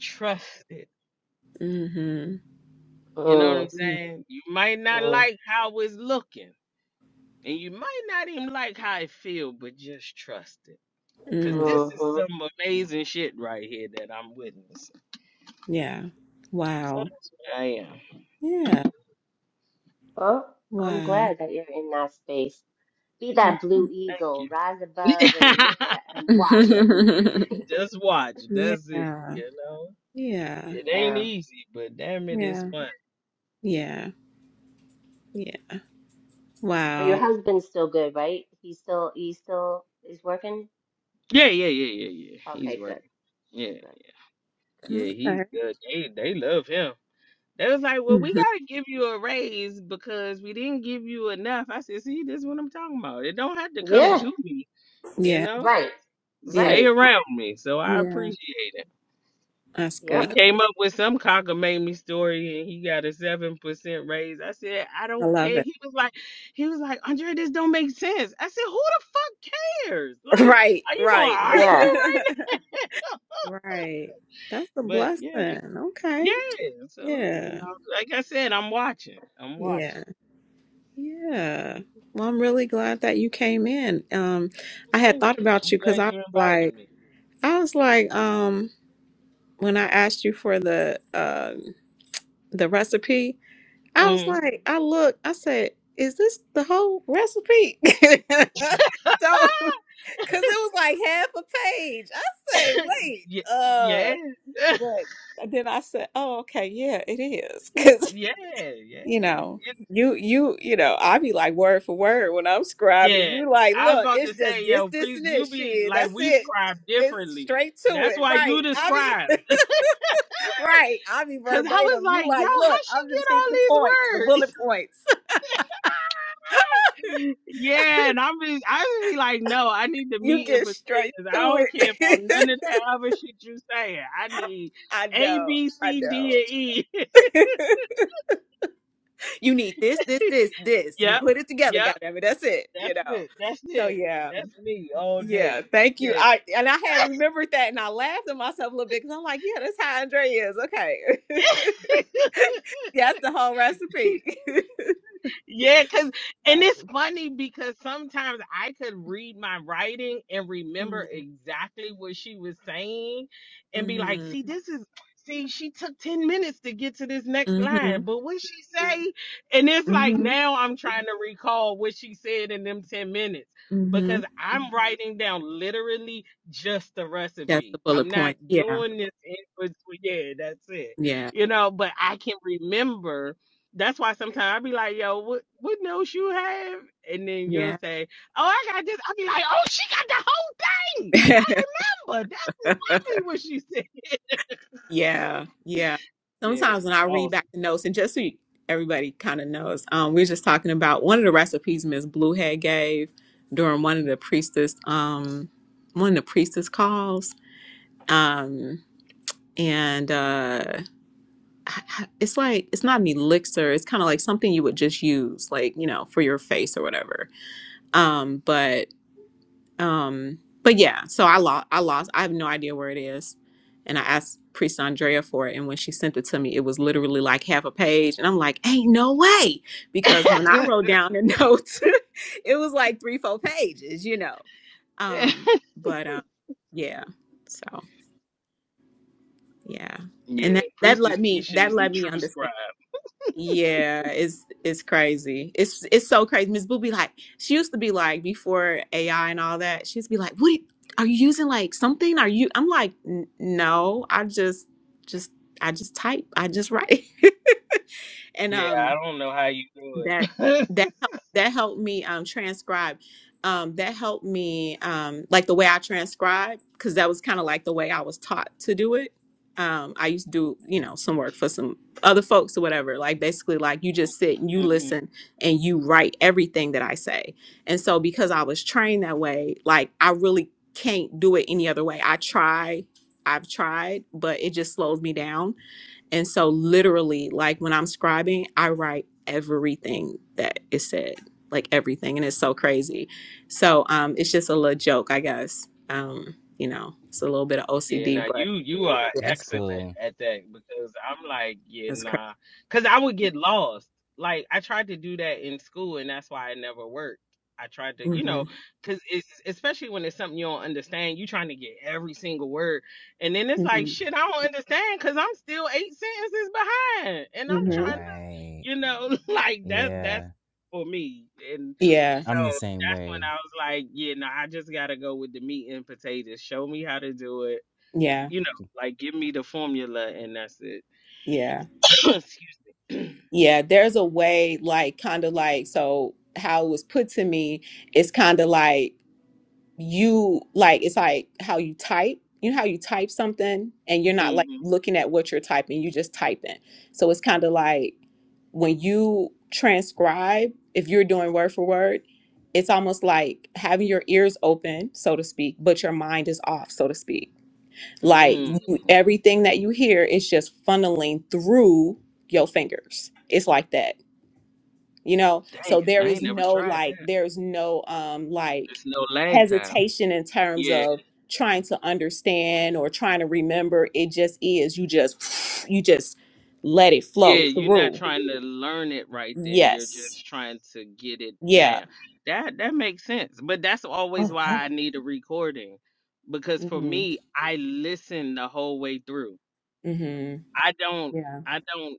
trust it.
Mhm.
You know what I'm
Mm,
Mhm.
saying? You might not
mm,
like how it's looking And you might not even like how it feel, but just trust it. Cause
Mm.
this is
hmm
some amazing shit right here that I'm witnessing.
Yeah.
So
Wow.
that's where I am.
Yeah.
Well, I'm
Wow.
glad that you're in that space. Be that
Mhm.
blue
Thank
eagle,
you.
rise above and look at and watch it.
just watch. That's it.
yeah.
You know?
Yeah.
It
Yeah.
ain't easy, but damn it, it's
Yeah.
fun.
Yeah. Yeah.
Oh, your
Wow.
husband's still good, right? He's still he still is working?
Yeah, yeah, yeah, yeah, yeah. He's
Okay,
right.
good,
Yeah.
good, good.
Yeah, he's
Okay.
good. They they love him. They was like, Well, we
Mhm.
gotta give you a raise because we didn't give you enough. I said, see, this is what I'm talking about. It don't have to come
Yeah,
to me. you
Yeah.
know.
right,
Yeah.
stay
right.
around me. So I
Yeah.
appreciate it.
That's
They
Yep.
good.
came up with some cockamamie story and he got a seven percent raise. I said, I
I
don't
love
care.
it.
He was like, he was like, Andre, this don't make sense. I said, who the fuck cares? Like,
Right,
are you gonna
right.
Yeah.
argue right now?
right. That's a
But
blessing.
yeah,
Okay.
yeah. So, you
Yeah.
know, like I said, I'm watching. I'm
Yeah.
watching.
Yeah. Well, I'm really glad that you came in. Um I had
Thank
thought
you.
about
I'm
you cuz
glad
I
you
was
invited
like
me.
I was like um when I asked you for the uh the recipe, I was
hmm
like I look, I said, is this the whole recipe? so Cause it was like half a page. I say, wait,
yeah,
uh,
yeah,
but then I said, oh, okay, yeah, it is. Cause
yeah,
you know,
yeah.
you you you know, I be like word for word when I'm scribing. And
Yeah,
You like,
I was
look,
about
it's
to
just
say,
this,
yo,
this,
priest,
and
you
this
be
shit.
like
That's
we
it.
scribe
It's
differently.
straight to
That's
it,
why you
right?
the
I
scribe.
be right. I be
Cause I was
verbatim. You
like, yo,
like,
how
look,
she
I'm
get
just hitting the points, the
all
bullet points.
these words? yeah, and I'm be, I be like, no, I need the
You
meat and
get straight
potatoes. I
to
don't care about none
it.
of that other shit you saying. I need
I
A,
know.
B,
I
C, D, and E.
know. you need this, this, this, this. You
yep,
put it together,
yep,
goddammit. That's it, you
that's
know.
it, that's
So
it,
yeah,
that's me all day.
yeah.
But
Thank you.
yeah,
I and I had remembered that, and I laughed at myself a little bit because I'm like, yeah, that's how Andre is. Okay, that's the whole recipe.
Yeah, cause and
so.
it's funny because sometimes I could read my writing and remember
Mm-hmm.
exactly what she was saying and be like,
Mm-hmm.
see, this is see, she took 10 minutes to get to this next line, but what she say? And it's like
Mm-hmm.
now I'm trying to recall what she said in them 10 minutes
Mm-hmm.
because I'm writing down literally just the
That's the
recipe.
bullet
I'm not
point. Yeah.
doing this in between. Yeah, that's it.
Yeah.
You know, but I can remember that's why sometimes i be like, yo, what what notes you have? And then you'll
Yeah.
say, Oh, I got this. I'll be like, Oh, she got the whole thing. I remember. That's exactly what she said.
Yeah, yeah.
Yeah.
Sometimes when I read back
Awesome.
the notes, and just so you, everybody kind of knows, um, we are just talking about one of the recipes Miss Bluehead gave during one of the priestess, um, one of the priestess calls, um, and uh, it's like it's not an elixir. It's kind of like something you would just use, like you know, for your face or whatever. Um, but um, but yeah, so I lost. I lost. I have no idea where it is, and I asked Priest Andrea for it, and when she sent it to me, it was literally like half a page, and I'm like, "Ain't no way," because when I wrote down the notes, it was like three, four pages, you know. Um, but um, yeah, so yeah,
yeah.
and that that
Priestess
let me
Keisha
that
is the
let me
true
understand.
scribe.
Yeah, it's it's crazy. It's it's so crazy. Miss Boo be like, she used to be like before AI and all that. She used to be like, "What are you using? Like something? Are you?" I'm like, "N- "No, I just just I just type. I just write." and
Yeah,
um,
I don't know how you do
that
it.
that helped that helped me um transcribe um that helped me um like the way i transcribe because that was kind of like the way i was taught to do it um i used to do you know some work for some other folks or whatever like basically like you just sit and you listen and you write everything that i say and so because i was trained that way like i really can't do it any other way i try i've tried but it just slows me down and so, literally, like when I'm scribing, I write everything that is said, like everything. And it's so crazy. So, um, it's just a little joke, I guess. Um, you know, it's a little bit of
Yeah,
OCD,
now
but
you you are
yeah,
That's
excellent
cool.
at that because I'm like, yeah,
that's crazy.
nah, because I would get lost. Like I tried to do that in school, and that's why it never worked. I tried to, you
hmm
know, because it's especially when it's something you don't understand, you trying to get every single word, and then it's like,
hmm
shit, I don't understand because I'm still eight sentences behind, and I'm
hmm
trying to,
right
you know, like that that's
Yeah.
for me, and
Yeah.
so
I'm the same
that's when
way.
I was like, yeah, no, I just gotta go with the meat and potatoes. Show me how to do it
Yeah.
you know, like give me the formula and that's it.
Yeah.
Excuse me.
Yeah. There's a way, like, kind of like, so how it was put to me, it's kind of like, you like it's like how you type you know how you type something and you're not like
Mm-hmm.
looking at what you're typing you just typing so it's kind of like when you transcribe if you're doing word for word it's almost like having your ears open so to speak but your mind is off so to speak like
Mm,
you, everything that you hear is just funneling through your fingers it's like that you know
damn,
so there
I
is
ain't never
no
tried
like
that.
there's no um like
There's no lag time.
hesitation in terms
Yeah,
of trying to understand or trying to remember it just is you just you just let it flow
yeah, you're not
through
trying to learn it right then. You're
yes
just trying to get it
yeah
down. That that makes sense. But that's always why I need a recording. Because for
mm-hmm
me, I listen the whole way through.
mm-hmm
I don't
yeah
I don't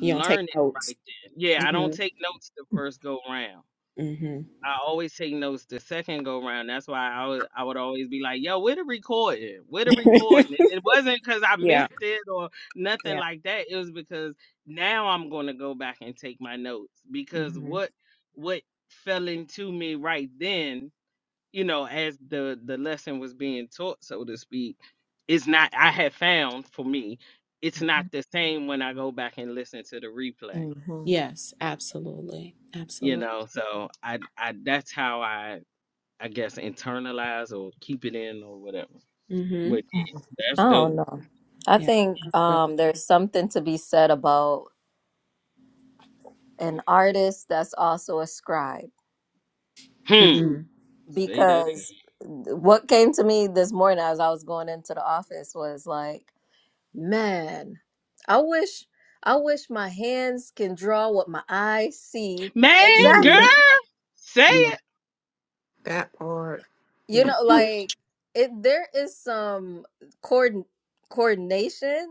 you don't take
it
notes
right then. Yeah, I don't
mm-hmm
take notes the first go round.
mm-hmm
I always take notes the second go round. That's why I would I would always be like, yo, where the recording? Where the recording? And it wasn't because I
yeah
missed it or nothing
yeah
like that. It was because now I'm gonna go back and take my notes because
mm-hmm
what what fell into me right then, you know, as the the lesson was being taught, so to speak, is not I had found for me, it's not
hmm
the same when I go back and listen to the replay.
yes absolutely
You
absolutely
know, so I I that's how I I guess internalize or keep it in or whatever.
mm-hmm
But yeah, that's
I
dope.
don't know. I
yeah
think
that's good
um, there's something to be said about an artist that's also a scribe
Hmm.
mm-hmm
Say that
because
again.
what came to me this morning as I was going into the office was like, man, I wish I wish my hands can draw what my eyes see
Man, girl,
mm-hmm
exactly
say
yeah
it.
That part.
You
yeah
know,
Hmm.
like it there is some coord coordination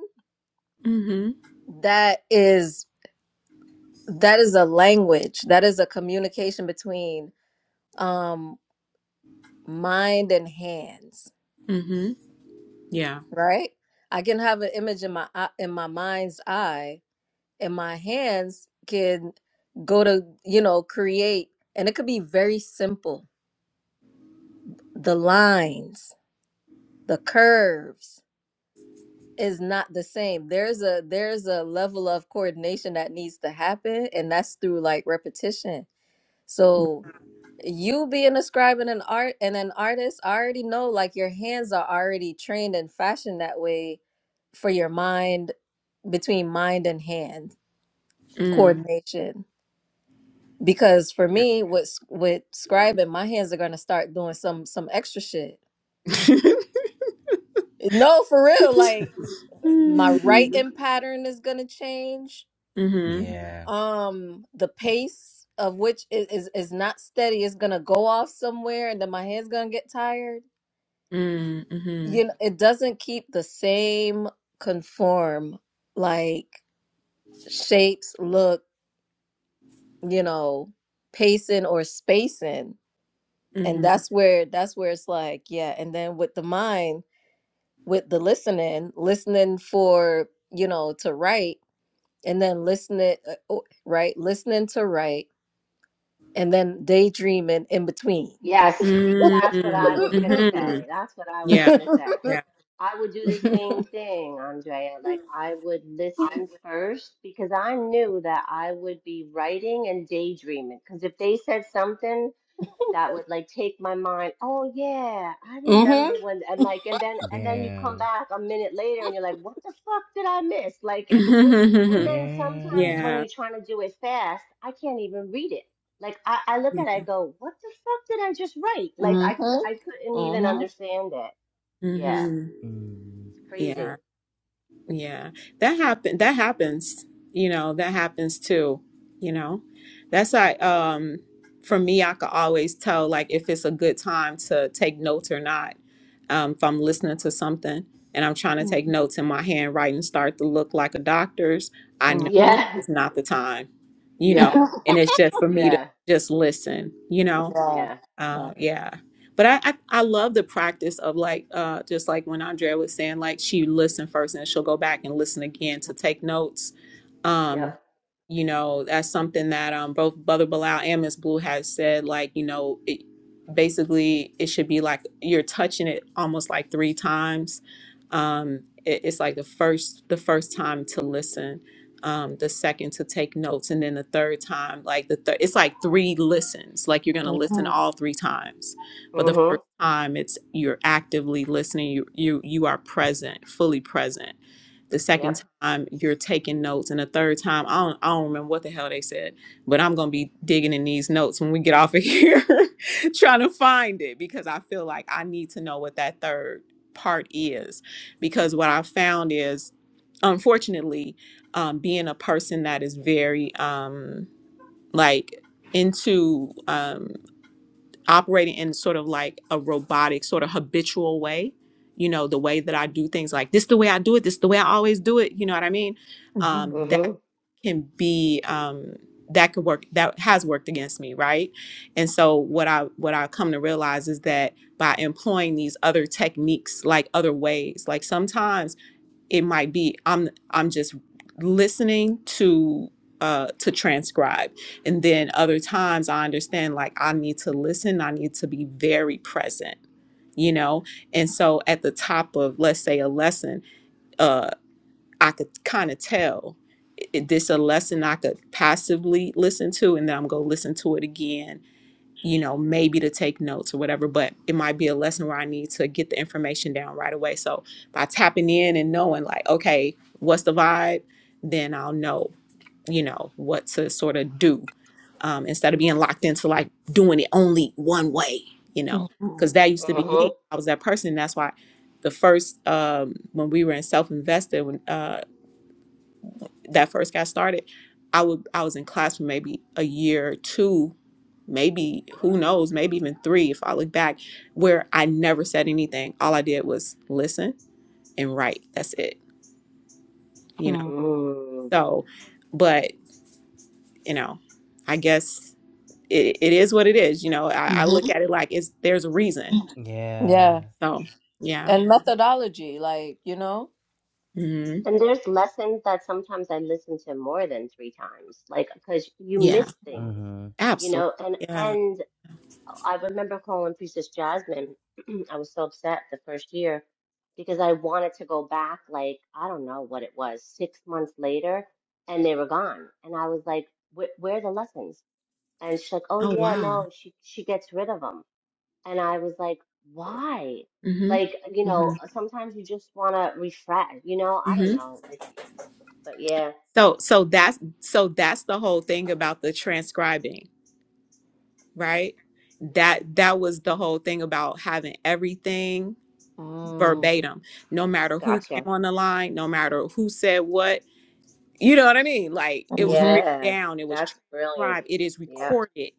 mm-hmm
that is that is a language, that is a communication between um mind and hands,
Mm-hmm. Yeah.
right? I can have an image in my eye- in my mind's eye, and my hands can go to, you know, create, and it could be very simple. The lines, the curves, is not the same. There's a there's a level of coordination that needs to happen, and that's through like repetition. So you being a scribe and an art and an artist, I already know like your hands are already trained and fashioned that way for your mind between mind and hand
Mm.
coordination. Because for
Yeah.
me, with s- with scribing, my hands are gonna start doing some some extra shit.
mm-hmm.
No, for real. Like my writing pattern is gonna change
Mm-hmm.
Yeah.
um the pace of which is is, is not steady it's gonna go off somewhere and then my hand's gonna get tired
Mm.
you
Mm-hmm.
know it doesn't keep the same conform like shapes look you know pacing or spacing and
Mm-hmm.
that's where that's where it's like yeah and then with the mind with the listening listening for you know to write and then listening uh, oh, right listening to write and then daydreaming in between
Yes. That's what I
Mm.
was gonna
mhm.
Mm-hmm.
say. That's what I was
Yeah.
gonna say.
Yeah.
I would do the same thing, Andrea. Like I would listen first because I knew that I would be writing and daydreaming. Because if they said something that would like take my mind, oh yeah, I
Mhm.
remember when and like and then and then you come
Yeah.
back a minute later and you're like, what the fuck did I miss? Like and then sometimes
Yeah.
when
yeah. Yeah.
you're trying to do it fast, I can't even read it. Like I, I look at it, I go, what the fuck did I just write? Like I could
Mhm.
I couldn't even understand it. Yeah.
Mm-hmm.
Mm.
It's
Yeah.
crazy.
Yeah, that happen. That happens. You know, that happens too. You know, that's like um, for me, I could always tell like if it's a good time to take notes or not. Um, if I'm listening to something and I'm trying to take notes and my handwriting start to look like a doctor's, I know
Mhm.
Yeah.
it's not the time. You know,
Yeah.
and it's just for me to
Yeah.
just listen. You know,
Yeah.
Yeah.
Yeah.
uh, yeah. But I, I, I love the practice of like uh, just like when Andrea was saying, like she listened first and she'll go back and listen again to take notes. Um,
Yep.
you know, that's something that um, both Brother Bilal and Miss Blue has said, like, you know, it, basically it should be like you're touching it almost like three times. Um, it, it's like the first the first time to listen um, the second to take notes, and then the third time, like the third, it's like three listens. Like you're gonna listen
Mhm.
all three times, but the
Mm-hmm.
first time, it's you're actively listening. You you you are present, fully present the second
Yep.
time you're taking notes and the third time I don't, I don't remember what the hell they said but i'm gonna be digging in these notes when we get off of here trying to find it because i feel like i need to know what that third part is because what i found is unfortunately um, being a person that is very um, like into um, operating in sort of like a robotic sort of habitual way you know the way that i do things like this the way i do it this the way i always do it you know what i mean
Mhm.
um that
Mm-hmm.
can be um that could work that has worked against me right and so what i what i come to realize is that by employing these other techniques like other ways like sometimes it might be i'm i'm just listening to uh to transcribe and then other times i understand like i need to listen i need to be very present you know and so at the top of let's say a lesson uh i could kind of tell i- this a lesson i could passively listen to and then i'm gonna listen to it again you know, maybe to take notes or whatever, but it might be a lesson where I need to get the information down right away. So by tapping in and knowing, like, okay, what's the vibe, then I'll know, you know, what to sort of do um, instead of being locked into like doing it only one way, you know, because that used to be me.
Mm-hmm.
I was that person. That's why the first, um, when we were in self invested, when. uh, that first got started, I would I was in class for maybe a year, two, maybe who knows, maybe even three if I look back, where I never said anything. All I did was listen and write. That's it. You know.
Mhm.
mm.
So, but you know, I guess it, it is what it is. You know, I, I look
Mhm.
at it like it's there's a reason.
Yeah.
Yeah.
So yeah,
And methodology, like you know.
hmm
And there's lessons that sometimes I listen to more than three times, like because you
yeah,
miss
Mhm.
things,
Mm-hmm.
you
absolutely,
know. And
yeah.
and I remember calling Priestess Jasmine. I was so upset the first year because I wanted to go back, like I don't know what it was, six months later, and they were gone. And I was like, "Wh- "Where are the lessons?" And she's like, "Oh
Oh
yeah,
wow.
no, she she gets rid of them." And I was like, "Why?"
Mm-hmm.
Like, you
Mm-hmm.
know, sometimes you just want to refresh, you know, I
Mm-hmm.
don't know, like. But yeah,
So so that's so that's the whole thing about the transcribing, right? That that was the whole thing about having everything
Mm.
verbatim, no matter who came
gotcha.
on the line, no matter who said what. You know what I mean? Like it was
Mhm.
written
Yeah,
down, it was
that's brilliant.
transcribed, it is
Yep,
recorded,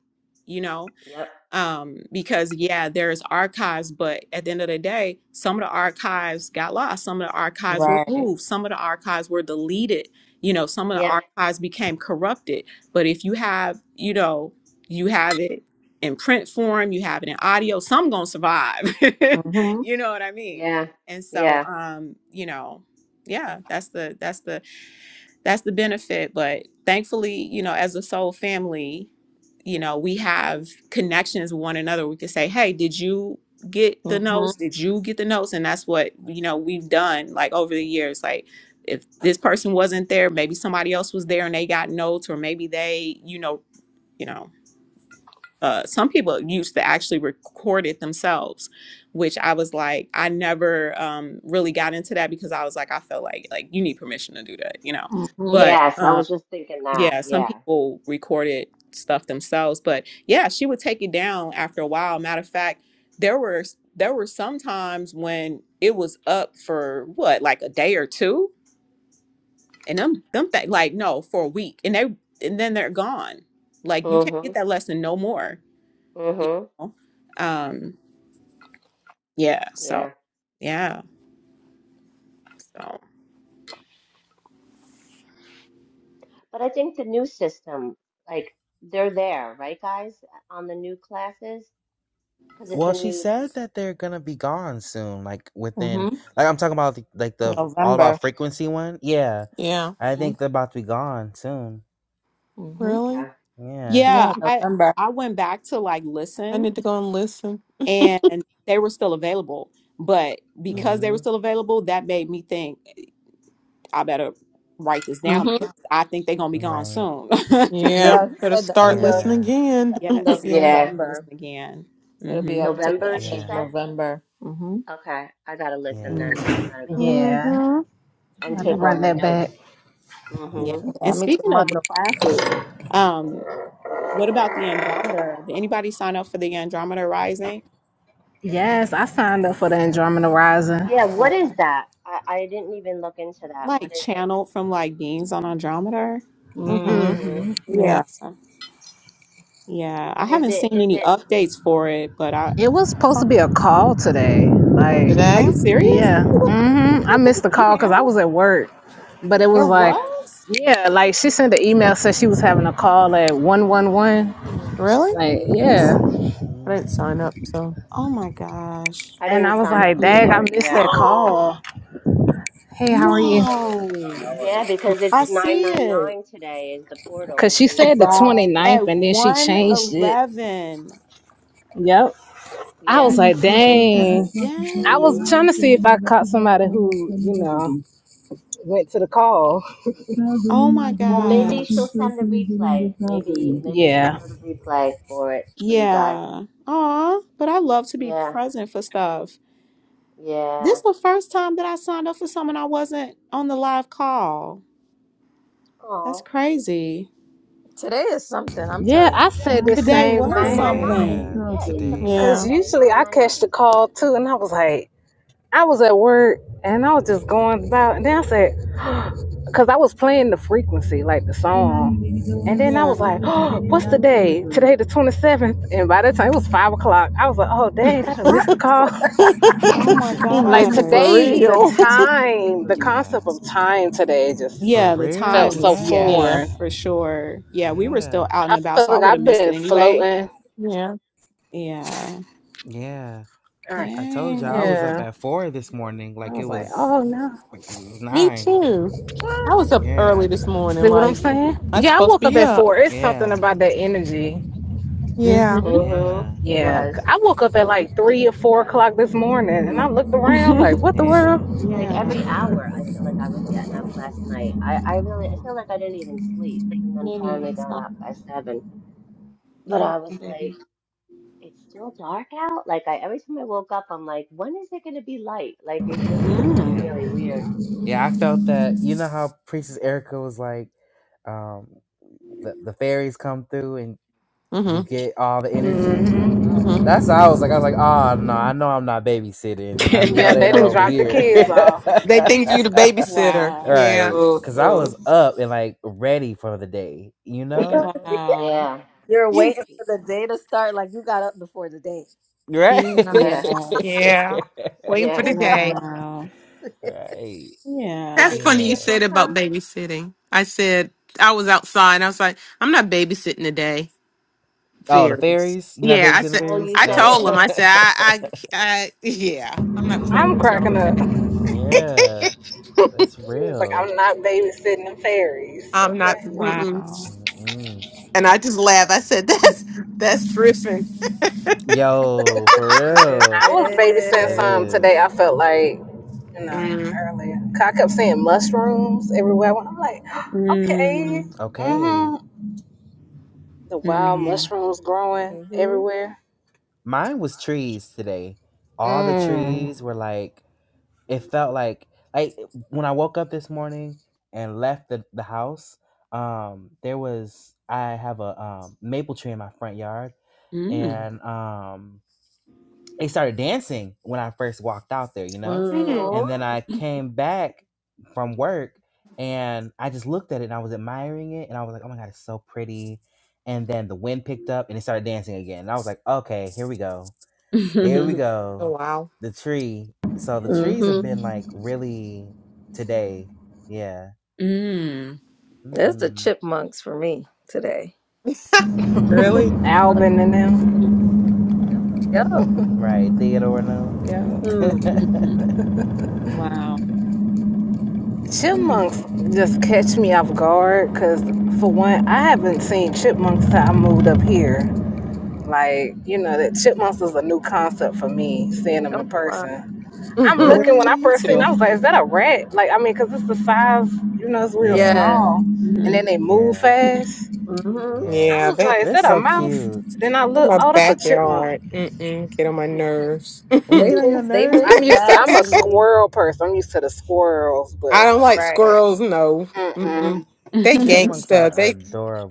you know?
yep.
um, because yeah, there's archives, but at the end of the day, some of the archives got lost, some of the archives were
Right.
moved, some of the archives were deleted, you know, some of the
Yeah,
archives became corrupted. But if you have, you know, you have it in print form, you have it in audio, some gonna survive.
Mhm.
you know what I mean?
yeah,
And so
yeah.
um, you know, yeah, that's the that's the that's the benefit but thankfully you know as a soul family you know we have connections with one another we can say hey did you get the
Mhm.
notes did you get the notes and that's what you know we've done like over the years like if this person wasn't there maybe somebody else was there and they got notes or maybe they you know you know uh, some people used to actually record it themselves which i was like i never um, really got into that because i was like i felt like like you need permission to do that you know
Mhm.
but
Yes, I
um,
was just thinking that.
yeah, some
Yeah.
people recorded stuff themselves, but yeah, she would take it down after a while. Matter of fact, there were there were some times when it was up for what, like a day or two, and them them th- like no for a week, and they and then they're gone. Like you can't get
Mm-hmm.
that lesson no more. You
Mm-hmm.
know, um, yeah. So
Yeah.
yeah, so
But I think the new system, like they're there, right, guys, on the new classes? Because it's
Well,
a
she
new
said
it's,
that they're gonna be gone soon, like within,
Mhm.
like I'm talking about, the, like the all
November.
about frequency one. Yeah,
yeah.
I
Mhm.
think they're about to be gone soon.
Mhm.
Really?
okay.
Yeah.
Yeah,
yeah, I
November.
I went back to like
I
listen
need to go and listen.
and they were still available. But
Yeah.
because they were
Mm-hmm.
still available, that made me think I better write this down
Mhm.
because I think they're gonna be gone
Right.
soon.
yeah.
Yeah, he
Better
said the
you
start
end
know,
of
listening
Yeah.
the
again.
end of
yes.
yeah.
Yeah.
November.
Listen again.
It'll be
Mm-hmm.
up to the
November,
end
she
of
Yeah.
said.
November. Mm-hmm.
Okay, I gotta listen
Yeah.
then.
mm
I gotta go
yeah,
Mm-hmm.
I
and
have to
Yeah,
take all
run
my
that back.
notes.
yeah.
Mm-hmm.
Yeah.
Yeah,
And
me too,
speaking of the
mano.
classes, um, what about the Andrometer? Did anybody sign up for the Andrometer Rising?
Yes, I signed up for the Andromeda Rising.
Yeah,
Yeah.
what is that? I, I didn't even look into that. What
Like
is it?
channeled from like beings on Andrometer.
Mm.
Mm-hmm.
hmm
Yeah.
Yeah. Yeah. I
And is
haven't
it
seen
is
any
it
updates for it, but I
It was supposed to be a call today. Like,
Are
Today?
you serious?
yeah,
I
hmm I
looked at
missed
the
the call because I
email.
was at work, but it
There
was like,
was?
yeah, like she sent an email said she
Get
was having a
the
call at
fuck
one one
out of
one.
here.
Really?
Like, yeah.
Serious?
I didn't sign
Mm.
up, so
Oh my gosh.
I
And I
didn't
was
sign up
like,
hmm
dang, I
either.
missed
Yeah.
that call. Hey, how are you?
no.
Yeah, because
I
it's
see it
999 today is the portal
Because she said the
999.
twenty ninth,
at
Right.
and then she
Mm-hmm.
changed it.
111.
Yep. I was
Yeah,
like,
the 27th.
dang. I was
Mm-hmm.
trying to
Dang.
see if I caught somebody who, you know, went to the call.
Oh my
Well, maybe she'll
gosh.
send the replay. Maybe maybe she'll
Yeah.
do the replay for it for you guys.
Yeah. Aw, but I love to be
Yeah.
present for stuff.
Yeah.
This the first time that I signed up for someone I wasn't on the live call. That's
Oh,
crazy.
Today is something, I'm
Yeah,
telling
I
you.
said the
Today
it's
same
was
thing.
999.
Yeah.
something.
Yeah, it's a
Today.
portal
Because
yeah.
day,
usually I catch the
999.
call too. And I was like, I was at work and I was just going about. And then I said, Cause I was playing the frequency, like the song. And then I
Yeah.
was like, oh, what's the day? Today the 27th. And by the time it was five o'clock, I was like, oh dang, I done missed the call.
you
Oh my
like
missed it for
gosh.
today, the
real.
time, the
yeah.
concept of time today just
For
Yeah, the
felt
time
real?
so
was, yeah,
yeah.
foreign.
Yes.
for sure. Yeah, we were still
Yeah.
out
I
and about,
feel
so I
like
would have
I've
missed it
been
anyway.
floating.
Yeah.
Yeah.
Yeah.
All right.
I told you I was
Dang.
up
Yeah.
at four this morning,
I
like it
was like,
was
oh no.
like it was
Me
nine.
too.
What?
I was up early
Yeah.
this
See
morning.
what I'm
Like
saying?
I was
Yeah, I
supposed to
woke up
be
at
up.
four. It's something
Yeah.
about that energy.
Yeah.
Mm-hmm.
Mm-hmm.
Yeah.
It
Yeah,
was.
I woke up at like
Mhm.
three or four
Yep.
o'clock this morning, and I looked around like, "What the
Yeah.
world?"
Like
yeah.
every hour, I feel like I was getting up last night. I, I really, I feel like I didn't even sleep and then
Nini,
finally got
stop.
up by seven.
You
But
wrong,
I was
baby.
like, it's still dark out. Like I, every time I woke up, I'm like, when is it going to be light? Like it just was
Mm.
Yeah.
really weird.
Yeah. I felt that you know how Princess Erica was like, um, the, the fairies come through and you
Mhm.
get all the energy?
hmm
Mhm.
That's how I was like, I was like, oh no, I know I'm not babysitting. I know
Yeah,
they're
they
not
didn't
over
drop the
here.
kids
Yeah.
off.
they think you the babysitter.
Wow.
Yeah.
right. Cause I
hmm
was up and like ready for the day, you know?
Wow.
Yeah.
You're
You-
waiting for the day to start, like you got up before the day.
Right.
Yeah.
Yeah.
Yeah.
Yeah. Waiting for
Yeah.
the day.
Wow.
right.
Did
Yeah.
That's
you,
funny
did
you
your
Yeah.
food
said about
come?
babysitting. I said I was outside. And I was like, I'm not babysitting today.
Oh, the
Fairies.
fairies? You're not
Yeah. I
babysitting the
said.
Oh,
fairies?
you
I
said
No.
told
it.
them. I said. I. I. I yeah. I'm not playing
I'm
with y'all
cracking
today.
up. She
yeah. That's
was like,
real.
"I'm not babysitting the fairies."
I'm not.
Okay,
Mm-mm.
Wow.
Mm-mm.
And I just laughed. I said, "That's that's Griffin."
Yo, for real.
I was babysitting
That
Griffin.
some
is.
today. I felt like, you know, earlier. 'Cause I kept seeing mushrooms everywhere. I went. I'm like, okay,
Mm.
Okay.
hmm the wild
Mm.
mushrooms growing
Mm-hmm.
everywhere.
Mine was trees today. All the
Mm.
trees were like it felt like like when I woke up this morning and left the, the house, um, there was I have a um, maple tree in my front yard
Mm.
and um it started dancing when I first walked out there, you know?
Mm.
Mm.
Oh,
And then I came back from work and I just looked at it and I was admiring it and I was like, oh my God, it's so pretty. And then the wind picked up and it started dancing again. And I was like, okay, here we go. Here we
Oh
go.
wow!
The tree. So the trees
Mm-hmm.
have been like really today. Yeah.
Mm.
That's the
Mm-hmm.
chipmunks for me today.
hmm
Really?
Mm,
Alvin and them.
hmm
Yep.
Right. Theodore and them.
Yeah.
Mm.
Wow. Mm.
Chipmunks just catch me off guard because, for one, I haven't seen chipmunks since I moved up here. Like, you know, that chipmunks was a new concept for me, seeing them
Oh
in
wow.
person. I'm
hmm
Where'd
looking, when
you
I
go
really?
first seen
to?
them, I was like, is that a rat? Like, I mean, because it's the size, you know, it's real
Yeah.
Yeah.
small. And
hmm
then they move
Yeah.
fast.
Mm-hmm.
Yeah.
I
Yeah,
was
that
like, is
They're
that a
so
mouse?
cute.
Then I look,
my
oh, that's a chipmunk.
backyard. Mm-mm, get on my nerves.
They
They
get
Mm.
on your
move. They move
I'm used to,
nerves.
I'm
fast,
a
and
I
they
squirrel person. I'm used to the squirrels, but when
don't
I
like
see,
right
squirrels. No,
mm-mm,
Mm-mm. they
Chipmunks
gangsta.
are
They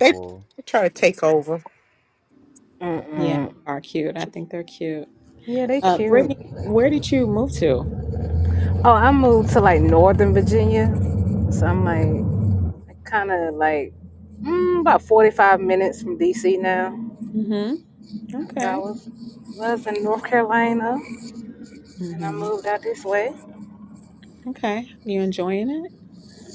they they try to take over.
yeah, they
mm-mm.
are cute. I think they're cute.
Yeah, they
Uh,
cute.
Brittany, where did you move to?
Oh, I moved to like Northern Virginia, so I'm like kind of like mm, about 45 minutes from DC now.
hmm
But I
Okay.
was, was in North Carolina, and I
hmm
moved out this way.
Okay. You enjoying it?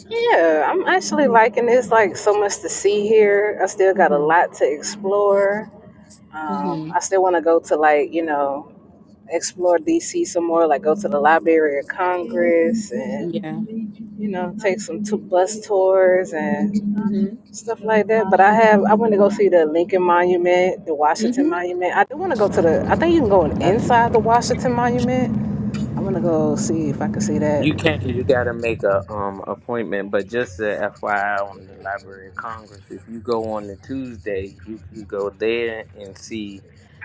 Yeah, I'm actually
hmm
liking this. Like so much to see here. I still got a
hmm
lot to explore. Um,
hmm
I still want to go to like you know explore DC some more. Like go to the Library of Congress and
Yeah.
you know take some two bus tours and.
hmm
stuff like that. But I have I want to go see the Lincoln Monument, the Washington
hmm
Monument. I do want to go to the. I think you can go in-
Have you?
inside the Washington Monument. I want to go see if I can see that.
You can. You gotta make a um appointment. But just a FYI on the Library of Congress, if you go on the Tuesday, you could go there and see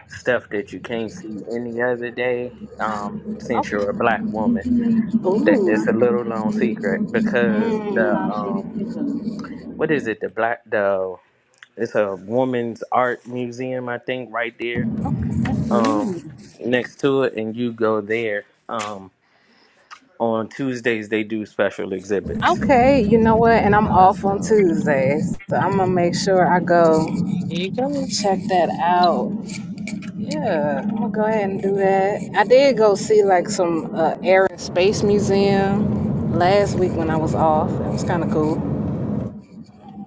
stuff that you can't see any other day. Um, since
Okay.
you're a black woman, that it's a
Ooh.
little known secret because the
Mm.
um what is it the black the It's a woman's art museum, I think, right there. Um,
Mm-hmm.
next to it, and you go there. Um, on Tuesdays they do special exhibits.
Okay. You know what? And I'm
Oh, that's
off on
dope.
Tuesday, so I'm gonna make sure I go
Here you go.
check that out. Yeah, I'm gonna go ahead and do that. I did go see like some uh, Air and Space Museum last week when I was off. It was kind of cool.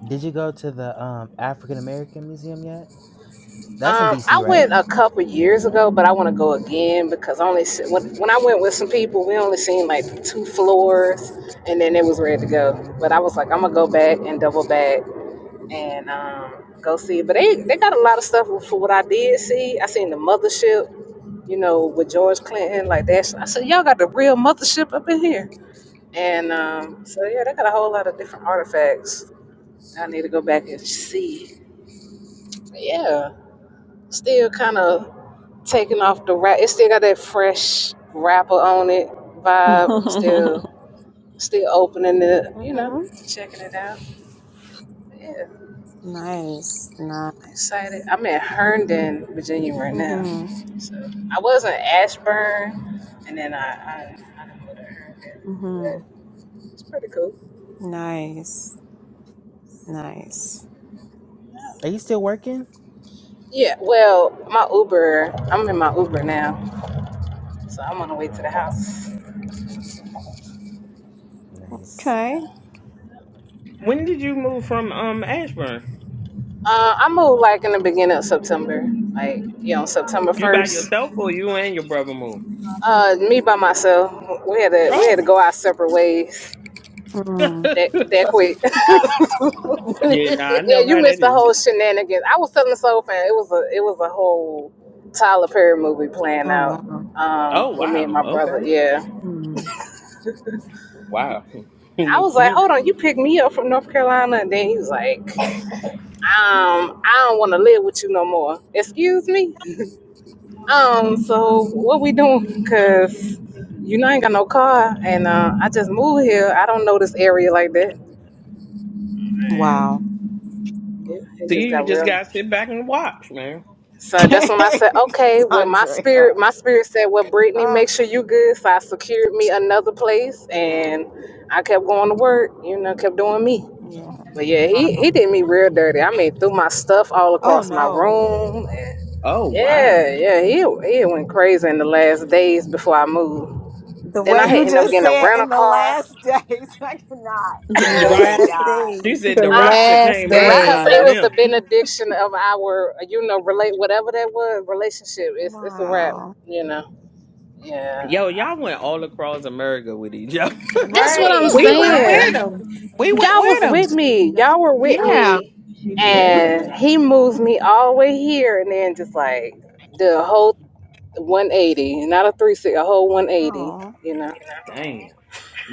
Did you go to the um African American Museum yet? That's in
Um, I
DC,
went
right?
a couple years ago, but I want to go again because I only se- when, when I went with some people, we only seen like two floors, and then it was ready to go.
Mm-hmm.
But I was like, I'm gonna go back and double back and um, go see. it. But they they got a lot of stuff for what I did see. I seen the mothership, you know, with George Clinton, like that. I said, y'all got the real mothership up in here, and um, so yeah, they got a whole lot of different artifacts. I need to go back and see. Yeah, still kind of Taking off the wrap, it still got that fresh wrapper on it
hmm
vibe. I'm still, still opening it, you know,
hmm
checking it out. Yeah,
Nice. Nice.
excited. I'm in Herndon, Virginia right now.
hmm
So I was in Ashburn, and then I, I, I didn't go to Herndon,
hmm
but it's pretty cool.
Nice. Nice.
Are you still working?
Yeah, well, my Uber, I'm in my Uber now, so I'm on the way
Oh,
to the
nice,
house.
nice.
Okay.
When did you move from um Ashburn?
Uh, I moved like in the beginning of September, like you know September
You by
1st.
yourself or you and your brother moved?
Uh, me by myself. We had to we had to
Oh.
go our separate ways
Mm.
that that quick.
Yeah, nah, I
yeah,
know
you
how
missed
that
the
is.
whole shenanigans. I was telling the soul fan it was a it was a whole Tyler Perry movie playing
Oh
out
wow.
um,
Oh
with me and
wow.
my brother.
Okay.
Yeah,
Mm.
Wow.
I was like,
See,
hold on, you picked me up from North Carolina, and then he was like, um, I don't want to live with you no more. Excuse me. Um, so what we doing? Cause you know I ain't got no car, and uh, I just moved here. I don't know this area like that.
Wow.
Yeah, it just
you
got
just
real.
gotta sit back and watch, man.
So that's when I said, okay, well, my spirit,
Andrea.
my spirit said, well, Brittany,
Ah,
make sure you good. So I secured me another place
yeah.
and I kept going to work, you know, kept doing me.
Yeah.
But yeah, he, he
Wow.
did me real dirty. I mean, threw my stuff all
Oh
across my
no.
room. and
Oh wow.
yeah, yeah, he, he went crazy in the last days before I moved.
The
Then I
way
had
you
ended up
just
getting a
said
rental
in the
car.
last days, I cannot.
in
I
You're
the
right.
last
cannot.
She
days.
said
The
the
Uh,
rapture
last
came
The
early
cause
rapture.
it
Right.
for
was the
days.
him.
benediction of our, you know, relate whatever that was relationship. It's it's a wrap,
Wow.
you know. Yeah,
Yo, y'all went all across America with each other.
That's what I'm
Right.
We went with
Right.
saying.
them. We went
Y'all was
with them.
with me. Y'all were with
Yeah.
me.
yeah,
And he moves me all the way here and then just like the whole 180, not a 360, a whole 180,
Oh.
you know.
damn.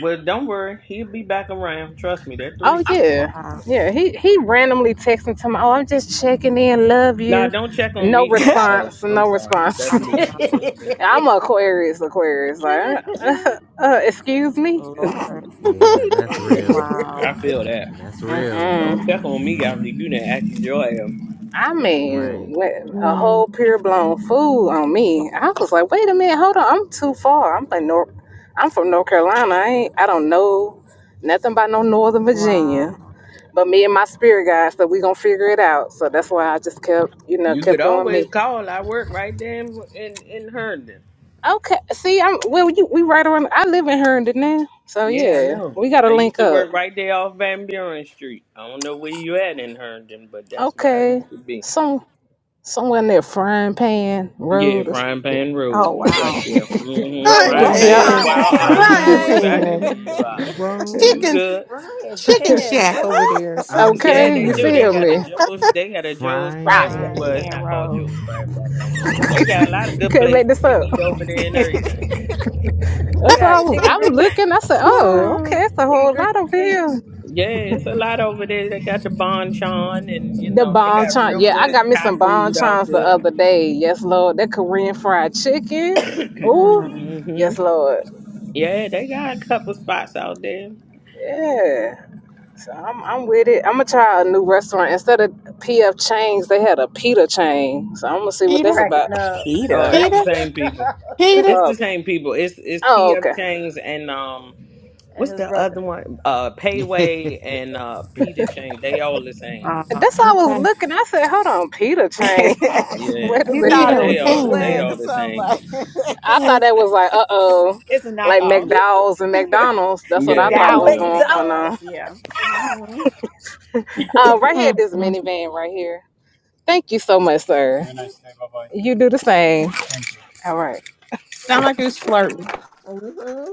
Well, don't worry, he'll be back around. Trust me, that three.
Oh
six.
yeah.
Wow.
Yeah. He he randomly texting to me, Oh, I'm just checking in, love
Nah,
you.
don't check on
No
me. That oh,
response,
I'm
no
sorry,
response.
that's
I
me.
cannot.
That's me.
I'm a Aquarius, Aquarius. Like, uh, uh, uh, excuse me.
Lord.
Yeah, that's real.
I
Wow.
feel that.
That's real.
Mm-mm.
Don't check on me
Mm-hmm.
after you done acted your ass.
I
Right.
mean, wh- a
Mm.
whole pure blown fool on
Wow.
me. I was like, wait a minute, hold on, I'm too far. I'm from North, I'm from North Carolina. I ain't, I don't know nothing about no Northern Virginia.
Wow.
But me and my spirit guide, so we gonna figure it out. So that's why I just kept, you know,
You could
kept doing
always
me.
call. I work right there in in, in Herndon.
Okay, see, I'm well. You, we right around. I live in Herndon now, so
Yeah, I
yeah,
know.
we
I
gotta
used
link
to
up.
work right there off Van Buren Street. I don't know where you at in Herndon, but that's where I
Okay,
used to be.
some somewhere near Frying Pan
Yeah,
Road. or s-
frying pan road.
Oh
You right
wow.
there. hmm
Bro,
Frying
what
Frying
is
What
Yeah.
with
pan and
these
kind
pan.
of
wild ox.
street
names?
I
Frying
know
Frying
exactly
pan.
where
name?
pan
you are. You
road.
Chicken.
good?
Ryan
Chicken
Pan
shack over
Road.
there. or
I'm
Something.
Yeah,
Okay,
they
you
do. They
feel
screaming.
got a
me?
Joe's. They got a Joe's
Frying
Crab
Frying
Shack.
Frying
Well,
pan.
it's
pan
pan.
not called
road.
Joe's Crab Shack no more, but they got a lot of
You
good
couldn't make
places
this
to
up.
eat over there and everything.
They
That's why I
got
was.
chicken
I'm
grease.
looking. I said,
I'm
"Oh, okay, it's a
screaming.
Chicken
whole
grease
lot over
street.
here."
Yeah, it's a lot over there. They got the Bonchon, and you
The
know they got
bonchon.
real
Yeah, I
good
got me
Thai
some
food out
bonchons the
there.
other day. Yes, Lord. That Korean fried chicken.
Mm,
Ooh,
Hmm,
hmm
yes, Lord.
Yeah, they got a couple spots out there.
Yeah. So I'm, I'm with it. I'm gonna try a new restaurant instead of PF Changs. They had a pita chain. So I'm gonna see what
Peter,
that's about.
Cracking up.
Oh,
Peter.
it's the
Cracking
Peter,
same people.
up.
Peter.
It's
Uh,
the same people. It's it's
oh,
PF
okay.
Chang's and um
And
what's
his
the other
brother.
one? Uh Payway and uh Peter Chang. They all the same.
Uh.
And that's why I was
Okay.
looking. I said, "Hold on, pita chain.
Yeah.
Wait a
you
minute."
thought
Nah,
Peter
it
they
was
and
all they
bootleg or
pan.
all the
something
same.
like
I
Yeah.
thought that was like, uh oh,
it's a
like
knockoff.
McDowell's and McDonald's. That's what I
Yeah,
thought
you
was
McDowell's,
know.
going
McDowell's.
McDonald's,
on.
yeah. hmm
Uh, right here, this
Mm-mm.
minivan right here. Thank you so much, sir. You do the same. All right.
Sound like it's flirting.
hmm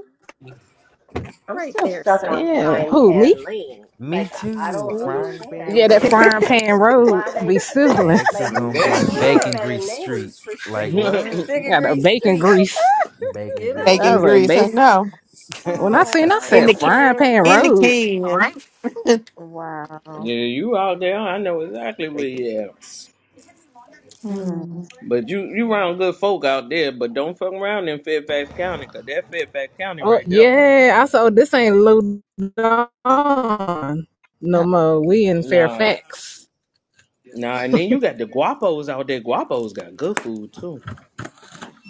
I'm
Right
still
there,
stuck
sir.
on
Yeah.
frying
Who, me?
pan lane.
Me
Like I I
too.
don't
mm Mhm.
Frying
understand
pan
Yeah, that
road.
frying pan road
why they
be
can't
sizzling.
Next is
like
I'm
gonna be
Yeah.
cracking
Get
bacon
up.
better
grease street.
names for
Like
streets.
yeah,
what?
Second
Got a
Green
bacon
Street,
grease.
Bacon
you
grease
I
know?
Bacon
was
street.
like,
grease, I
bacon.
know.
When I
oh
seen, I
In
said,
Ryan
the ca-
frying
Tan
pan
in the
Lane.
road.
can. All right.
wow.
you out there, I know exactly
They
where
can
you at.
freeze.
Mm.
But you you around good folk out there, but don't fuck around in Fairfax County, cause that Fairfax County
Oh,
right there.
yeah. I saw this ain't Lou Don no
Uh-oh.
more. We in
Nah,
Fairfax.
nah, and then you got the guapos out there. Guapos got good food too.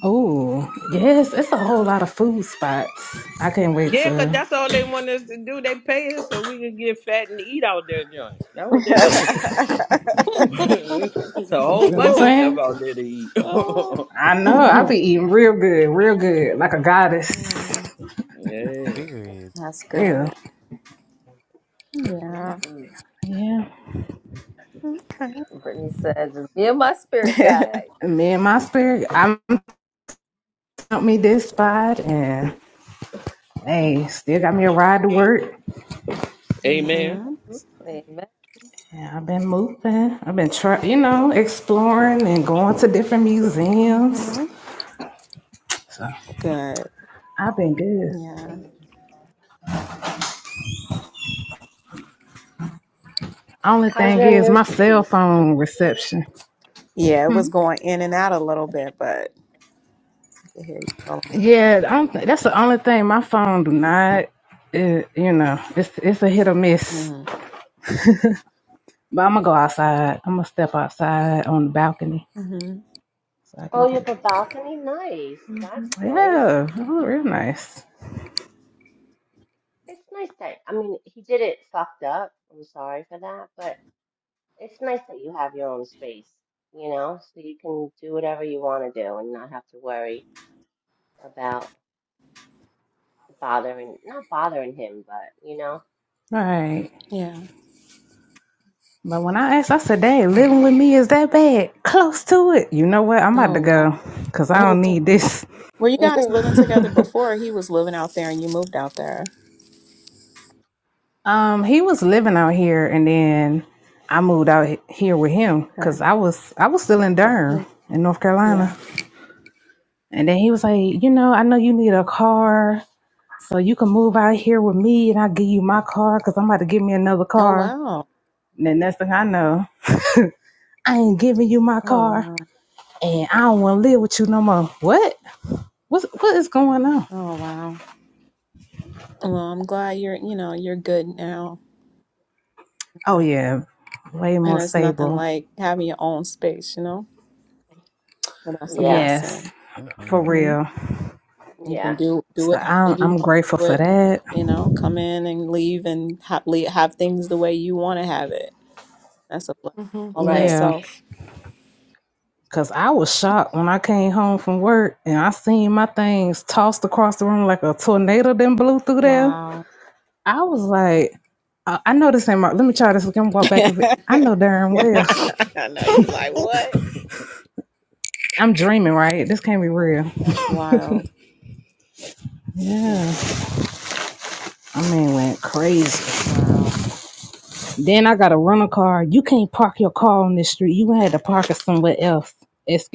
Oh, yes, it's a whole lot of food spots. I can't wait
Yeah, 'cause
to,
that's all they want us to do. They pay us so we can get fat and eat out there, Johnny. That's what they do. it's a
you
whole
know what I'm
bunch of stuff
saying?
out there to eat.
oh.
I know, I'll be eating real good, real good, like a goddess.
Mm,
yeah.
Period.
that's
Yeah,
good.
mm
Yeah.
hmm
Yeah.
Okay.
Brittany said, just be in my spirit guide.
And Me and my spirit, I'm took me this spot and hey, still got me a ride to work.
Amen.
mhm.
Mhm. Amen.
Yeah, I've been moving. I've been trying, you know, exploring and going to different museums.
Mhm.
So
Good.
I've been good.
Yeah.
Only
How's
thing
your
is
new
my cell
space?
phone reception.
Yeah, it was going in and out a little bit, but I could hear you rolling.
Yeah, I'm, that's the only thing. My phone do not, it, you know, it's it's a hit or miss.
Mm-hmm.
But I'm gonna go outside. I'm gonna step outside on the balcony
Mm-hmm.
so I can
Oh, you have
get.
a balcony? Nice.
hmm
That's nice.
Yeah, oh, real nice.
It's nice that, I mean, he did it fucked up. I'm sorry for that, but it's nice that you have your own space, you know, so you can do whatever you want to do and not have to worry about bothering, not bothering him, but, you know,
All right.
Yeah.
But when I asked, I said, "Dang, living with me is that bad? Close to it." You know what? I'm about to
Oh, wow.
go because I don't need
Oh.
this.
Were you guys
Mhm. Mhm.
living together before he was living out there and you moved out there?
Um, he was living out here, and then I moved out he- here with him
Okay.
because I was I was still in Durham
Yeah.
in North Carolina.
Yeah.
And then he was like, you know, I know you need a car, so you can move out here with me, and I'll give you my car because I'm about to give me another
Oh,
car.
wow.
And then next thing I know, I ain't giving you my
Oh,
car,
wow.
and I don't want to live with you no more. What? What? What is going on?
Oh, wow. Well, I'm glad you're, you know, you're good now.
Oh
Yeah.
yeah, way
And
more
it's nothing
stable.
like having your own space, you know? So that's a
yeah,
blessing.
Yes, for
hmm
Mm-hmm.
real.
You can
yeah,
do do
So
it how
I'm
you
I'm
want to
grateful
do
for
it.
that.
You know, come in and leave and have, have things the way you want to have it. That's a blessing all in
right.
Yeah,
itself.
cause I was shocked when I came home from work and I seen my things tossed across the room like a tornado then blew through there.
Wow.
I was like, I, I know this ain't my. Let me try this. Let me walk back.
I
If it, I know darn well,
know you like what?
I'm dreaming, right? This can't be
Right.
real.
That's wild.
Yeah,
Yeah.
I mean, went crazy.
Wow.
Then I got a rental car. You can't park your car on this street. You had to park it somewhere else.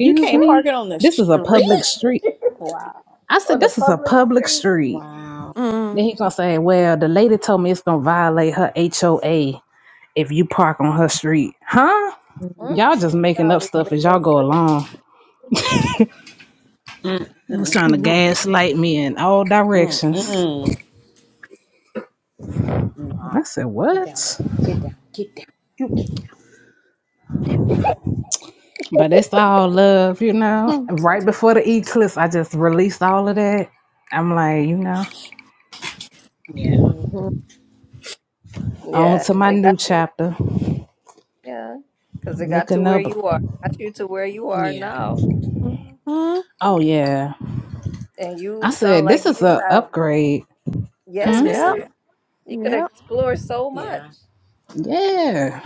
You can't
Mhm.
me.
park it on the
This is a
street?
public street.
Wow.
I said,
On the
this is a
public
public
streets.
street.
Wow.
Then he gonna say, well, the lady told me it's gonna violate her HOA if you park on her street, huh?
Mm,
Mhm.
Y'all just
That
making up
don't even
stuff
make
as
no
y'all go
sense.
along.
Yeah.
mm,
It was
mm,
trying to gaslight me in all
mm,
directions.
mm. Nah.
I said,
Get down, baby.
what?
Get down. Get down. You get down.
But it's all love, you know. Right before the eclipse, I just released all of that. I'm like, you know,
Yeah.
hmm
on
Yeah.
to my
It
new
got you.
chapter.
Yeah. Because it got to
Looking
where
up.
you are. Got you to where you are
Yeah.
now.
Oh yeah.
And you
I
sound
said,
like
this is
you
a
have.
upgrade.
Yeah,
That's
it
Hmm?
what's
Yeah,
is. Yeah.
up.
You could
yeah.
explore so much.
Yeah.
Yeah.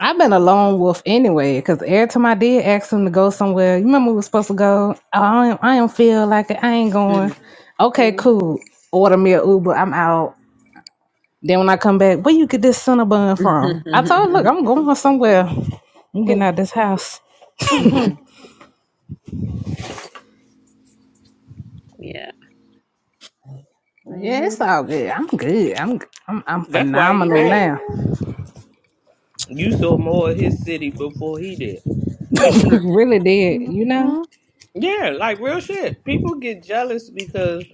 I've been a lone wolf anyway, because every time I did ask him to go somewhere, you remember we were supposed to go? Oh, I don't, I don't feel like it. I ain't going.
Mm.
Okay,
hmm
cool. Order me a Uber. I'm out. Then when I come back, where you get this Cinnabon from? I told her, look, I'm going somewhere. I'm getting out of this house.
yeah.
Yeah,
hmm
it's all good. I'm good. I'm I'm, I'm
That's why he
phenomenal
mad.
now.
You saw more of his city before he did.
really did, you know?
Yeah, like real shit. People get jealous because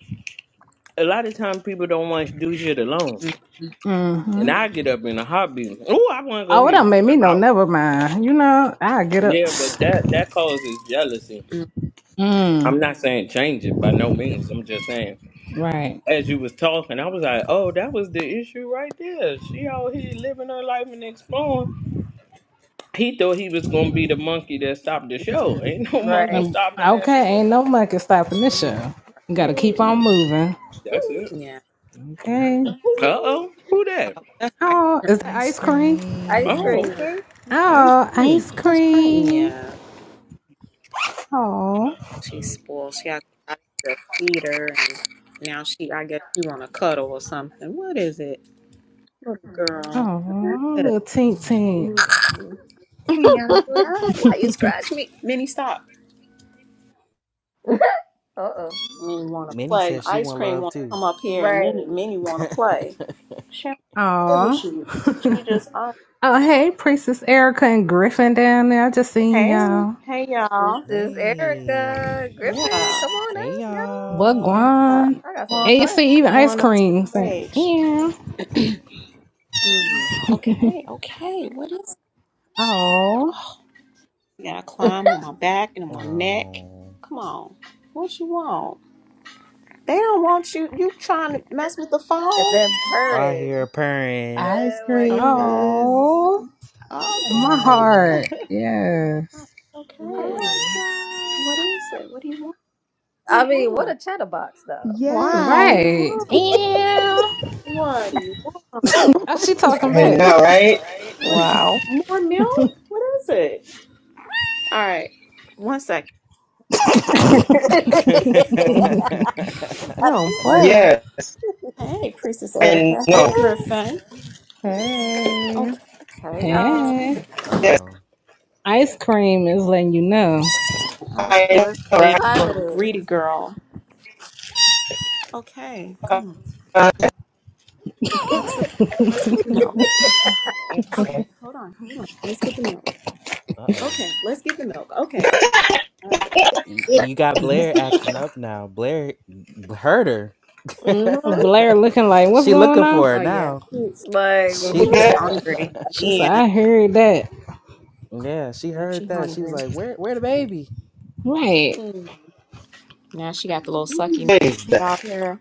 a lot of times people don't want to do shit alone. And I get up in a heartbeat. Oh, I want to go
Oh, it
here.
done made
And
me
I'm
know.
out.
Never mind. You know, I get up.
Yeah, but that that causes jealousy.
Mm,
I'm not saying change it by no means. I'm just saying
right.
as you was talking, I was like, "Oh, that was the issue right there." She out here living her life and exploring. He thought he was gonna be the monkey that stopped the show.
Mm.
Ain't no monkey
Right.
Um,
stopping that
okay,
show.
ain't no monkey stopping this show. You gotta
Word.
keep on moving.
That's it.
yeah.
Okay.
Uh oh, who that?
Oh, that's ice
Oh, is that
Ice
ice cream?
Ice
cream.
Oh,
cream.
okay. I
Oh,
see.
ice
That's great.
cream.
cream.
Yeah.
Oh,
She spoiled. She act like I just feed her and now she I guess she wanna cuddle or something. What is it? Little girl. What is
oh,
it?
little tink tink.
Uh
Mm.
You ain't gotta do that. Why you scratch me? Minnie stop.
oh.
Minnie wanna
Minnie
play.
says she
Ice
want
cream
love
wanna
too.
come up here and
Right.
Minnie Minnie wanna play. She wanna play with
Aw.
you. She, she just uh,
oh, hey, Priestess Erica and Griffin down there. I just seen
hey,
y'all.
hey
This
y'all.
is
hey,
Erica Griffin.
Yeah.
Come on up,
hey
y'all.
What
y'all.
Yeah,
guan?
I got
Come
some
on
And you
up.
see
questions.
even
Come
ice
on up to the
cream saying,
stage.
yeah.
Hmm.
Okay, okay. What is it?
Oh.
You gotta climb on my back and on my neck.
Oh,
Come on. What you want? They don't want you. You trying to mess with the phone?
And
Oh,
then
I hear her
purring.
purring.
Ice
Oh my
cream is
Oh. My
okay.
heart.
Oh,
Yes.
god.
Okay. What
Oh my
Hmm.
God.
is it? What do you want? What do
I
you
mean, what a
want?
chatterbox though.
What
Yes.
do
Wow.
you
Right.
want?
Yeah.
yo.
What do you want?
Oh, she talking
I
back.
know, right?
What do you,
Wow.
more milk? What is it? All right. One second.
uh
Mm,
she
You
got
don't
you
play.
working.
Yes,
hey, Priestess Erica.
I
Hey,
know.
Griffin.
Hey,
Okay.
hey y'all.
Okay.
Hey.
Yes,
oh.
Ice cream is letting you know.
I was crazy
I
What
know,
what
being
right?
a
time it
little greedy girl. Okay,
Uh,
come on. Let's let's get the milk.
okay.
Okay, hold on, hold on. Let's get the milk.
Uh oh.
Okay, let's get the milk. Okay, okay, all right.
Yeah.
You got Blair acting up now. Blair heard her.
mm-hmm.
Blair looking like, what's
she
going
looking
on?
for her
Oh yeah,
now.
she,
Like,
Who
she
She.
was
woohoo.
that?
hungry
She said,
again.
I heard that.
Yeah, she
Yeah,
heard
she
that. She was
hungry.
like, "Where, where the baby?"
Right.
Now she got the little
Who
sucky
is that?
out here.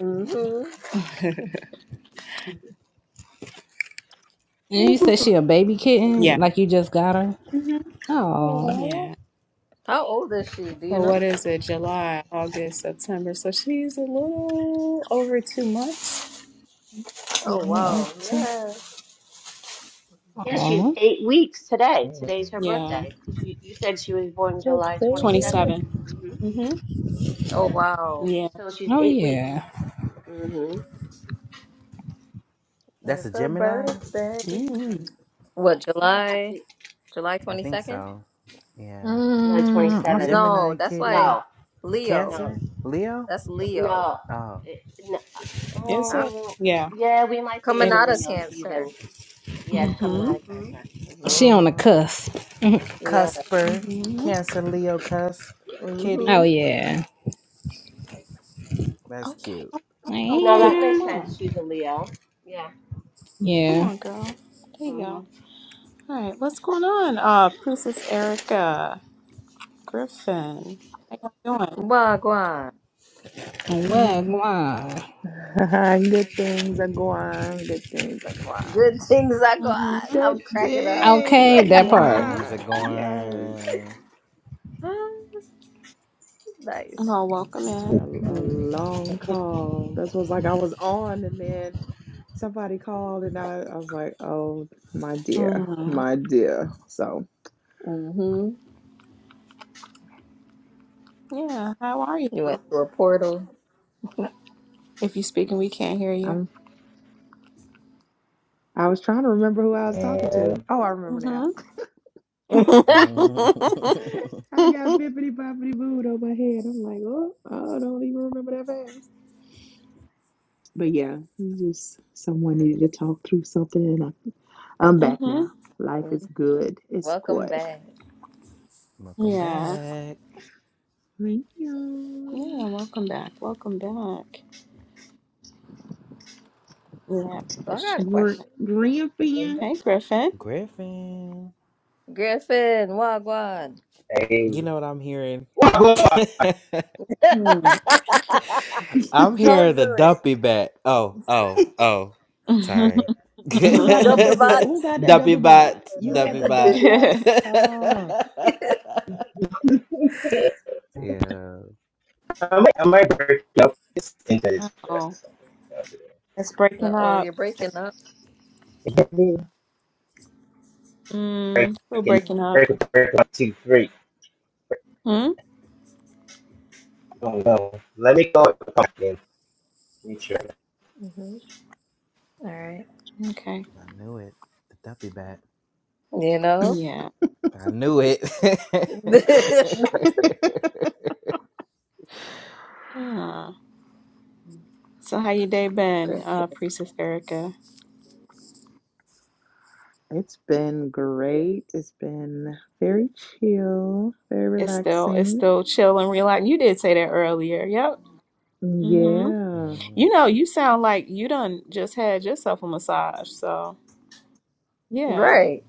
Mm-hmm.
And you said she a baby kitten,
yeah.
like you just got her.
hmm
Oh,
Aw,
Yeah.
How old is she? Do you
So
know?
what is it? July, August, September. So she's a little over two months.
Oh,
little
wow.
Ulta.
Yeah.
Yeah, she's
Oh,
eight weeks today. Today's her
Yeah.
birthday because you, you said she was born
the
July
baby.
27th.
Twenty-seven.
hmm
Mm-hmm.
Oh,
Yeah.
wow.
So she's
oh
eight weeks.
yeah.
hmm
That's a
It's her
Gemini?
birthday.
Yeah.
What, July?
Happy
July
I think
22nd?
so. Yeah.
July
Um,
27th.
I-
No,
Gemini
that's
kitty.
like
No,
Leo.
no,
Cancer? Leo?
That's
Ju-
Leo.
no.
Oh.
It, no.
Is
Huh?
it?
Um,
Yeah,
yeah, we might be
Coming
it
in
out of
is.
Leo season.
Cancer.
Yeah, it's coming
Mm-hmm.
out of
Mhm.
Cancer. hmm
she on the
oh,
cusp.
Yeah.
Cusper.
Mm-hmm.
Cancer Leo cusp.
oh
Kitty.
Mm-hmm.
yeah.
That's
Okay.
cute.
Okay.
No,
okay,
that
Yeah.
Come
makes sense.
on.
She's a Leo. Yeah.
Come
Yeah.
on, girl. There you go.
hmm
All right. What's going on? Uh, Princess Erica Griffin. How you doing?
Wagwan.
Well, wow.
good things are going. Good things are going.
Good things I got.
Mm-hmm.
I'm
Good
cracking up.
things are
Okay, that
The
part.
things
Mm-hmm.
are
going. Yes,
going.
Nice.
Well, welcome
I
in.
had a, a long call. That's what's like I was on, and then somebody called, and I, I was like, "Oh my dear,
Mm-hmm.
my dear." So
Mm-hmm.
Yeah. How are you?
You went through a portal.
If you're speaking, we can't hear you.
I'm. I was trying to remember who I was talking to.
Man,
Oh, I remember now.
Mm-hmm.
I got bippity boppity booed on my head. I'm like, oh, I don't even remember that fast. But yeah, it's just someone needed to talk through something, and I, I'm back now.
Mm-hmm.
Life is
Mm,
good. It's
Welcome
good.
back.
Welcome
Yeah.
back.
Thank
Yeah.
you.
Welcome back. Welcome back. Yeah.
So I got a
Christian.
Gr-
question.
Grandfin,
Hey, Griffin.
Griffin.
Griffin, Wagwan,
hey.
You know what I'm hearing?
What? what?
I'm
Don't
hearing the
do
dumpy bat. Oh, oh,
it.
oh. Sorry.
Hmm.
who got the
Don't
W?
provide.
Who got that
dumpy
W bot?
bot,
You got
dumpy
the
bot.
W bot? Oh,
yeah,
I might, I might break up this thing that is
Oh,
just something
it's
Uh
breaking
oh,
up.
you're breaking up.
break
Mm, still
break
breaking
Mm-hmm.
up.
break break one two three.
Hmm.
Oh no! Let me go. Again. Make sure.
mm-hmm. All right.
Okay.
I knew it. The dumpy bat.
You know,
Yeah.
I knew it.
Yeah. So how your day been,
Griffin.
uh, Priestess Erica?
it's been great. It's been very chill, very
It's still it's
relaxing.
still chill and relaxing. You did say that earlier. Yep. Mm-hmm.
Yeah.
Mhm.
You know, you sound like you done just had yourself a massage. So yeah.
Right.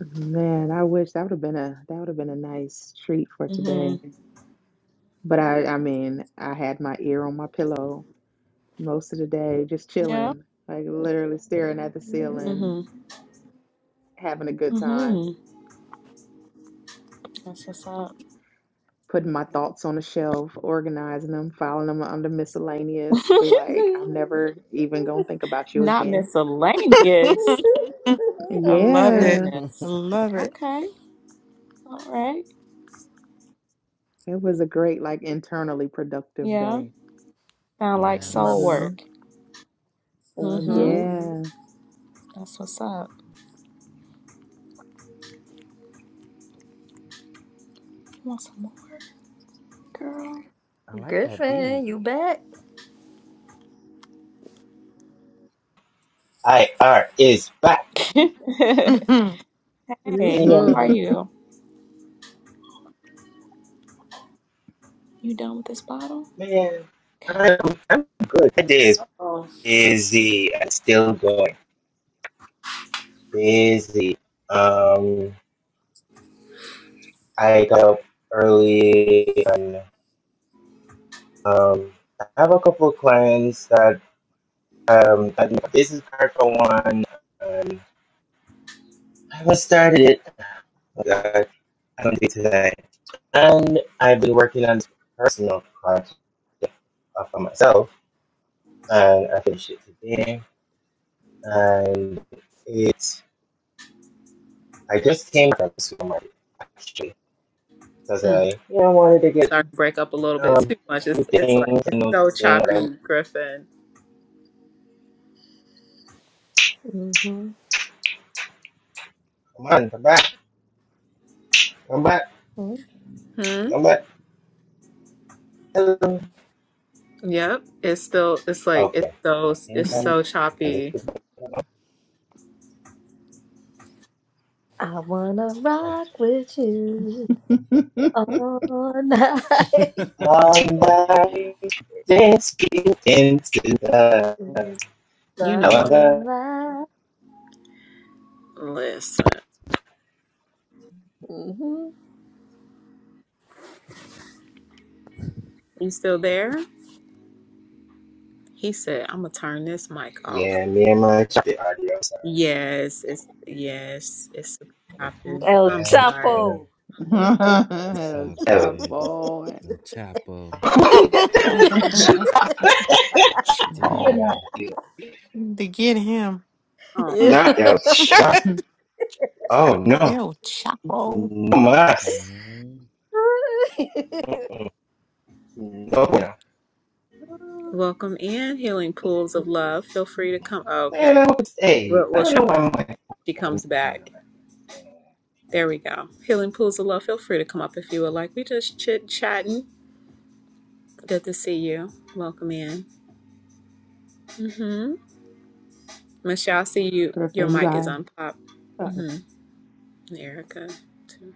Man, I wish that would have been a that would have been a nice treat for today.
Mm-hmm.
But I I mean, I had my ear on my pillow most of the day, just
Yeah.
chilling, like literally staring at the
Mhm.
ceiling,
Mm-hmm.
having a good time,
Mm-hmm. That's what's up.
putting my thoughts on a shelf, organizing them, filing them under miscellaneous, be like, I'm never even gonna think about you
Not
again.
miscellaneous.
I love it.
Yeah.
I
Goodness.
love it.
Okay. All right.
It was a great, like internally productive
Yeah.
day.
Sound like
yeah, I love
soul
nice.
those.
Mm-hmm.
work. Mm-hmm.
Mm-hmm.
That's what's up. You Want some more, girl?
I like that
Griffin,
beat.
you back?
I R is back.
Mhm.
Can you
hey,
hear
how
me?
are
Mm-hmm.
you? You done with this bottle?
Man,
Okay.
I'm, I'm good. My day is
Oh,
busy. I'm still going. Busy. Um, I got up early and um, I have a couple of clients that um that my business card for one. Um, I haven't started it. Oh, God, I don't do it today. And I've been working on this personal project uh, for myself, and I finished it today. And it's. I just came from the supermarket actually because
mm.
I you know wanted to
It's
get
starting to break up a little bit
um,
too
a
much.
few
It's it's like
things
it's
and
so
noticing that
choppy,
I'm
Griffin.
Mm-hmm.
come on come back come back
Hmm.
come back hello
Yep. It's still. It's like it's
okay
so.
I think
It's
Yeah.
I'm
so
a
choppy.
little
I wanna
bit
rock with you all night.
somebody dancing into the
It's
You know what?
however
sunlight.
Listen.
Mm-hmm.
You still there? He said, "I'm gonna turn this mic off."
yeah me and my chocolate audio sorry
Yes. It's yes. It's super choppy.
El
I'm
I'm
sorry.
trying to
Chapo.
It's all
hello
Shot
good.
forward.
No chopper.
you
Chapo.
not
Dang.
you
To get him.
oh,
Yeah.
Ew,
not else shut oh no
Chapo.
No más.
Mm-hmm.
No, bueno.
welcome in, Healing Pools of Love. Feel free to come. Oh,
Man,
okay,
I hope it's A.
we'll,
I
we'll
don't
try.
know why my
She
phone
comes
is going on
back.
like this.
There we go. Healing Pools of Love. Feel free to come up if you would like. We just chit chatting. Good to see you. Welcome in. Mm-hmm. Michelle, I see you. Your
Griffin, you
mic is
got
unpopped.
oh,
Mm-hmm. Erica, too.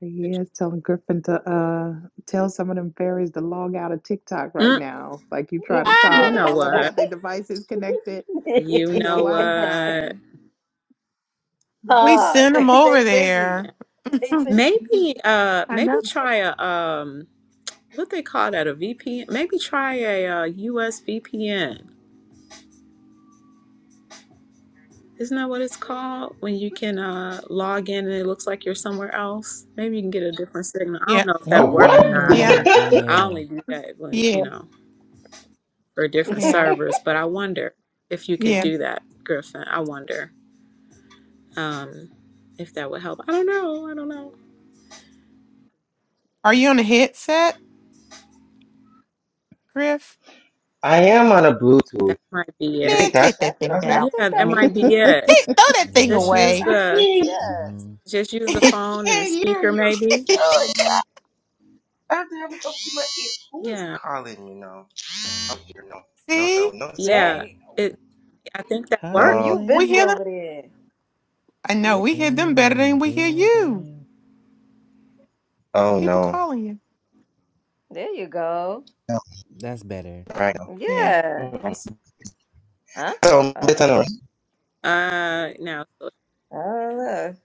yeah, it's telling Griffin to uh tell some of them fairies to log out of TikTok right
Mm,
now. Like you try to
you
talk.
know
Ah,
All of them
what?
got their devices connected
You
to your
know
Wi-Fi.
what?
we
ah,
sent him
they they
over there.
busy.
Yeah.
They busy.
Mhm.
Maybe. Uh,
I
maybe
know.
try a um. what they call that a VPN? Maybe try a uh, US VPN. Isn't that what it's called when you can uh, log in and it looks like you're somewhere else? Maybe you can get a different signal. I don't
Yeah,
know if
Oh,
that'll work
what?
or not.
yeah,
Mm.
Mm. Oh
I
yeah.
only do that when you
yeah,
know for different
yeah,
servers, but I wonder if you could
yeah.
do that, Griffin. I wonder um, if that would help. I don't know. I don't know.
Are you on a headset, Griff?
I am on a Bluetooth.
That might be
Do you
it.
think
Man, take
that's
that
That
thing
took,
causing
that
it?
Yeah,
out.
took
Let
that
that
me.
might
Bluetooth.
be it.
Take- Throw that thing
Just use
Yeah.
away.
I
the
can't.
Yeah.
Hmm.
just use
I
the phone and the
can't hear
speaker,
you.
maybe.
Oh, my God. I have to have it up to my ear. Who is
Yeah.
calling me now? Oh
Um,
dear, no, no, no,
See,
no,
uh
Yeah,
oh.
Dang.
it. I think that
Oh,
worked.
Highline
no.
you
we
busy
bling.
hear them.
over there.
I know
You
we hear them
Game
better
only
than we hear
being one
you.
thing.
Oh
People
no.
calling you.
there you go.
No,
That's better.
right now.
Yeah,
Yeah.
Mm-mm.
that's.
Huh?
So,
Oh.
better not.
Uh, now,
Oh look.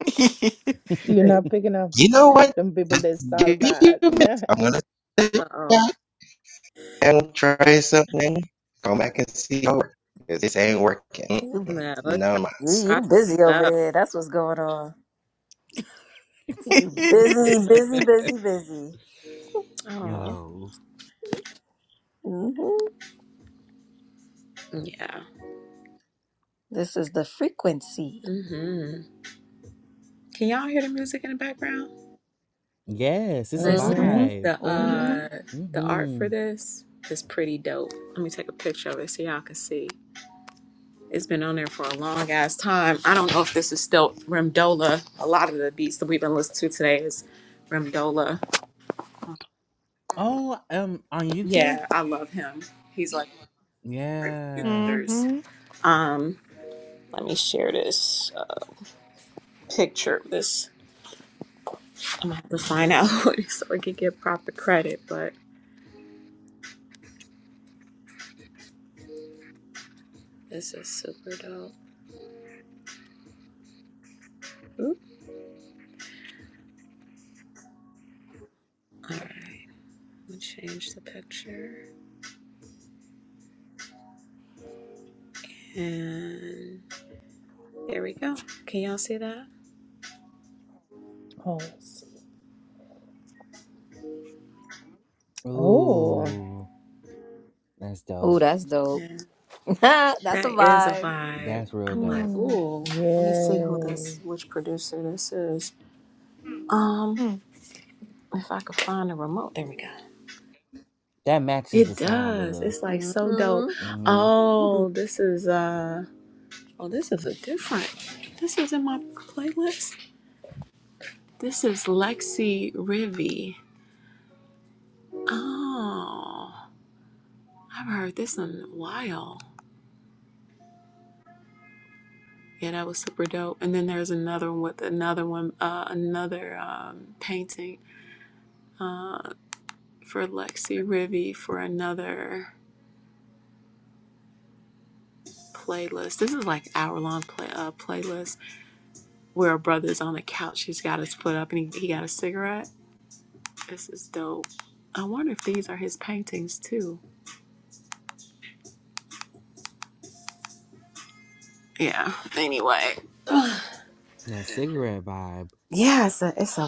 You're not picking up
You know what?
them people
Just
that's all
give me a few
bad.
minutes. I'm
uh
gonna.
oh,
ever try something, come back and see how it works. 'Cause this ain't working.
You,
no, let's
None
try,
of mine.
you
try some
you busy over
stuff.
there. That's what's going on. You busy, busy, busy, busy.
Oh,
Yo.
hmm
yeah.
This is the frequency.
Mm-hmm. Can y'all hear the music in the background?
Yes, it's a
hmm
Listen,
mm-hmm.
Mm.
vibe.
the
hmm
uh, the art for
Mm-hmm.
this is pretty dope. Let me take a picture of it so y'all can see. It's been on there for a long ass time. I don't know if this is still Remdola. A lot of the beats that we've been listening to today is Remdola.
Oh, um, on YouTube?
Yeah, I love him. He's like one of my favorite
Yeah.
producers. Um, let me share this uh, picture this. I'm gonna have to find out what it is so I can get proper credit, but this is super dope. Oop. All right, I'm gonna change the picture, and there we go. Can y'all see that?
Oh, let's see. Oh,
Ooh, that's
Oh,
dope.
that's dope.
Yeah,
that's a
that is a
vibe.
vibe.
That's real
I'm
dope.
like,
hmm
ooh. Let me see who this,
yes.
which producer this is. Um, if I could find a remote, there we go.
That matches the
It
sound of
does.
the
It's like so
Mm-hmm.
dope.
mm-hmm.
Oh, this is uh. Oh, this is a different. This is in my playlist. This is Lexi Rivi. Oh, I've heard this in a while. Yeah, that was super dope. And then there's another one with another one, uh, another um, painting uh, for Lexi Rivi for another playlist. This is like hour long play uh, playlist where a brother's on the couch. He's got his foot up and he, he got a cigarette. This is dope. I wonder if these are his paintings too. yeah. Anyway,
that cigarette vibe.
yeah, it's a it's a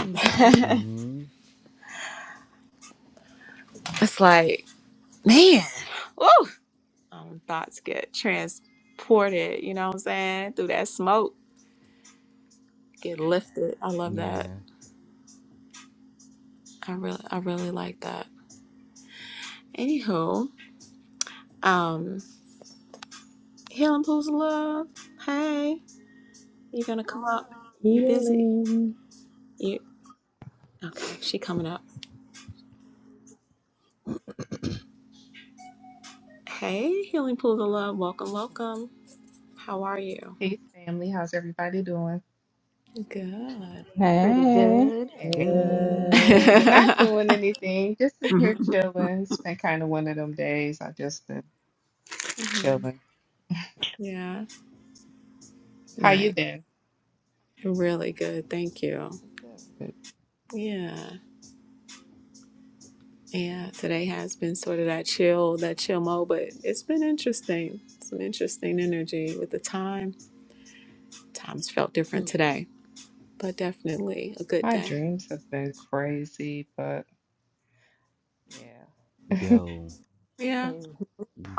hmm
Mm-hmm.
it's like man, woo. Um, thoughts get transported. You know what I'm saying? Through that smoke, get lifted. I love that.
Yeah.
I really I really like that. Anywho, um, healing pools of love. Hey, you gonna come up? You busy?
Healing.
You okay? She coming up. Hey, healing pools of love. Welcome, welcome. How are you?
Peace, family. How's everybody doing?
Good.
Pretty
Hey.
good.
Hey,
Good.
Good.
not doing anything. Just sitting here
hmm
chilling. It's been kind of one of them days. i just been
hmm
chilling.
Yeah,
How
nice.
you been?
Really good. Thank you.
Good.
Yeah. Yeah. Today has been sort of that chill, that chill mode, but it's been interesting. Some interesting energy with the time. Times felt different today, but definitely a good
My
day.
dreams have been crazy, but yeah,
Yo,
Yeah.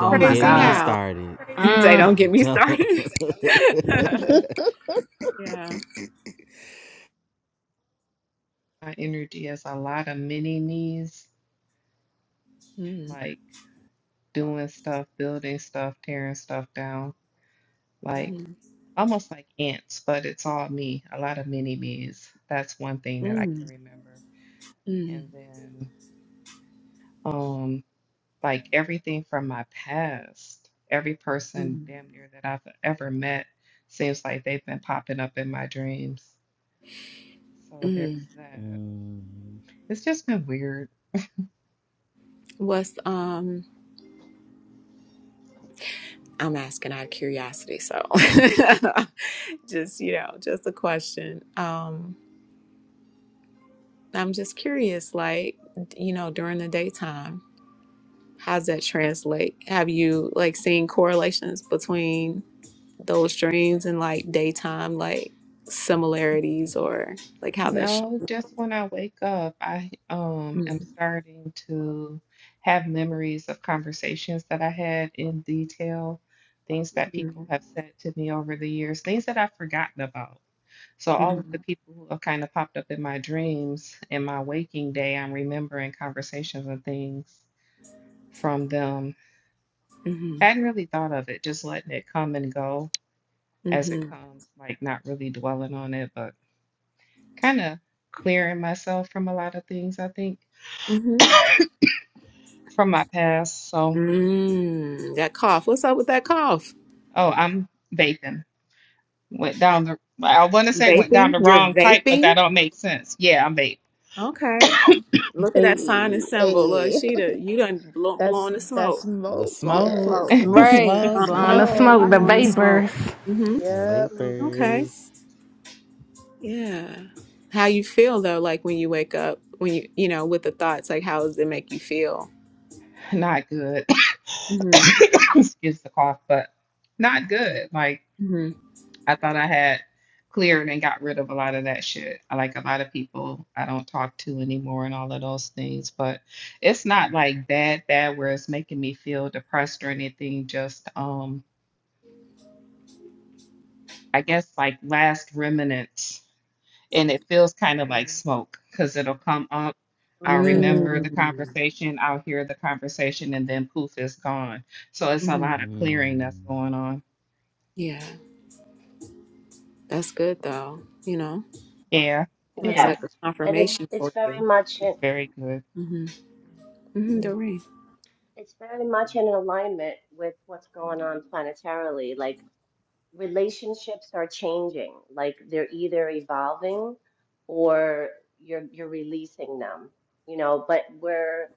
Oh my
get
Crazy
me
God.
how.
started.
They don't
Mm.
get me
Don't.
started. yeah.
my energy is a lot of mini me's,
Mm,
like doing stuff, building stuff, tearing stuff down, like
mm,
almost like ants, but it's all me. A lot of mini me's. That's one thing that I can
mm,
remember.
mm,
And then. um. like everything from my past, every person
mm,
damn near that I've ever met seems like they've been popping up in my dreams. So
mm.
there's that.
Mm,
It's just been weird.
What's, um, I'm asking out of curiosity, so. just you know just a question um i'm just curious like you know during the daytime how's that translate have you like seen correlations between those dreams and like daytime like similarities or like how that's shown
No, just when I wake up, I um am
mm-hmm.
starting to have memories of conversations that I had in detail, things that
Mm-hmm.
people have said to me over the years, things that I've forgotten about. So all of the
Mm-hmm.
people who have kind of popped up in my dreams in my waking day, I'm remembering conversations and things from them. Hadn't really thought of it, just letting it come and go as it
Mm-hmm.
comes, like not really dwelling on it, but kind of clearing myself from a lot of things, I think,
Mm-hmm.
from my past. So,
Mm, that cough what's up with that cough
oh, I'm vaping. Went down the, I want to say went down
vaping
the
you're
wrong pipe, but
vaping
that don't make sense. Yeah, I'm vaping.
okay Look at that sign and
Hey,
symbol. Look,
hey.
she the you done blow,
That's
blowing the
that's
smoke,
the
smoke.
blowing the
smoke,
smoke.
Yes.
the
Right.
Uh
That's
smoke,
Blowing
huh.
the
smoke.
smoke, the
Blowing the
ooh,
smoke.
vapors.
Mhm.
the
Yep.
Okay.
vapors.
Yeah. How you feel though? Like when you wake up, when you you know with the thoughts, like how does it make you feel?
Not good.
Mhm.
excuse the cough, but not good. Like
Mhm.
I thought I had cleared and got rid of a lot of that shit. I like a lot of people I don't talk to anymore and all of those things, but it's not like bad bad where it's making me feel depressed or anything. Just um, I guess like last remnants, and it feels kind of like
Hmm.
smoke because it'll come up. I'll remember
hmm
the
Mm.
conversation, I'll hear the conversation, and then poof, it's gone. So it's a
Mhm.
lot of clearing that's
Mm,
going on.
Yeah. That's good though. You know,
Yeah, it
that's
Yeah.
is.
like a
And it's
confirmation
it's
for
very
you.
much.
It's very good.
Mhm. Mhm. Doreen.
It's very much in alignment with what's going on planetarily. Like relationships are changing. Like they're either evolving or you're you're releasing them, you know, but we're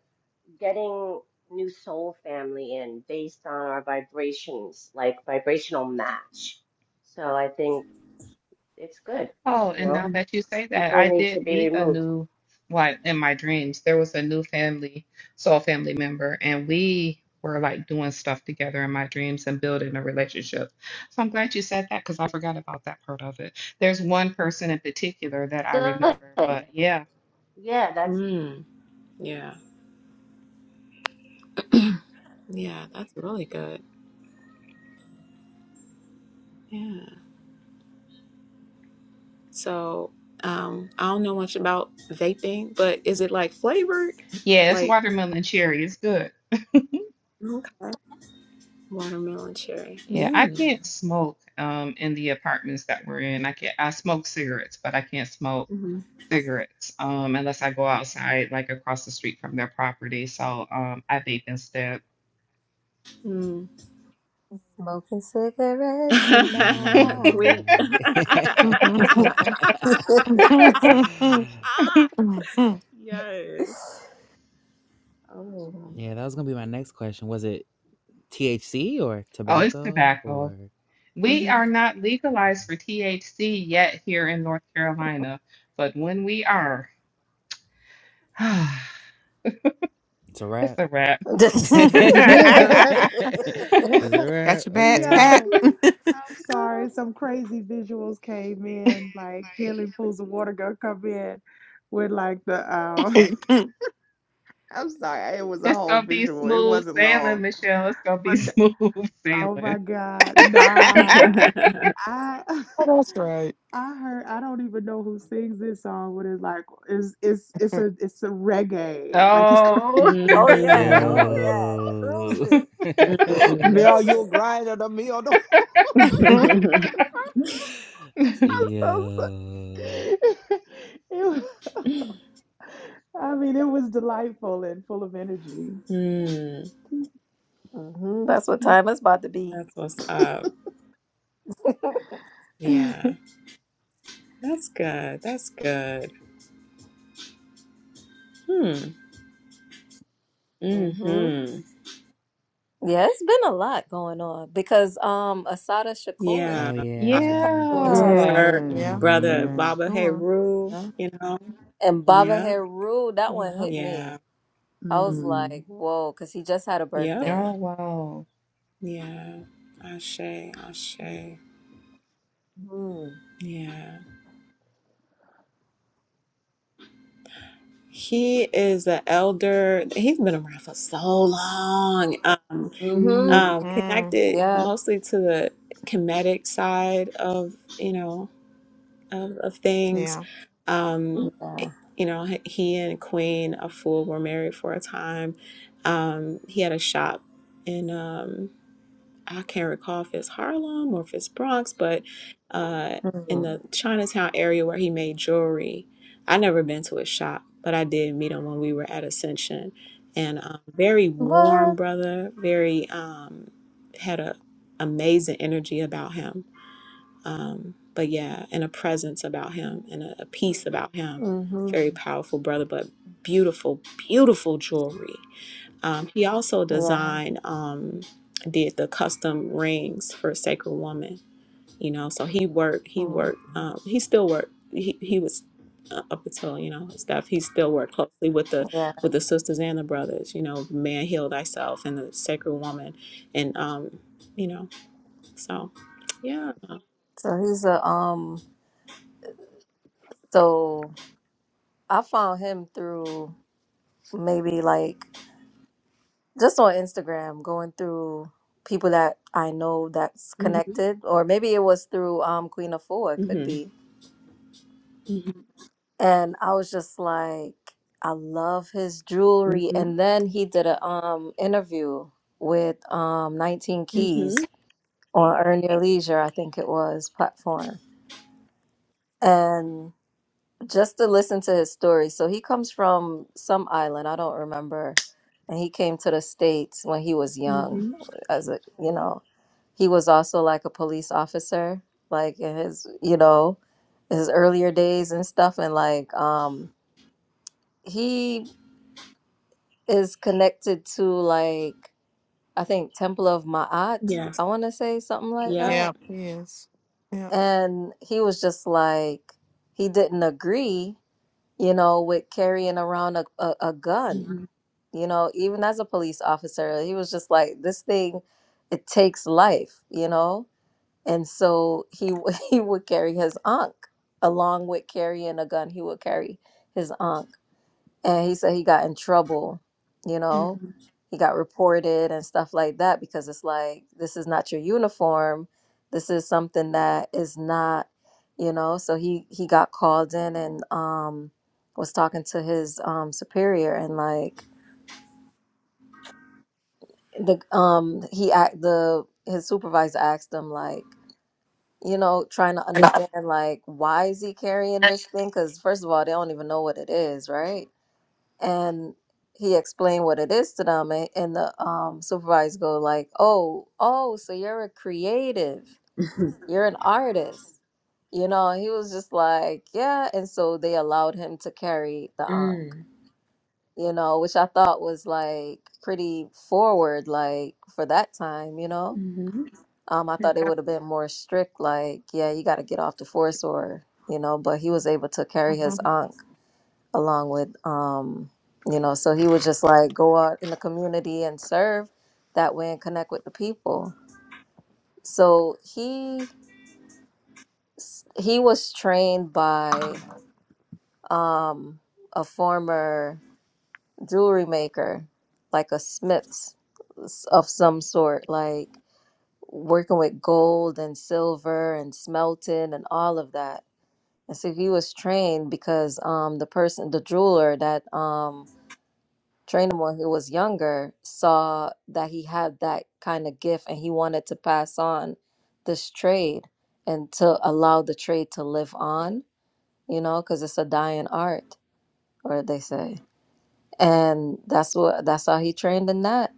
getting new soul family in based on our vibrations, like vibrational match. So I think it's good,
Oh,
you
and
know.
now
Mhm.
that you say that,
People
I
need to
did
be
meet a
removed.
new, like in my dreams, there was a new family, soul family member, and we were like doing stuff together in my dreams and building a relationship. So I'm glad you said that because I forgot about that part of it. There's one person in particular that I
Good.
remember, but yeah,
Yeah, that's
Mm. Yeah. Yeah. That's really good. Yeah. So um, I don't know much about vaping, but is it like flavored?
yeah, it's
Like
watermelon cherry. It's good.
okay, watermelon cherry.
Yeah, I
Mm.
can't smoke um in the apartments that we're in. I can't I smoke cigarettes, but I can't smoke
hmm
cigarettes um unless I go outside like across the street from their property. So um I vape instead.
Mm.
Smoking cigarettes and
they're
I.
Tweet.
nice.
hmm hmm
yes. Oh.
yeah, that was gonna be my next question. Was it THC or
Oh, it's
tobacco
tobacco.
or
We
hmm
are not
okay?
legalized for THC yet here in North Carolina, but when we are, it's
It's a wrap.
a wrap.
Just-
it's
Yeah.
hmm
Why?
a wrap.
Got your bags
Okay.
packed.
Yo, I'm sorry. Some crazy visuals came in, like healing pools of water gonna come in with like the um
oh,
I'm sorry, it was a
It's
whole
gonna be
visual. It
smooth
wasn't
sailing,
long.
Michelle. It's gonna
But
be
th-
smooth
oh
sailing.
my God. Nah. I
that's right.
I heard I don't even know who sings this song, but it's like it's it's it's a it's a reggae. Like it's Korean.
Oh,
oh yeah, oh
mm.
yeah,
Yo.
cruising. Oh, you
Mm.
Mel, you'll
cruising.
grind on the meal. I'm so sorry.
Yeah.
It was- I mean, it was delightful and full of energy.
mm.
hmm That's what time is about to be.
That's what's up.
Yeah,
Yeah. That's good. That's good. Hmm.
hmm
Mm-hmm.
Yeah, it's been a lot going on because um Asada Shakur,
Yeah.
Oh
I
she passed
yeah.
mean,
away
to
yeah.
yesterday.
yeah.
her
Yeah.
brother
Mm-hmm.
yeah.
Baba
Sure.
Heru, you know.
And Baba
Yep.
Haru, that one
Yeah.
hit
Yeah.
me. I was
Mm.
like, whoa, because he just had a
Yep.
Oh,
birthday.
wow.
Yeah. Ashe. Ashe.
Mm-hmm.
Yeah. He is an elder. He's been around for so long. Um, um,
Mm-hmm.
Mm.
connected mostly to the Kemetic side of, you know, of, of things.
Yeah.
Um,
Yeah.
eh, you know, he and Queen a fool were married for a time. Um, he had a shop in um, I can't recall if it's Harlem or if it's Bronx, but uh, in
Hmm.
the Chinatown area where he made jewelry. I never been to his shop, but I did meet him when we were at Ascension, and um, very warm
What?
brother, very um, had a amazing energy about him um, but yeah, and a presence about him and a, a peace about him.
hmm
Very powerful brother, but beautiful, beautiful jewelry. Um, he also
Yeah.
designed, um, did the custom rings for Sacred Woman. You know, so he worked. He
Mm.
worked.
Mm-hmm.
Um, he still worked. He he was uh, up until you know stuff. He still worked closely with the
Yeah.
with the sisters and the brothers. You know, man, heal thyself, and the Sacred Woman, and um, you know, so yeah.
So he's a um so I found him through maybe like just on Instagram going through people that I know that's
hmm
connected or maybe it was through um Queen of Four, it could be. And I was just like I love his jewelry
Mm-hmm.
and then he did a um interview with um 19
Mm-hmm.
Keys on Earn Your Leisure, I think it was platform And just to listen to his story. So he comes from some island, I don't remember. And he came to the States when he was young,
Mm-hmm.
as a, you know, he was also like a police officer, like in his, you know, his earlier days and stuff. And like, um, he is connected to like, I think Temple of Ma'at,
Yes.
I want to say something like
Yep.
that.
Yeah. Yes. Yeah.
And he was just like, he didn't agree you know, with carrying around a, a, a gun.
Mm-hmm.
You know, even as a police officer, he was just like, this thing, it takes life, you know? And so he w- he would carry his ankh along with carrying a gun. He would carry his ankh and he said he got in trouble you know
Mm-hmm.
he got reported and stuff like that because it's like this is not your uniform this is something that is not you know so he he got called in and um was talking to his um superior and like the um he act the his supervisor asked him like you know trying to
And I,
understand like why is he carrying this thing because first of all they don't even know what it is right and he explained what it is to them a- and the um supervisor go like oh oh so you're a creative you're an artist you know he was just like yeah and so they allowed him to carry the ankh
Mm.
you know which i thought was like pretty forward like for that time you know
Mm-hmm.
um i thought it would have been more strict like yeah you got to get off the force or you know but he was able to
hmm
carry his ankh along with um you know so he was just like go out in the community and serve that way and connect with the people so he s- he was trained by um a former jewelry maker like a smith s- of some sort like working with gold and silver and smelting and all of that and so he was trained because um the person the jeweler that um Trainum when he was younger saw that he had that kind of gift and he wanted to pass on this trade and to allow the trade to live on, you know, because it's a dying art, or they say. And that's what that's how he trained in that.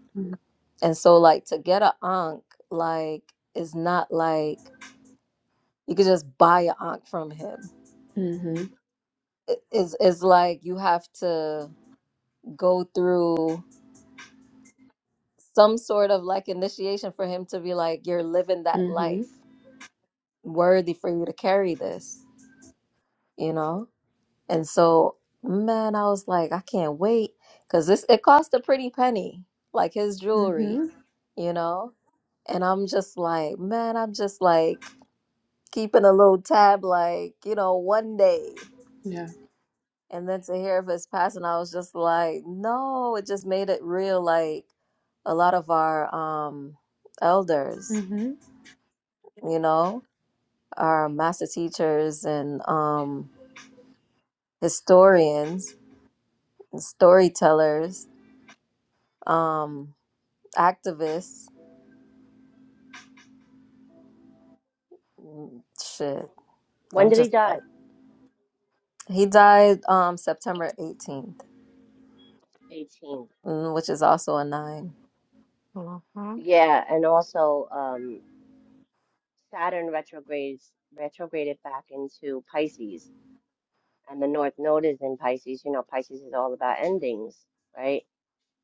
And so like to get an Ankh, like is not like you could just buy an Ankh from him.
Mm-hmm.
It is is like you have to go through some sort of like initiation for him to be like, you're living that
Mm-hmm.
life worthy for you to carry this, you know? And so, man, I was like, I can't wait because this it cost a pretty penny, like his
Mm-hmm.
jewelry, you know? And I'm just like, man, I'm just like keeping a little tab, like, you know, one day.
Yeah.
And then to hear of his passing, I was just like, no, it just made it real. Like a lot of our um elders,
Mm-hmm.
you know? are master teachers and um, historians, and storytellers, um, activists. Mm, Shit,
when
I'm
did he
just
die?
like he died um, September 18th,
18.
mm, which is also a nine.
hmm
Yeah, and also um Saturn retrogrades retrograded back into Pisces, and the North Node is in Pisces. You know, Pisces is all about endings, right?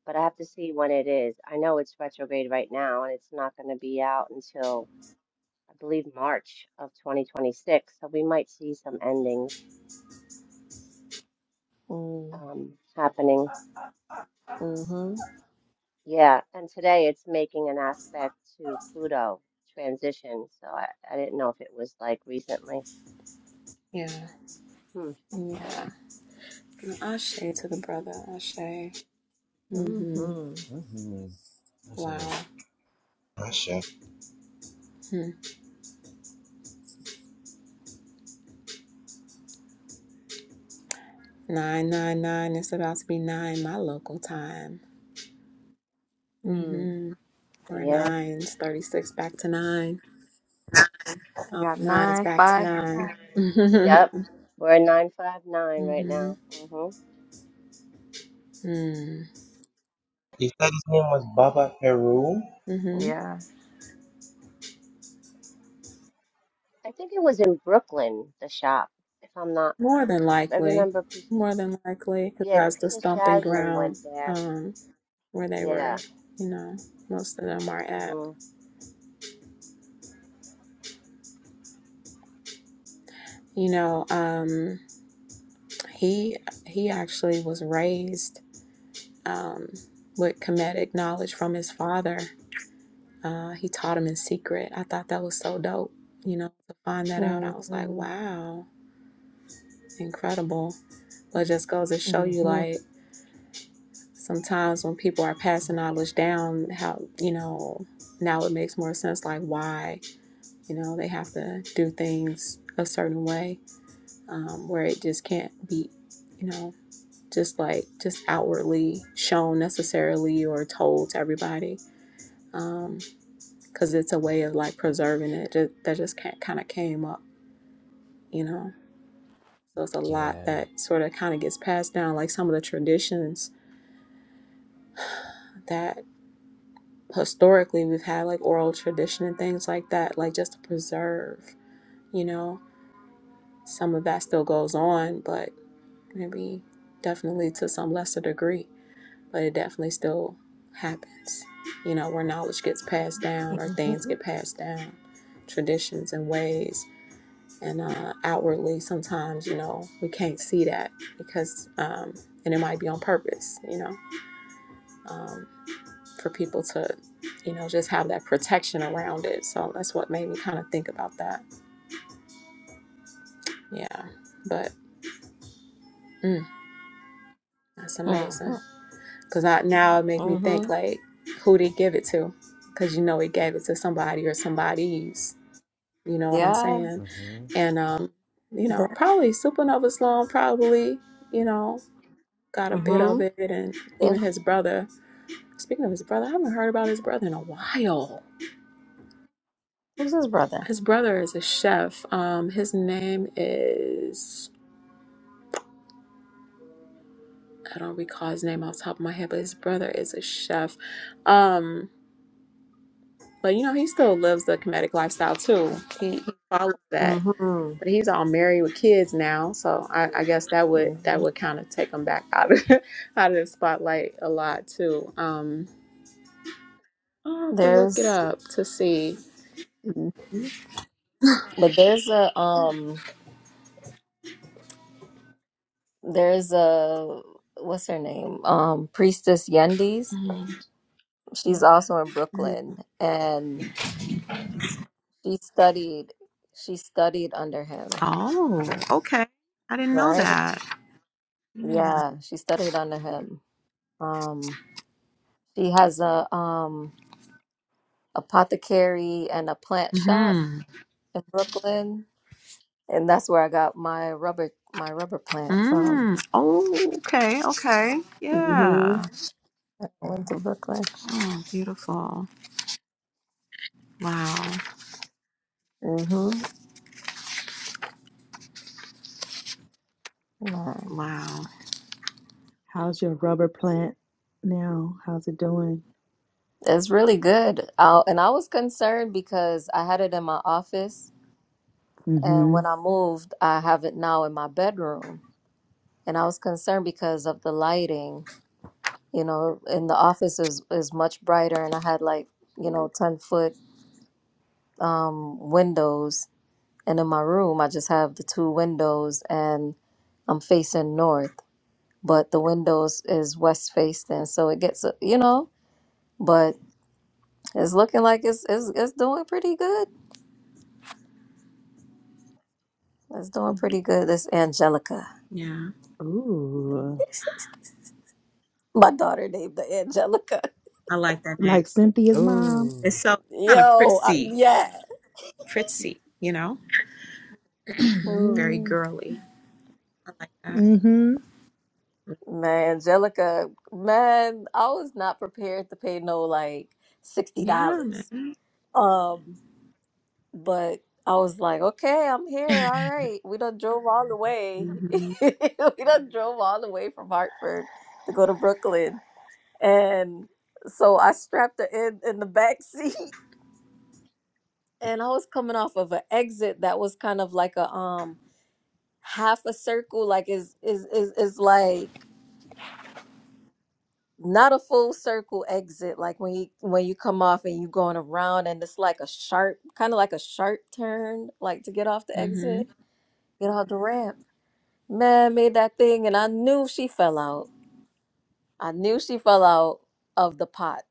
But I have to see when it is. I know it's retrograde right now, and it's not going to be out until I believe March of 2026. So we might see some endings
Mm,
um, happening.
mm-hmm.
Yeah, and today it's making an aspect to Pluto transition. So I, I didn't know if it was like recently.
Yeah.
Hmm.
Yeah. Ashe to the brother. Ashe. Mm-hmm.
Mm-hmm.
Mm-hmm. I
Wow.
say
Sure.
Hmm. Nine nine nine. It's about to be nine my local time.
Mm.
Mm-hmm. Or
Yeah.
nines. Thirty six back to nine.
I
All
got
the nines
nine,
back to
five,
nine.
nine.
mm-hmm.
Yep. We're at 959 right
Mm-hmm.
now. hmm
You said his name was Baba Peru.
Mm-hmm.
Yeah.
I think it was in Brooklyn, the shop, if I'm not,
More than
if I
likely,
remember Princess,
more than likely, because
yeah,
that's the
Princess
stomping
Jasmine
ground
went there.
um, where they were.
Yeah.
You know, most of them are at.
hmm
You know, um, he he actually was raised um, with comedic knowledge from his father. Uh, he taught him in secret. I thought that was so dope. You know, to find that out, I was like,
Mm-hmm.
wow, incredible. But it just goes to show you,
Mm-hmm.
like. sometimes when people are passing knowledge down, how, you know, now it makes more sense like why, you know, they have to do things a certain way um, where it just can't be, you know, just like just outwardly shown necessarily or told to everybody because um, it's a way of like preserving it ju- that just can't, kind of came up, you know. So it's a lot
yeah.
that sort of kind of gets passed down, like some of the traditions that historically we've had like oral tradition and things like that, like just to preserve, you know, some of that still goes on, but maybe definitely to some lesser degree, but it definitely still happens, you know, where knowledge gets passed down or things get passed down, traditions and ways. And uh, outwardly, sometimes, you know, we can't see that because, um, and it might be on purpose, you know. um, for people to, you know, just have that protection around it. So that's what made me kind of think about that. Yeah, but mm, that's amazing
Mm-hmm.
because now it make me think
Mm-hmm.
like, who did he give it to? Because you know he gave it to somebody or somebody's. You know what I'm
Yeah.
saying?
Mm-hmm.
And um, you
The-
know, probably Supernova Sloan probably, you know, got a bit
Mm-hmm.
of it, and
The-
even his brother. Speaking of his brother, I haven't heard about his brother in a while.
Who's his brother?
His brother is a chef. Um, his name is I don't recall his name off the top of my head, but his brother is a chef. Um, but you know, he still lives the comedic lifestyle too. He, he follows that,
Mm-hmm.
but he's all married with kids now, so I, I guess that would that
Mhm.
would kind of take him back out of out of the spotlight a lot too. Um, I'll have to look it
There's
up to see.
Mhm. But there's a um there's a what's her name? Um Priestess Yendes.
Mhm.
She's also in Brooklyn and she studied she studied under him,
Oh, okay. I didn't know
right?
that.
Yeah, she studied under him. Um she has a um apothecary and a plant shop
Yeah.
in Brooklyn and that's where I got my rubber my rubber plant from.
Mm. Oh, okay, okay. Yeah.
Mhm. I went to Brooklyn.
Oh, beautiful. Wow.
Yeah.
Wow.
How's your rubber plant now? How's it doing?
It's really good. I, and I was concerned because I had it in my office, and
Mm-hmm.
when I moved, I have it now in my bedroom. And I was concerned because of the lighting. You know, in the office is is much brighter, and I had like you know ten foot um, windows, and in my room I just have the two windows, and I'm facing north, but the windows is west facing, so it gets uh, you know. But it's looking like it's it's, it's doing pretty good. That's doing pretty good. This Angelica.
Yeah.
Ooh,
My daughter named the Angelica.
I like that name.
like Cynthia's mom.
It's
Ooh.
so kind of
Yo, uh,
prissy.
yeah.
Prissy, you know?
Mm.
Very
Yeah.
girly. I like that.
Mm hmm.
Man, Angelica, man, I was not prepared to pay no like $60.
Yeah, man.
Um, but I was like, okay, I'm here. All right. We done drove all the way.
Mm-hmm.
we done drove all the way from Hartford to go to Brooklyn. And so I strapped her in in the back seat and I was coming off of an exit that was kind of like a um half a circle, like is is is is like not a full circle exit, like when you when you come off and you going around and it's like a sharp, kind of like a sharp turn, like to get off the exit,
Mm-hmm.
get off the ramp. Man made that thing, and I knew she fell out. I knew she fell out of the pot,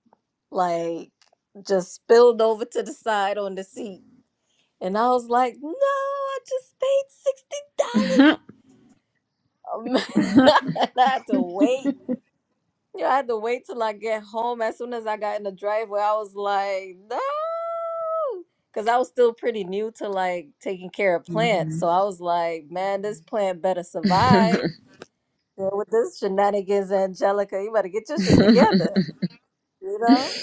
like just spilled over to the side on the seat. And I was like, no, I just paid $60. Um, and I had to wait. You know, I had to wait till I get home. As soon as I got in the driveway, I was like, no. Because I was still pretty new to like taking care of plants.
Mm-hmm.
So I was like, man, this plant better survive. Yeah, with this shenanigans, Angelica, you better get your shit together. You know?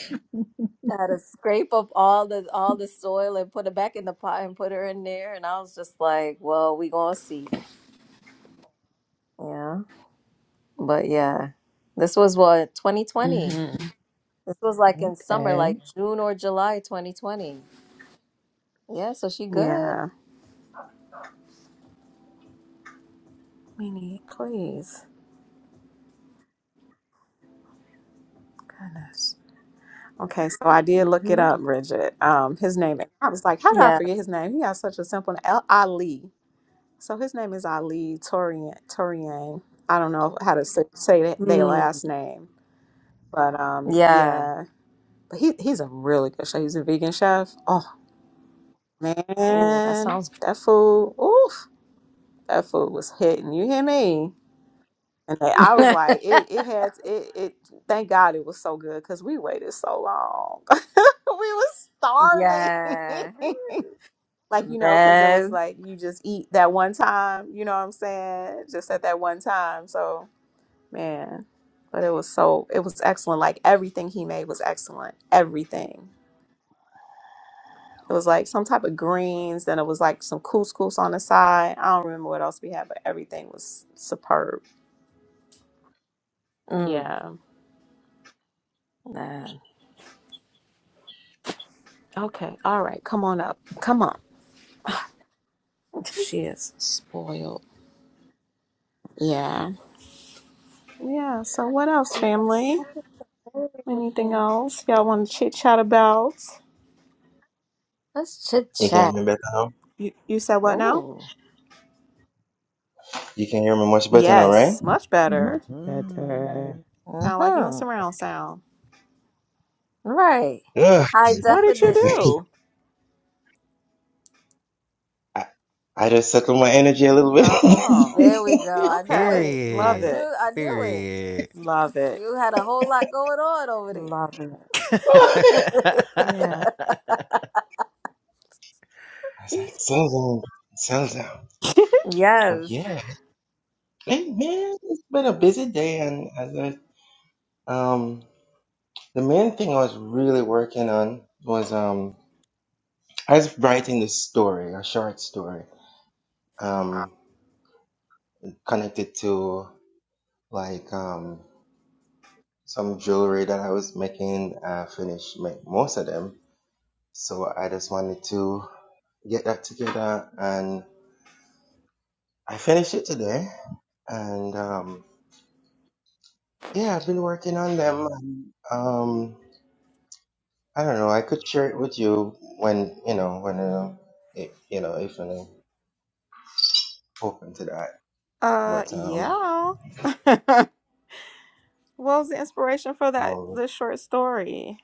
I had to scrape up all the all the soil and put it back in the pot and put her in there. And I was just like, well, we gonna see. Yeah. But yeah. This was what, 2020?
mm-hmm.
This was like in summer,
Okay.
like June or July 2020. Yeah, so she good.
Yeah. We need, please. Goodness. Okay, so I did look it
hmm
up, Bridget. Um, his name, I was like, how did I
Yeah.
forget his name? He has such a simple name, Al- Ali. So his name is Ali Torian. Torian. I don't know how to s- say th- their
Mm.
last name, but um,
Yeah.
yeah. But he he's a really good chef. He's a vegan chef. Oh
Oh, that
man,
sounds
that food, oof, that food was hitting. You hear me? And I I was
good.
like, it it had it it thank God it was so good because we waited so long. we was
Yeah.
starving. like, you know, because it was
Man.
like you just eat that one time, you know what I'm saying? Just at that one time. So man. But it was so it was excellent. Like everything he made was excellent. Everything. It was like some type of greens, then it was like some couscous on the side. I don't remember what else we had, but everything was superb.
Mm.
Yeah.
Man.
Okay. All right. Come on up. Come on. She is spoiled. Yeah. Yeah. So what else, family? Anything else y'all want to chit chat about?
Let's chit
You can hear
chat.
me better now.
You you said what now?
Ooh.
You can hear me much better now, right?
Yes. Much better.
Much better.
Mm-hmm.
Sound like you in
Mm-hmm.
surround sound.
Right.
Ugh.
High
What did you
definition.
do?
I, I just suckled my energy a little bit.
Oh.
There we go. I do
Okay.
it. I
Love
do
Period.
it.
I do it.
Period.
Love it.
You had a whole lot going on over there.
Love it.
I
Yeah.
was like, settle down, settle down. But
yes.
yeah, hey, man, it's been a busy day, and as I, um, the main thing I was really working on was um I was writing this story, a short story, um, connected to like um, some jewelry that I was making. I finished make most of them, so I just wanted to get that together, and I finished it today. And um, yeah, I've been working on them. And, um, I don't know. I could share it with you when you know when uh, if you know if you're open to that.
Uh.
But um,
Yeah. what was the inspiration for that?
um,
The short story.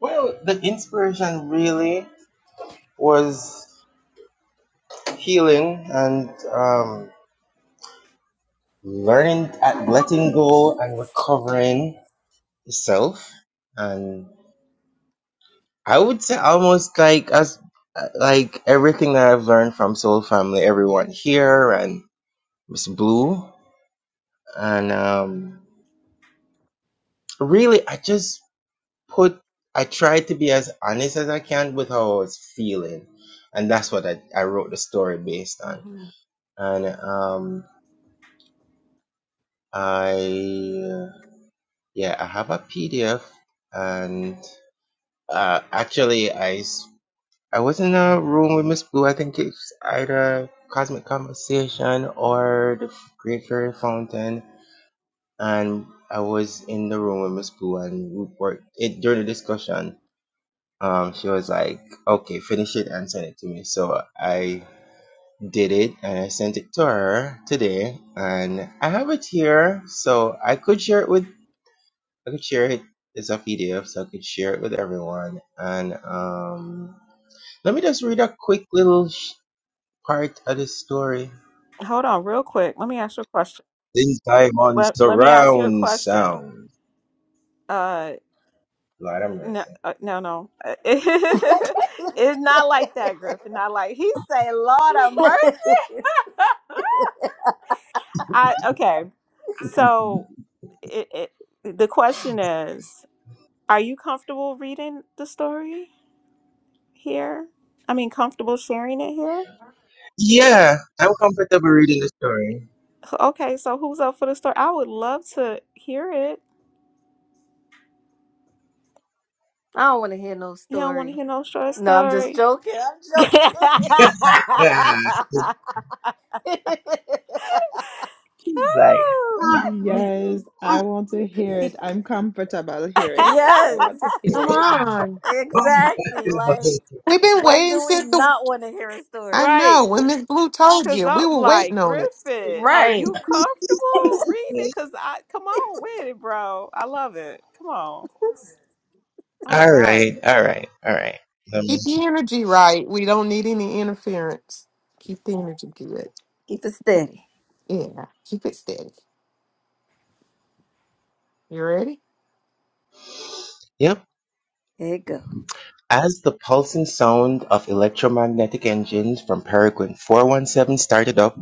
well, the inspiration really. was healing and um, learning at letting go and recovering yourself and i would say almost like as like everything that i've learned from soul family everyone here and miss blue and um really i just put i tried to be as honest as i can with how i was feeling and that's what i, I wrote the story based on and um I Yeah, I have a PDF, and uh, actually, I s- I was in a room with Miss Blue. I think it's either Cosmic Conversation or the F- Great Fairy Fountain, and I was in the room with Miss Blue, and we worked it during the discussion. Um, she was like, "Okay, finish it and send it to me." So I did it, and I sent it to her today, and I have it here, so I could share it with I could share it. as a PDF, so I could share it with everyone. And um, let me just read a quick little sh- part of the story.
Hold on, real quick. Let me ask you a question.
Since I'm on
Let Let me ask you a
surround
question.
sound,
Uh,
Lord have
no,
mercy.
uh, no, no. Uh,
I
it's not like that, Griffin. Not like he say, "Lord of mercy." I okay. So, it, it the question is, are you comfortable reading the story here? I mean, comfortable sharing it here?
Yeah, I'm comfortable reading the story.
Okay, so who's up for the story? I would love to hear it.
don't want to hear no
You don't want to
story.
hear no short
No, I'm just
story.
joking. I'm
Yeah,
joking.
she's like, ah, ah,
Yes, I want to hear it. I'm comfortable hearing it. I
yes,
want to
Come
hear it.
on.
ah.
exactly. Like,
We've been
when
waiting
do we
since the.
not want to hear a
I
story?
right.
know when Miss Blue told
Cause
you
I'm
we were
like,
waiting on it.
Griffin, are
Right.
you comfortable reading it? Cause I come on with it, bro. I love it. Come on. All
all right,
right.
all right, all right. Let me.
Keep the energy right. We don't need any interference. Keep the energy good.
Keep it steady.
Yeah. Keep it steady. You ready?
Yep.
There you go.
As the pulsing sound of electromagnetic engines from Peregrine 417 started up,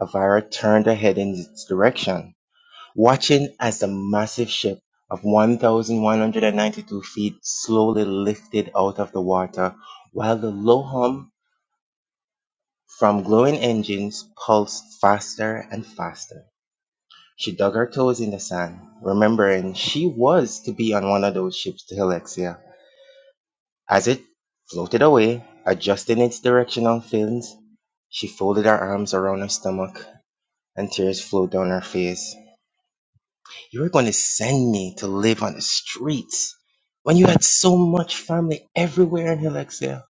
Avira turned her head in its direction, watching as the massive ship of 1,192 feet slowly lifted out of the water while the low hum from glowing engines pulsed faster and faster. She dug her toes in the sand, remembering she was to be on one of those ships to Helixia As it floated away, adjusting its directional fins, she folded her arms around her stomach and tears flowed down her face. You were going to send me to live on the streets when you had so much family everywhere in Helixia.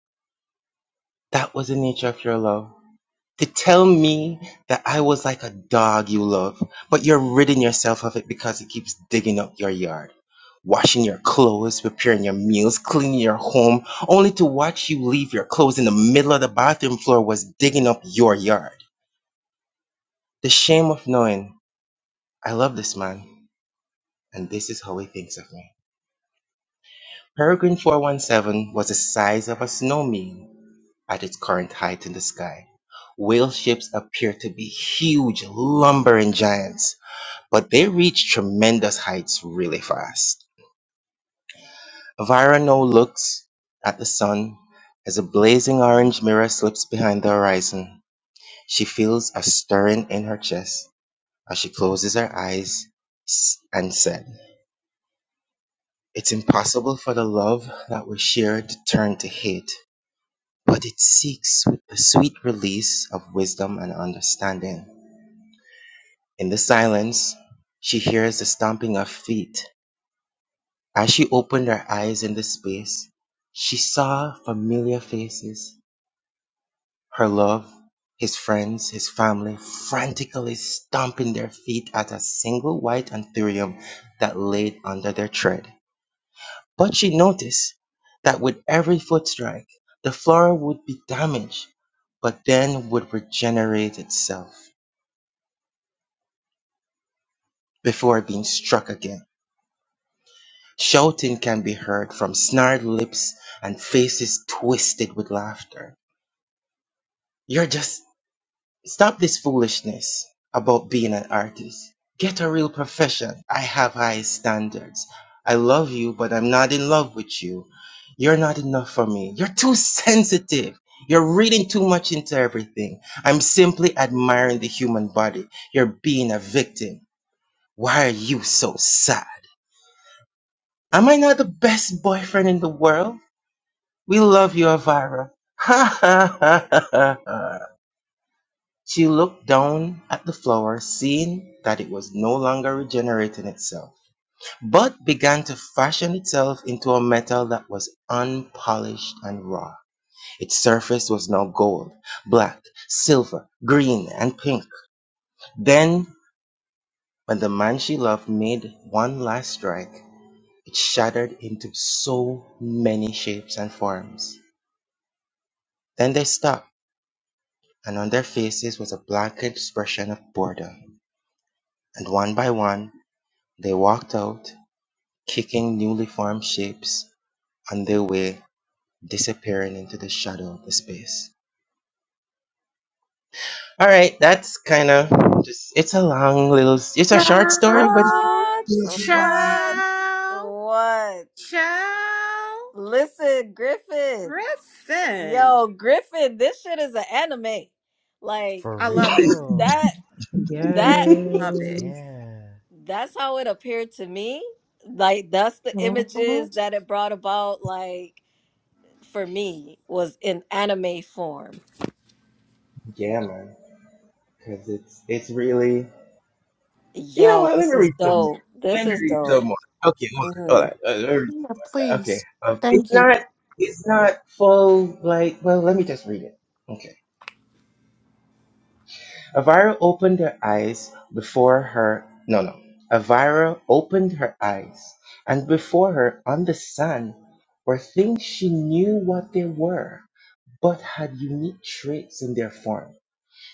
That was the nature of your love. to tell me that I was like a dog you love, but you're ridding yourself of it because it keeps digging up your yard, washing your clothes, preparing your meals, cleaning your home, only to watch you leave your clothes in the middle of the bathroom floor was digging up your yard. The shame of knowing I love this man, and this is how he thinks of me. Peregrine 417 was the size of a snowman at its current height in the sky. Whale ships appeared to be huge, lumbering giants but they reach tremendous heights really fast. Virano looks at the sun as a blazing orange mirror slips behind the horizon. She feels a stirring in her chest as she closes her eyes s- and said, It's impossible for the love that we share to turn to hate, but it seeks with the sweet release of wisdom and understanding. In the silence, she hears the stomping of feet As she opened her eyes in the space, she saw familiar faces, her love, his friends, his family, frantically stomping their feet at a single white anthurium that laid under their tread. But she noticed that with every foot strike, the flora would be damaged, but then would regenerate itself before being struck again. Shouting can be heard from snarled lips and faces twisted with laughter. You're just stop this foolishness about being an artist. Get a real profession. I have high standards. I love you, but I'm not in love with you. You're not enough for me. You're too sensitive. You're reading too much into everything. I'm simply admiring the human body. You're being a victim. Why are you so sad? Am I not the best boyfriend in the world? We love you, Avira. Ha ha ha ha ha. She looked down at the flower, seeing that it was no longer regenerating itself, but began to fashion itself into a metal that was unpolished and raw. Its surface was now gold, black, silver, green, and pink. Then, when the man she loved made one last strike, it shattered into so many shapes and forms. Then they stopped, and on their faces was a blank expression of boredom. And one by one, they walked out kicking newly formed shapes on their way, disappearing into the shadow of the space. All right, that's kind of just. It's a long little. It's a short story,
Show,
but
What? What?
show,
What?
show,
Listen, Griffin.
Griffin.
Yo, Griffin, this shit is an anime. Like
For
I love it.
that
real.
that
Love it.
Yes.
Yeah.
that's how it appeared to me. Like that's the
Mm-hmm.
images that it brought about like for me was in anime form.
yeah, man, because it's it's really. You know
Yo,
what? Let
this
me
is
read some more.
dope. This
Let me
is
read
dope.
some more. Okay, hold on, hold
Mhm.
on. Uh, let me read-
Yeah,
okay,
please.
um, it's
Thank you.
not it's not full. Like, well, let me just read it. Okay. Elvira opened her eyes before her. No, no. Elvira opened her eyes, and before her on the sand were things she knew what they were, but had unique traits in their form.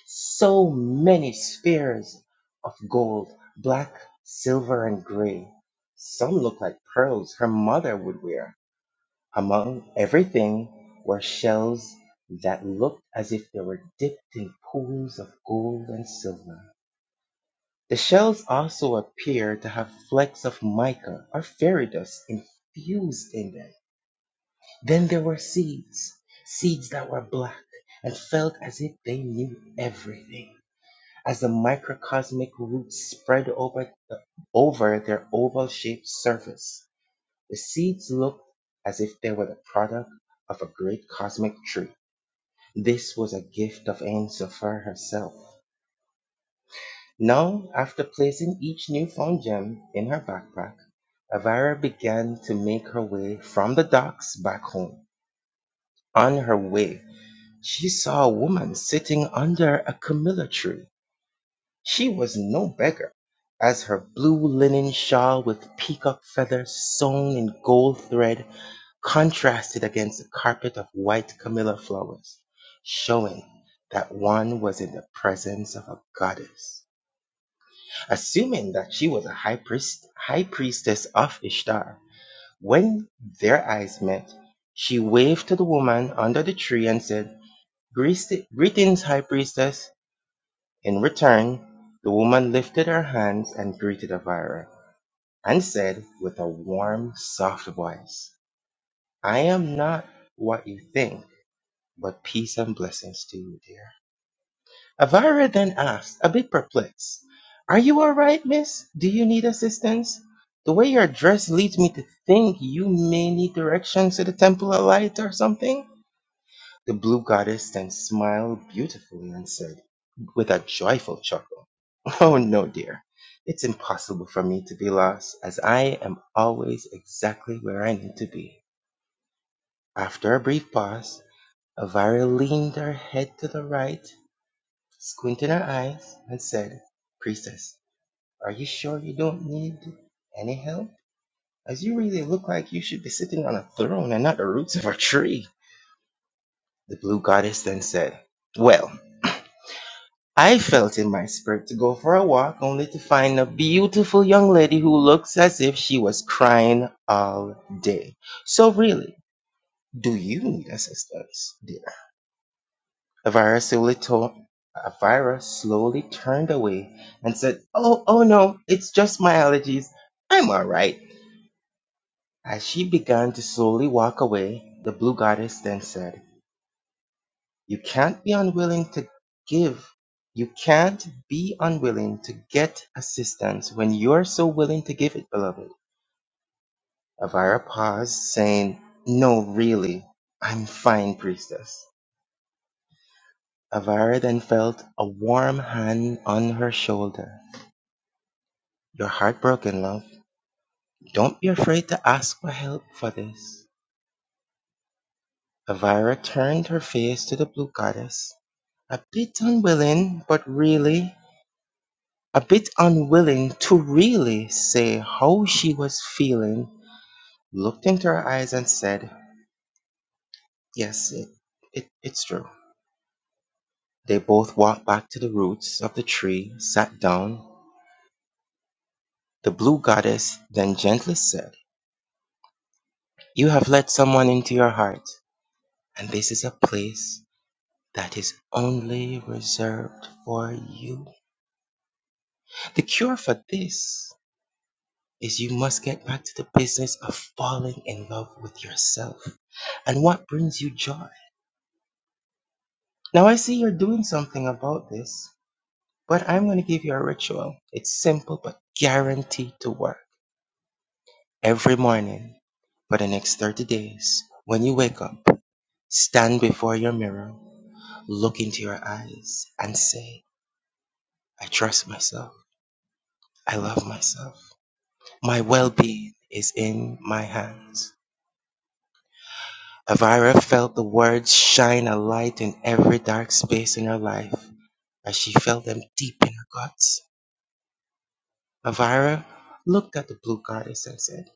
So many spheres of gold, black, silver, and gray. Some looked like pearls her mother would wear. Among everything were shells that looked as if they were dipped in pools of gold and silver. The shells also appear to have flecks of mica or fairy dust infused in them. Then there were seeds, seeds that were black and felt as if they knew everything. As the microcosmic roots spread over, the, over their oval shaped surface, the seeds looked as if they were the product of a great cosmic tree. This was a gift of Enso for herself. Now, after placing each newfound gem in her backpack, Avira began to make her way from the docks back home. On her way, she saw a woman sitting under a camellia tree. She was no beggar, as her blue linen shawl with peacock feathers sewn in gold thread contrasted against a carpet of white camellia flowers, showing that one was in the presence of a goddess. assuming that she was a high priest, high priestess of Ishtar. When their eyes met, she waved to the woman under the tree and said, "Greetings, high priestess." In return, the woman lifted her hands and greeted Avira and said with a warm, soft voice, "I am not what you think, but peace and blessings to you, dear." Avira then asked, a bit perplexed, Are you all right, miss? Do you need assistance? The way you're dressed leads me to think you may need directions to the Temple of Light or something. The blue goddess then smiled beautifully and said, with a joyful chuckle, Oh no, dear. It's impossible for me to be lost, as I am always exactly where I need to be. After a brief pause, Avira leaned her head to the right Squinting her eyes, and said, "Priestess, are you sure you don't need any help? As you really look like you should be sitting on a throne and not the roots of a tree." The blue goddess then said, "Well, I felt in my spirit to go for a walk only to find a beautiful young lady who looks as if she was crying all day. So really, do you need assistance, dear?" Elvira slowly told Elvira slowly turned away and said, Oh, oh no, it's just my allergies. I'm all right. As she began to slowly walk away, the blue goddess then said, You can't be unwilling to give. You can't be unwilling to get assistance when you're so willing to give it, beloved. Elvira paused, saying, No, really. I'm fine, priestess. Elvira then felt a warm hand on her shoulder. Your heartbroken, love. Don't be afraid to ask for help for this. Elvira turned her face to the blue goddess, a bit unwilling, but really, a bit unwilling to really say how she was feeling, looked into her eyes and said, Yes, it, it, it's true. They both walked back to the roots of the tree, sat down. The blue goddess then gently said, You have let someone into your heart, and this is a place that is only reserved for you. The cure for this is you must get back to the business of falling in love with yourself and what brings you joy. Now, I see you're doing something about this, but I'm going to give you a ritual. It's simple but guaranteed to work. Every morning for the next 30 days, when you wake up, stand before your mirror, look into your eyes, and say, I trust myself. I love myself. My well being is in my hands. Elvira felt the words shine a light in every dark space in her life as she felt them deep in her guts. Elvira looked at the blue goddess and said,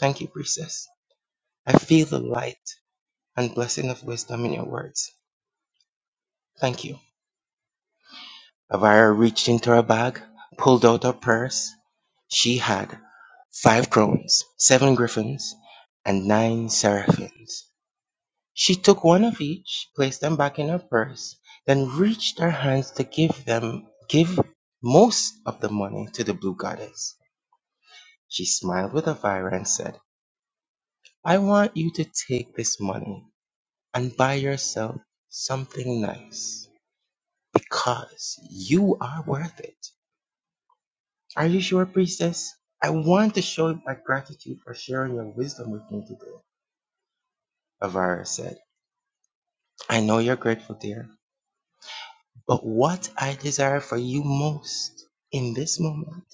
Thank you, priestess. I feel the light and blessing of wisdom in your words. Thank you. Elvira reached into her bag, pulled out her purse. She had five crowns, seven griffins, and nine seraphims. She took one of each, placed them back in her purse, then reached her hands to give them give most of the money to the blue goddess. She smiled with Elvira and said, I want you to take this money and buy yourself something nice because you are worth it. Are you sure, priestess? I want to show my gratitude for sharing your wisdom with me today, Elvira said. I know you're grateful, dear. But what I desire for you most in this moment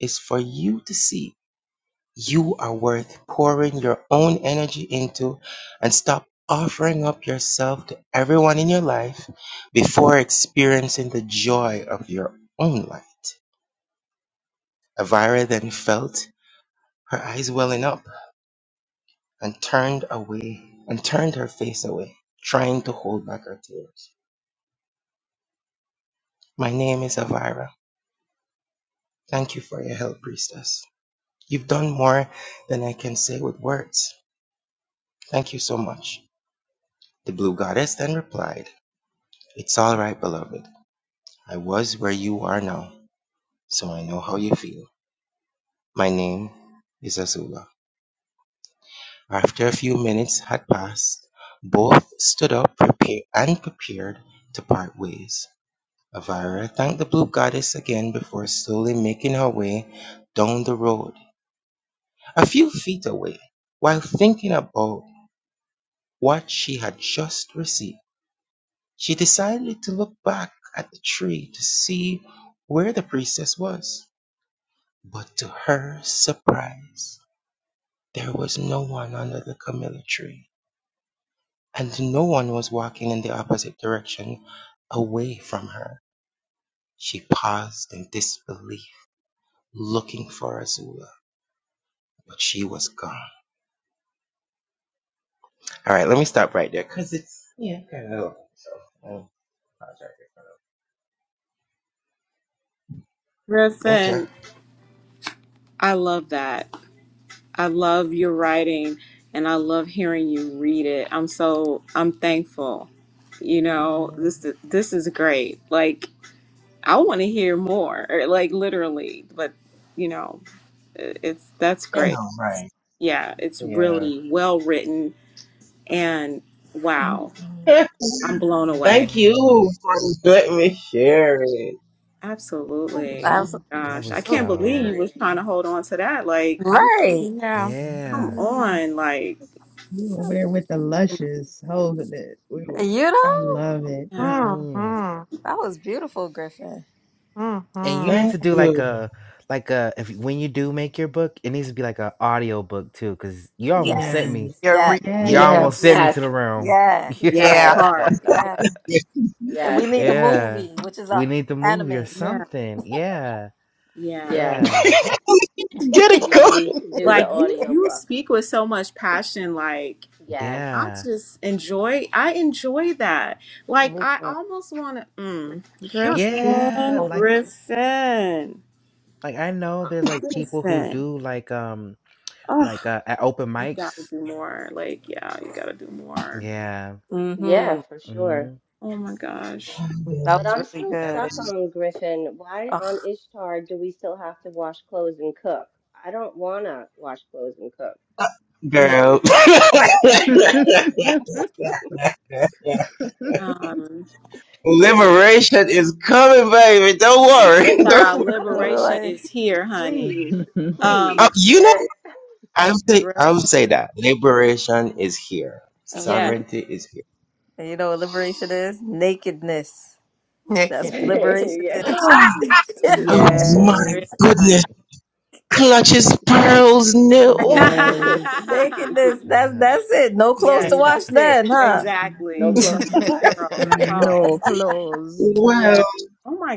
is for you to see you are worth pouring your own energy into and stop offering up yourself to everyone in your life before experiencing the joy of your own life. Elvira then felt her eyes welling up and turned away and turned her face away, trying to hold back her tears. My name is Elvira. Thank you for your help, priestess. You've done more than I can say with words. Thank you so much. The blue goddess then replied, It's all right, beloved. I was where you are now, so I know how you feel. My name is Azula. After a few minutes had passed, both stood up prepared and prepared to part ways. Avira thanked the blue goddess again before slowly making her way down the road. A few feet away, while thinking about what she had just received, She decided to look back at the tree to see where the princess was. But to her surprise, there was no one under the camellia tree, and no one was walking in the opposite direction away from her. She paused in disbelief, looking for Azula, but she was gone. All right, let me stop right there because it's, yeah, kind of So, I'll pause right there. Okay.
Griffin, I love that. I love your writing and I love hearing you read it. I'm so I'm thankful. You know,
Yes.
this this is great. Like I want to hear more, or like literally, but you know, it- it's that's great.
All right.
Yeah, it's
Yeah.
really well written and wow,
Mhm.
I'm blown away.
Thank
Mm-hmm.
you for
Yeah.
letting me share it.
Absolutely. Oh
Abso-
Thank
my
you
That
gosh. I
for
was
can't believe you
dope.
was trying to
sharing.
hold on to that. Like I'm like,
Right.
Yeah.
come
Yeah.
Hey,
on, like
You over there with the luscious holding it. We will,
You
I
know?
love it.
yeah.
Mm-hmm.
Mm-hmm.
That was beautiful, Griffin.
and you
Mm-hmm.
need
Thank
to do like
you.
a like a if when you do make your book, it needs to be like an audio book too, because you
yeah.
almost sent
Yes.
me.
Yes.
Your
Yeah.
re-
You
Yes.
almost
yes.
sent me
Yes.
to the realm.
Yeah.
that
yeah.
Yeah.
Yes.
part. Yeah,
Yeah. And
Yes.
we need the
Yeah.
movie, which is
We
a
need the movie or
anime.
yeah,
something. Yeah.
yeah.
Yes.
Yeah.
Get it
You
going.
need to do the
Like you, you
audiobook.
speak with so much passion. Like
Yes.
I
Yeah.
just enjoy. I enjoy that. Like
Me
I
too.
almost want to. Mm,
You're
Yeah.
Griffin,
Like
speaking.
Griffin,
like I know
Uh,
there's like people who
Griffin.
do like um
Oh,
like uh at open
you gotta
mics.
do more. Like yeah, you gotta do more.
Yeah.
Yeah,
hmm
for sure.
Mm.
Oh my gosh.
I've
That
But
been-
was
I'm
really
still
I've
good.
stuck
been-
on Griffin. Why
Oh,
on Ishtar do we still have to wash clothes and cook? I don't want to wash clothes and cook.
Yeah.
Girl.
Um,
Liberation is coming, baby. Don't worry. Don't
child
worry.
liberation
really?
is here, honey.
please,
Uh,
please.
Um,
you know,
Okay.
I'll say, I'll
Griffin.
say that. Liberation is here.
Mm hmm
Yes.
Sovereignty is here.
And you know what liberation is? Nakedness. That's what
Naked.
Yeah.
liberation
yeah.
is.
Oh
Sure
my
is,
Yes.
honey.
goodness. Clutches pearls new.
Yes.
Nakedness. That's
None.
that's it. No clothes to
yes,
Is
wash
that's it.
then, huh?
no
Exactly.
clothes
Clutch
to
his
wash.
pearls. That's all.
No clothes
Wow.
Yeah. Oh my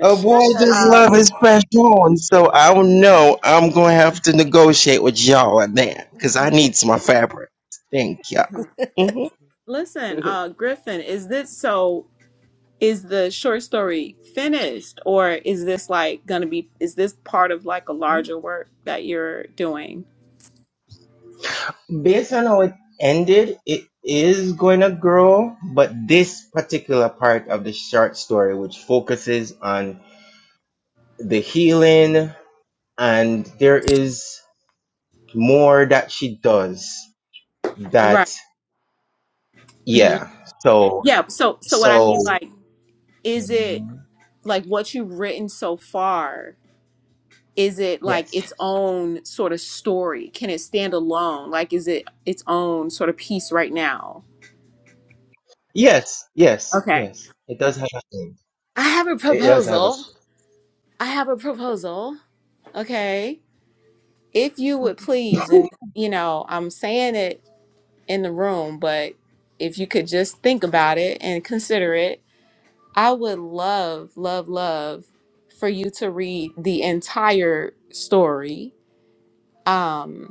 A boy just love
Um
his fresh on, so I don't know. I'm gonna have to negotiate with y'all on that because I
yeah.
need some more fabric. Thank y'all.
Mhm.
hmm
Okay.
listen, uh Griffin, is this so is the short story finished or is this like gonna be is this part of like a larger work that you're doing?
Based on how it ended, it is going to grow, but this particular part of the short story, which focuses on the healing, and there is more that she does.
Right.
That
hmm
yeah. So
Yeah. So so what I
so
mean like is it like what you've written so far? is it like
yes.
its own sort of story? Can it stand alone? Like, is it its own sort of piece right now?
Yes, yes,
Okay.
yes. It does have a thing.
I have a
It does have
proposal.
a.
I have a proposal. Okay. If you would please, and you know, I'm saying it in the room, but if you could just think about it and consider it, I would love, love, love for you to read the entire story. Um,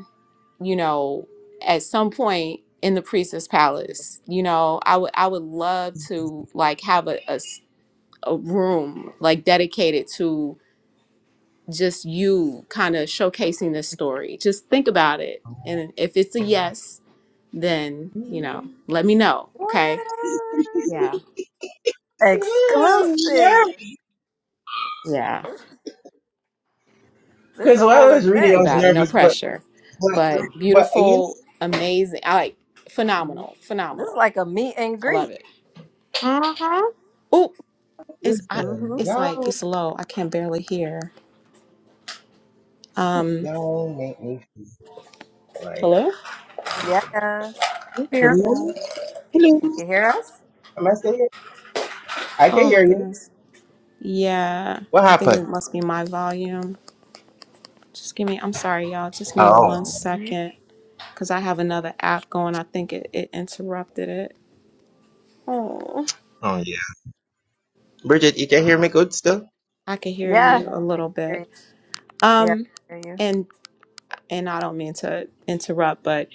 you know, at some point in the priestess palace, you know, I would I would love to like have a, a s- a room like dedicated to just you kind of showcasing this story. Just think about it. And if it's a yes, then, you know, let me know.
what?
Okay. Yeah.
Yeah,
Exclusive.
Yeah.
This is
because
a
when
whole
I was reading,
Think
I
event.
was
This,
about it. No
nervous, but
pressure.
but
But
but you
beautiful,
know,
amazing. I like phenomenal.
this is
Phenomenal.
like a meet and
I love
greet.
it.
mm-hmm.
Oh, it's I
Mm hmm
listen,
it's like
y'all
it's low. I can barely hear. Um,
y'all make me feel like
hello?
I just don't get-
Yeah.
You here.
Hello,
Uh-oh.
hello.
You can hear us?
Am I still here? I can
Oh my
hear you.
goodness. Yeah,
What
I think
happened?
it must be my volume. Just give me, I'm sorry, y'all. Just give me
Oh,
one second because I have another app going. I think it, it interrupted it. Oh,
oh yeah. Bridget, you can hear me good still?
I can hear
Yeah.
you a
I
little
hear you.
bit.
Yeah,
Um,
I hear you.
and and I don't mean to interrupt, but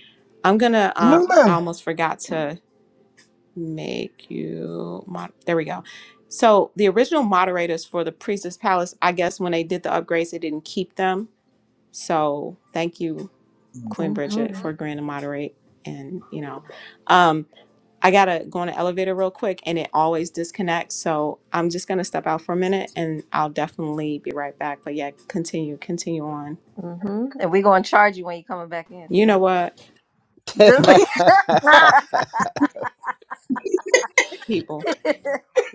I'm gonna, um,
No,
I
ma'am.
almost forgot to make you, mod- there we go. So the original moderators for the Priestess Palace, I guess when they did the upgrades, they didn't keep them So thank you, Queen
Mm-hmm.
Bridget, for agreeing to moderate. And you know, um, I gotta go on the elevator real quick, and it always disconnects. So I'm just gonna step out for a minute, and I'll definitely be right back. But yeah, continue, continue on.
Mm-hmm. And we're gonna charge you when you coming back in
You know
too.
what,
Just
people?
We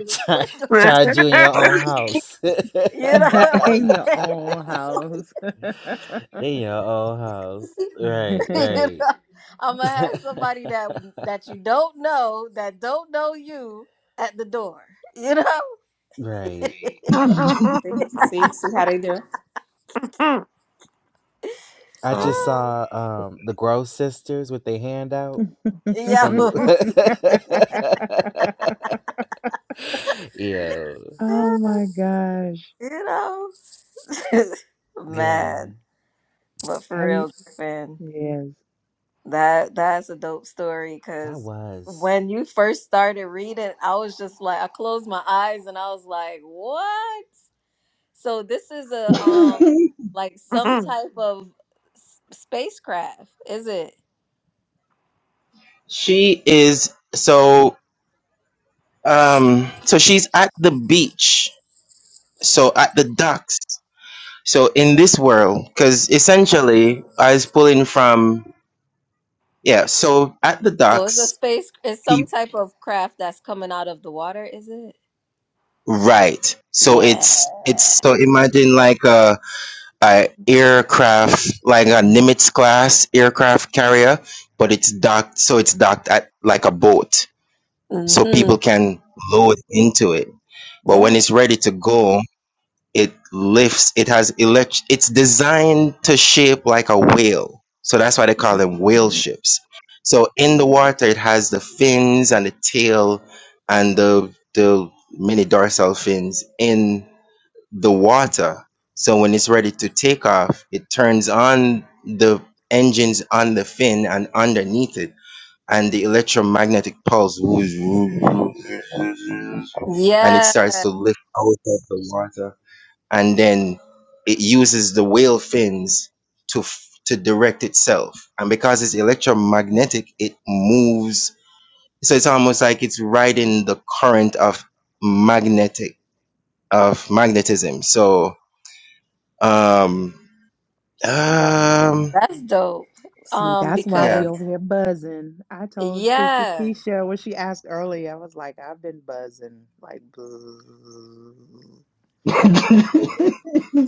Char-
gonna-
Charge you in your own house.
you know what
in your
I'm
own house.
in your own house.
saying?
Right,
you
right.
know, I'm gonna have somebody that that you don't know that don't know you at the door. You know,
right.
See, see, see how they do.
I
Oh.
just saw um the Gross sisters with their hand out from
yo,
Yeah.
Oh my gosh.
you know,
Yeah.
man. But for
Have you?
real, Griffin.
Yes.
That that's a dope story
That
because
was
when you first started reading, I was just like, I closed my eyes and I was like, what? So this is a um like some type of s- spacecraft, is it?
she is so um so she's at the beach so at the docks. so in this world because essentially i was pulling from yeah so at the
So it's a
docks,
space, it's some
people
type of craft that's coming out of the water, is it?
right so
Yeah.
it's it's so imagine like a, a aircraft like a nimitz class aircraft carrier but it's docked so it's docked at like a boat so
Mm-hmm.
people can load into it but
Yeah.
when it's ready to go it lifts it has elect it's designed to shape like a whale so that's why they call them whale
Mhm.
ships so in the water it has the fins and the tail and the the many dorsal fins in the water so when it's ready to take off it turns on the engines on the fin and underneath it and the electromagnetic pulse whoosh, whoosh, whoosh, whoosh, whoosh, and it
Yeah,
starts to lift out of the water and then it uses the whale fins to f- to direct itself and because it's electromagnetic it moves so it's almost like it's riding the current of magnetic of magnetism so um um
that's dope.
See,
Um,
that's why
yeah
we
because
over here buzzing. I told Priestess
yeah.
Keisha when she asked earlier, I was like, I've been buzzing. Like, buzz.
mm,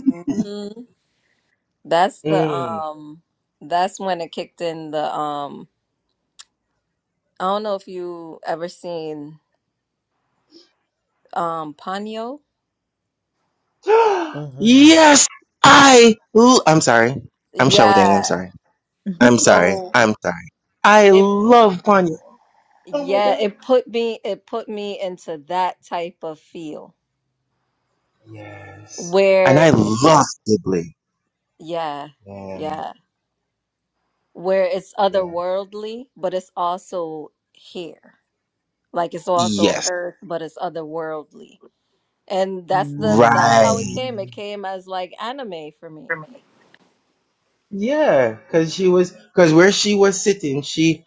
Mhm. That's the
Mm.
um that's when it kicked in the um I don't know if you ever seen um Ponyo.
mm-hmm.
yes i l- i'm sorry i'm shouting i'm
Yeah.
sorry i'm sorry
So
i'm sorry i
it
love ponyo oh my
yeah,
god
it put me it put me into that type of feel
Yes. And
where
I love Ghibli.
yeah,
Yeah.
yeah, where it's
Yeah.
otherworldly, but it's also here. Like it's also
Yes.
earth, but it's otherworldly. And that's the that's how it
Right.
came.
Mm.
It came as like anime for me.
Yeah. Cause she was, cause where she was sitting, she,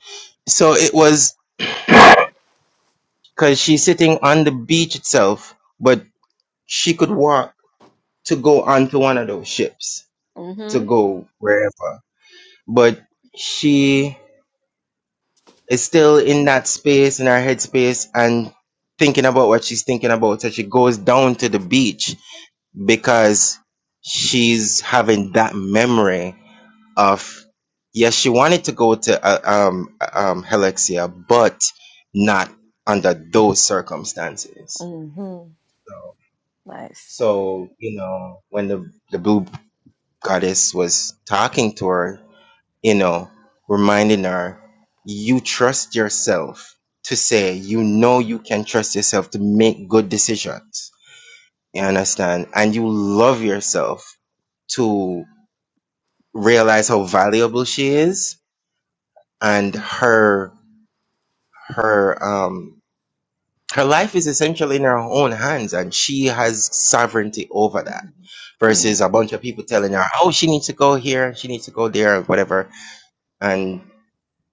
so it was, cause she's sitting on the beach itself, but she could walk to go onto one of those ships
Mm-hmm.
to go wherever. But she is still in that space, in her headspace and thinking about what she's thinking about. So she goes down to the beach because she's having that memory of yes she wanted to go to uh, um um helixia but not under those circumstances
Mm-hmm.
so
Nice.
so you know when the the blue goddess was talking to her you know reminding her you trust yourself to say you know you can trust yourself to make good decisions you understand and you love yourself to. realize how valuable she is and her her um her life is essentially in her own hands and she has sovereignty over that versus a bunch of people telling her oh she needs to go here she needs to go there or whatever and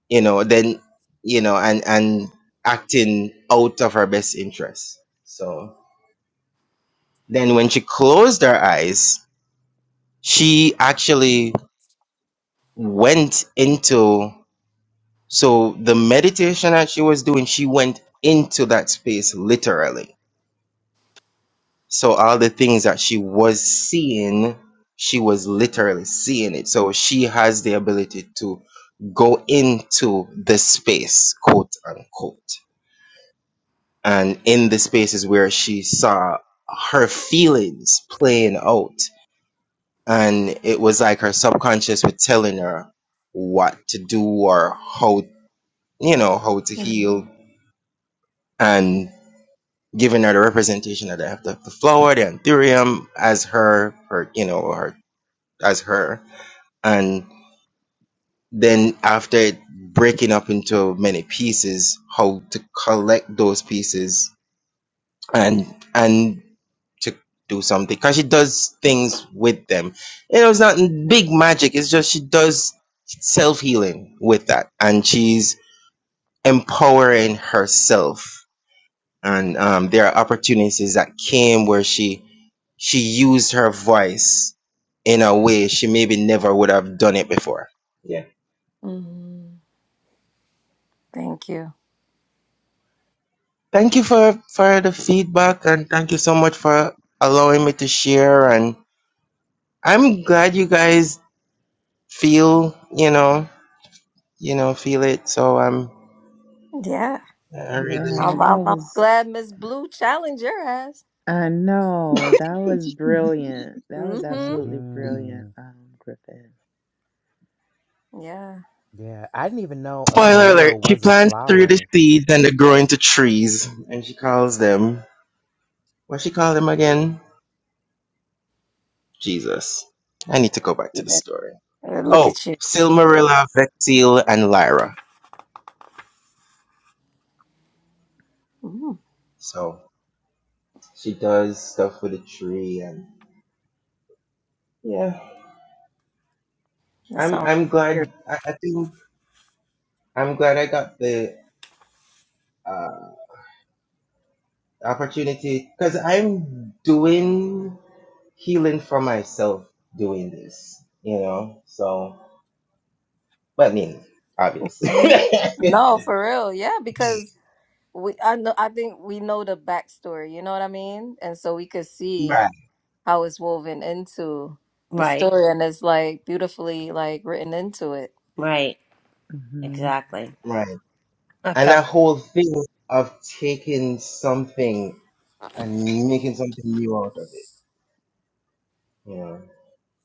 you know then you know and and acting out of her best interest so then when she closed her eyes she actually went into So the meditation that she was doing, she went into that space literally. So all the things that she was seeing, she was literally seeing it. So she has the ability to go into the space, quote unquote. And in the spaces where she saw her feelings playing out. And it was like her subconscious was telling her what to do or how, you know, how to heal. and. giving her the representation of the, the, the flower, the anthurium, as her, her, you know, her, as her. And then after it breaking up into many pieces, how to collect those pieces and, and to do something. Cause she does things with them. You know, it's not big magic. It's just she does self healing with that. And she's empowering herself and um, there are opportunities that came where she she used her voice in a way she maybe never would have done it before. Yeah.
Mm-hmm. Thank you.
Thank you for for the feedback and thank you so much for allowing me to share and I'm glad you guys feel, you know, you know, feel it. So I'm
Yeah.
I really
yeah,
I'm, I'm,
that
I'm
was,
glad Miss Blue challenged your ass.
I know, that was brilliant. That was
Mm-hmm.
absolutely brilliant,
Mm-hmm.
um, Griffin.
Yeah.
Yeah. I didn't even know a
spoiler alert,
Camilla
she
was a
plants through the
flower.
seeds and they grow into trees and she calls them what she call them again? Jesus. I need to go back
You
to the
bet.
story.
Uh, Look
Oh,
at you.
Silmarilla, Vexil, and Lyra.
Mm,
So she does stuff with a tree, and yeah,
that's
I'm
all.
I'm glad. I, I think I'm glad I got the uh, opportunity because I'm doing healing for myself doing this, you know. So, but I mean, obviously,
Mhm. No, for real. Yeah, because we I know I think we know the backstory, you know what I mean? And so we could see
right,
how it's woven into the
Right,
story and it's like beautifully like written into it,
right,
Mm-hmm.
exactly.
right,
I
and that
felt that.
whole thing of taking something and making something new out of it, you know.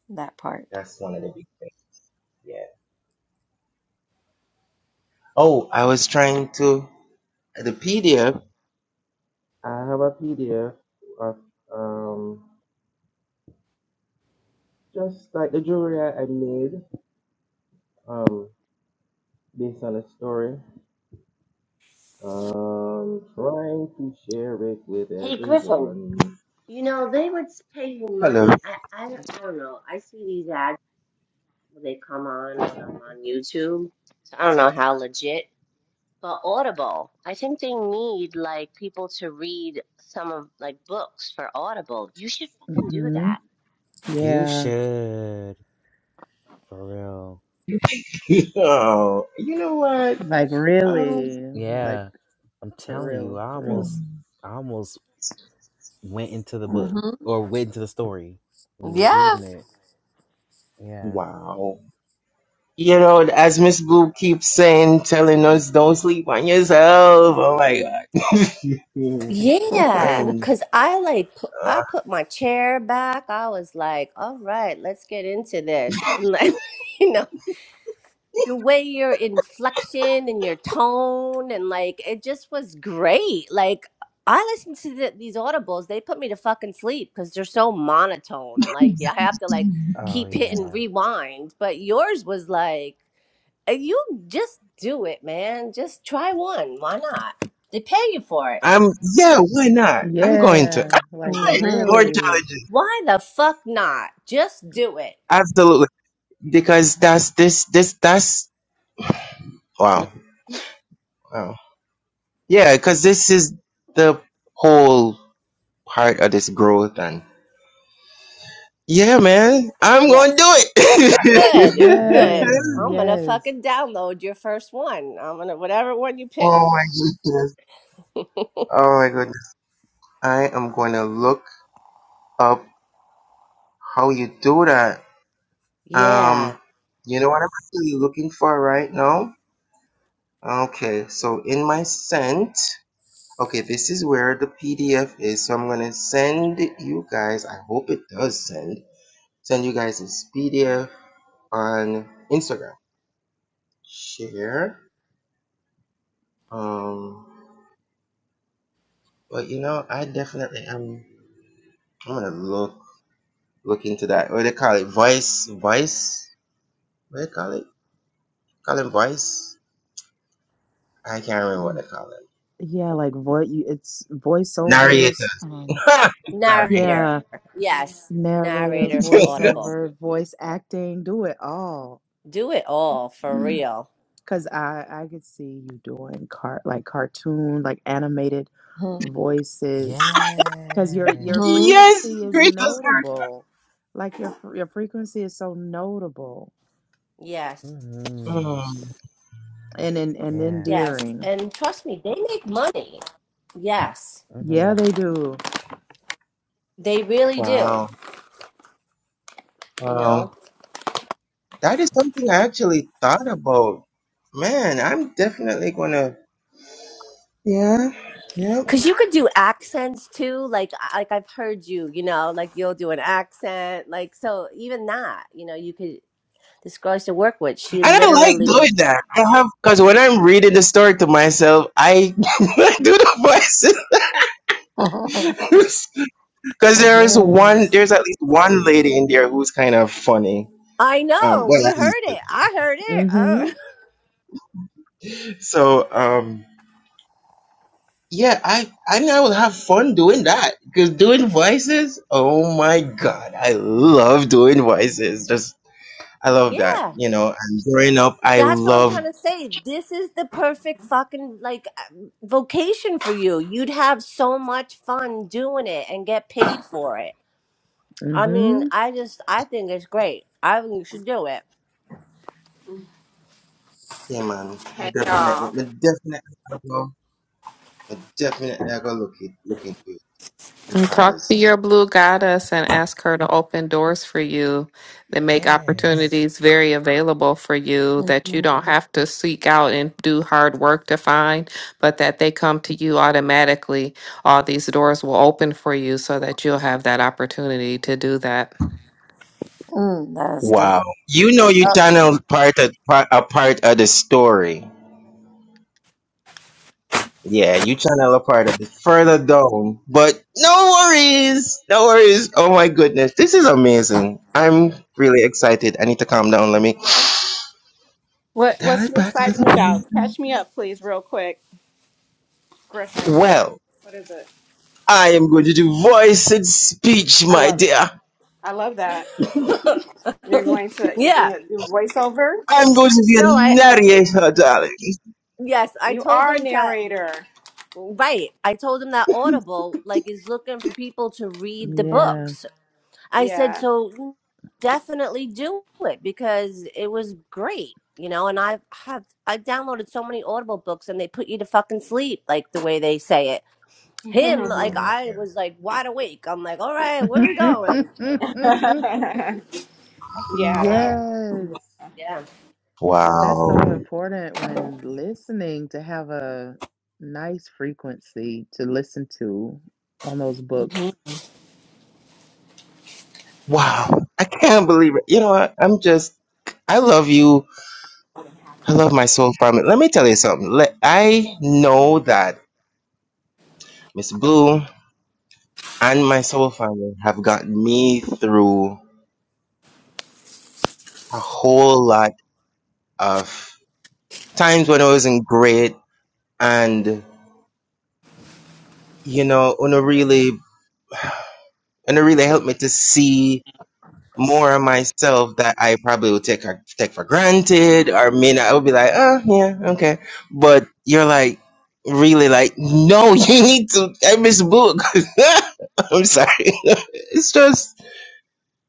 that part.
That's one of the big things. Yeah. Oh, I was trying to the PDF. I have a PDF of um just like the jewelry I, I made um based on a story. Um, trying to share it with
hey, Griffin.
everyone.
You know they would pay you
Hello.
money. I, I, I don't know. I see these ads when they come on when I'm on YouTube. So I don't know how legit. Well, Audible, I think they need like people to read some of like books for Audible. You should fucking do
hmm
that.
You
Yeah.
should. For real.
oh, you know what?
Like
Um,
really, like
Yeah, I'm
for
telling you,
real,
I
for real.
almost, I almost went into the book
hmm
or went into the story when you was
Yeah.
reading it. Yeah.
wow. You know, as Miss Blue keeps saying, telling us, don't sleep on yourself. Oh my God. I
Yeah,
am.
cause I like pu-
Uh,
I put my chair back. I was like, "All right, let's get into this." And like, You know. the way your inflection and your tone and like it just was great. Like I listen to the, these audibles, they put me to fucking sleep because they're so monotone. Like you have to like
Oh
keep hitting
yeah.
rewind. But yours was like uh, you just do it, man. Just try one. Why not? They pay you for it.
I'm yeah, why not? I'm going to.
Yeah.
I
Like
like
hmm
more
really.
challenges.
Why the fuck not? Just do it.
Absolutely. Because that's this this that's wow.
Mm-hmm.
Wow. Yeah, because this is the whole part of this growth and yeah, man. I'm gonna
Yes.
do
Good.
it.
Good.
Yes,
I'm
Hmm.
gonna
yes.
fucking download your first one. I'm gonna whatever one you pick.
oh my goodness. Oh my goodness. I am gonna look up how you do that. Um
Yeah.
you know what I'm actually looking for right now? Okay, so in my scent. Okay, this is where the PDF is. So I'm gonna send you guys. I hope it does send. Send you guys this PDF on Instagram. Share. Um, but you know, I definitely am. I'm gonna look look into that. What do they call it? Voice voice. What do they call it? Call him voice. I can't remember what they
Um,
call it.
yeah, like voice, it's
Narrator.
voiceovers. Um,
Sorry.
Narrator.
yeah,
Yes.
narrator,
Narrator for Audible.
voiceover, voice acting, do it all.
Do it all for real.
Cause I I could see you doing car like cartoon, like animated voices. Because your your
Mm-hmm.
yes,
Yes.
frequency is
gracious.
notable. Like your fr- your frequency is so notable
Yes.
Hmm.
Mm,
and and, and
Yeah.
Yes.
endearing.
And trust me, they make money. Yes.
Yeah,
Hmm.
they do.
They really do,
wow.
you
Wow.
know?
That is something I actually thought about. Man, I'm definitely gonna. Yeah, yeah.
Cuz you could do accents too, like I- like I've heard you, you know, like you'll do an accent, like so even that, you know, you could this girl I used to work with,
And
she
I like
literally
doing that. I have because when I'm reading the story to myself, I I do the voices. Because there is one,
Yes.
there's at least one lady in there who's kind of funny.
I
Um,
know,
well,
we
at least.
heard it. I heard it.
Mm-hmm.
Oh.
So, um, yeah, I I know I will have fun doing that because doing voices. Oh my god, I love doing voices. Just. I love that,
Yeah.
you know. And growing up, I
That's what I'm trying
loved,
to say. This is the perfect fucking like um, vocation for you. You'd have so much fun doing it and get paid for it. I mean,
Mm-hmm.
I just I think it's great. I think you should do it.
yeah, man. Me
Hey
Definitely,
y'all.
me definitely, I go, me definitely, I go look it, look into it
And talk
because
to your blue goddess and ask her to open doors for you that make
Yes.
opportunities very available for you that you don't have to seek out and do hard work to find, but that they come to you automatically. All these doors will open for you so that you'll have that opportunity to do that.
mm, that's
wow,
dope.
you know,
Yep.
you channel part of part, a part of the story. Yeah, you channel a part of it further down, but no worries, no worries. Oh my goodness, this is amazing. I'm really excited. I need to calm down. Let me
What
dial
What's
it
the
back a little
excitement about?
bit.
Catch me up, please, real quick, Griffin.
Well,
What is it?
I am going to do voice and speech,
I
my
love it.
dear.
I love that. You're going to you're
yeah.
gonna do voiceover.
I'm going to be
No,
a
I
narrator, darling.
yes, I
You
told
are a
them that
narrator.
right. I told them that Audible like is looking for people to read the
Yeah.
books. I
Yeah.
said, so you definitely do it because it was great, you know. And I've have I've downloaded so many Audible books, and they put you to fucking sleep, like the way they say it. Him, like
I'm like,
I was like wide awake. I'm like, all right, where we going?
yeah.
So
Oh,
yes.
yeah.
Because that's
wow.
so important when listening to have a nice frequency to listen to on those books.
Wow. I can't believe it. You know what? I'm just, I love you. I love my soul family. Let me tell you something. Let, I know that Miss Blue and my soul family have gotten me through a whole lot of times when I wasn't great. And, you know, Una really, Una really helped me to see more of myself that I probably would take take for granted, or may not. I would be like, oh yeah, okay. But you're like really like, no, you need to. I miss book. I'm sorry. it's just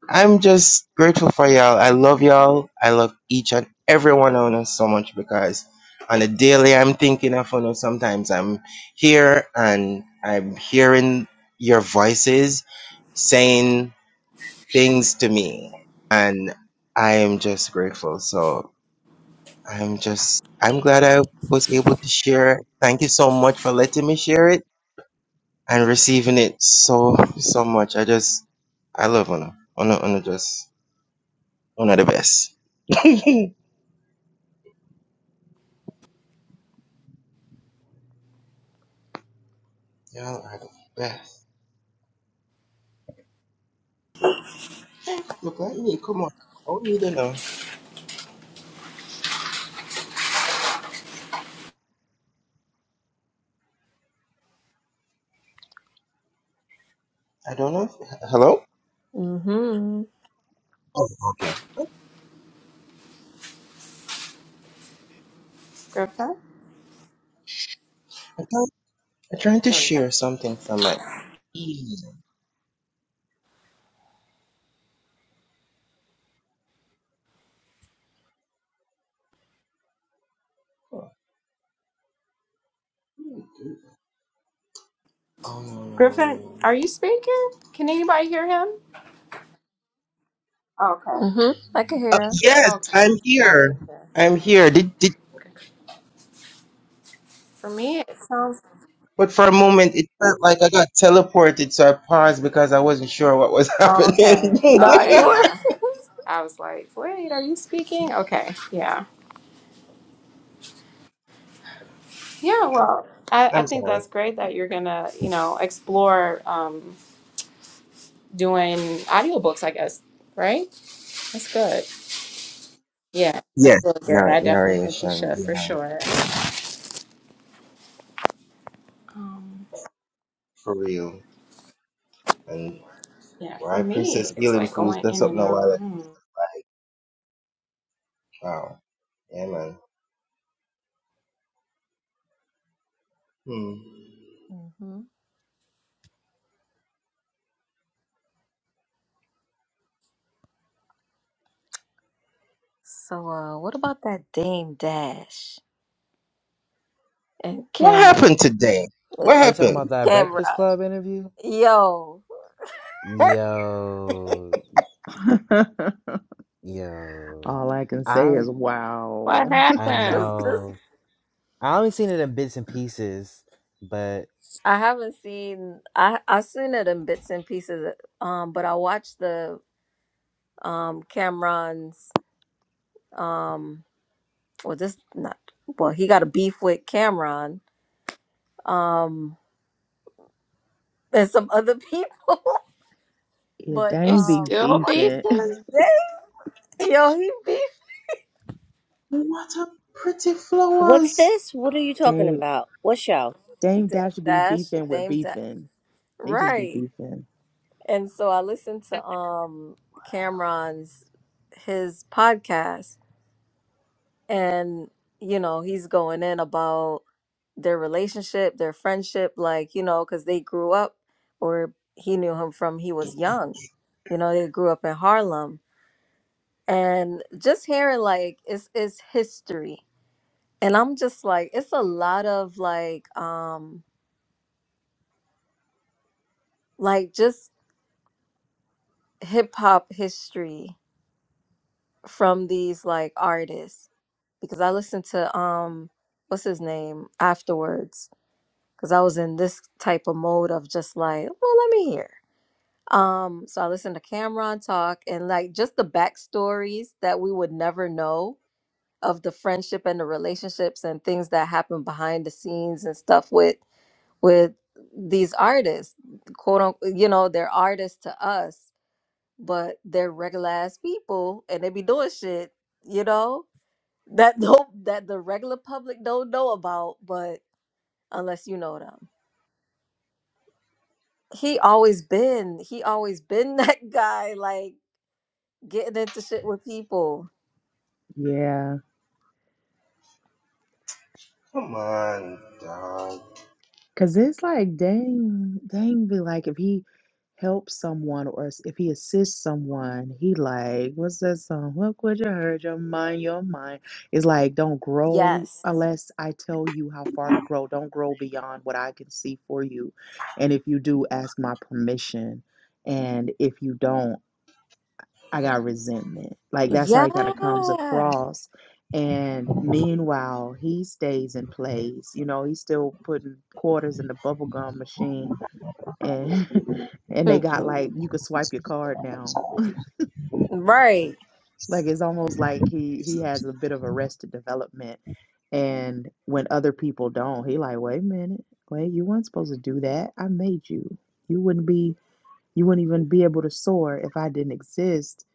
I'm just grateful for y'all. I love y'all. I love each and every one of us so much because on a daily I'm thinking of you Sometimes I'm here and I'm hearing your voices saying things to me and i am just grateful so i'm just i'm glad i was able to share it thank you so much for letting me share it and receiving it so so much i just i love Una. Una, Una just Una the best. Y'all are the best. Look at me, come on. Oh, me don't know. I don't know. if- Hello.
Mhm.
Oh, okay.
Griffin?
I'm trying, I'm trying to
There we go.
share something from my. Mm. Oh no no no no
Griffin,
no! no.
are you speaking? Can anybody hear him? Okay.
Mhm. I can
Uh,
hear. him.
yes,
Okay.
I'm
I
here.
didn't hear.
I'm here. Did did
For me, it sounds
but for a moment it felt like I got teleported, so I paused because I wasn't sure what was
okay.
happening.
Nah,
Okay.
you were.
Yeah. I was like, wait, are you speaking? Okay. Yeah. Yeah. Well, I, I
I'm
think
sorry.
that's great that you're going to, you know, explore um, doing audiobooks, I guess. Right? That's good. Yeah. That's
Yes,
really good.
nar-
I definitely think you
narration.
should for
Yeah,
sure. Um.
for real. And
Yeah, for
why Princess
me, it's
Healing
like
Pools?
going
That's
in and
something a
out.
while ago.
Mm.
Wow. Yeah, man. Hmm.
mhm. So, uh, what about that Dame Dash and
What
Camera?
happened today? What
Are you talking
happened?
about that Breakfast
Camera.
Club interview?
Yo,
Yo. Yo.
All I can say
I
is
What
wow.
I
happened?
just, just.
know. I only seen it in bits and pieces, but
I haven't seen. I I seen it in bits and pieces. Um, but I watched the um Cameron's um. Well, this not. Well, he got a beef with Cameron um, and some other people.
Yeah,
But
It's
Dame be
um,
still
beefing.
beefing?
Dame, yo, he beefed
What a pretty
What's
flowers.
this? What are you talking
Dame
about? What show?
Dame
Dame
Dash be
Dash,
beefing with
Dame Dash,
beefing. They just be
right?
beefing.
And so I listened to um Cameron's his podcast, and you know he's going in about their relationship, their friendship, like you know, because they grew up, or he knew him from he was young. You know, they grew up in Harlem, and just hearing like it's it's history and I'm just like, it's a lot of like, um, like just hip hop history from these like artists because I listened to um, what's his name afterwards because I was in this type of mode of just like, well, let me hear. Um, so I listened to Cameron talk and like just the backstories that we would never know of the friendship and the relationships and things that happen behind the scenes and stuff with with these artists, quote unquote, you know, they're artists to us, but they're regular ass people and they be doing shit, you know, that don't that the regular public don't know about, but unless you know them. He always been, he always been that guy, like getting into shit with people.
Yeah,
Come on, dog.
cause it's like Dame Dame be like if he helps someone or s- if he assists someone, he like what's that song? What could you hurt your mind? Your mind It's like don't grow
Yes.
unless I tell you how far to grow. Don't grow beyond what I can see for you, and if you do, ask my permission. And if you don't, I got resentment. Like that's how
Yeah.
he kind of comes across. And meanwhile, he stays and plays. You know, he's still putting quarters in the bubblegum machine and and
Hmm.
they got like you could swipe your card now.
Right.
Like it's almost like he he has a bit of arrested development. And when other people don't, he like, wait a minute, wait, you weren't supposed to do that. I made you. You wouldn't be you wouldn't even be able to soar if I didn't exist.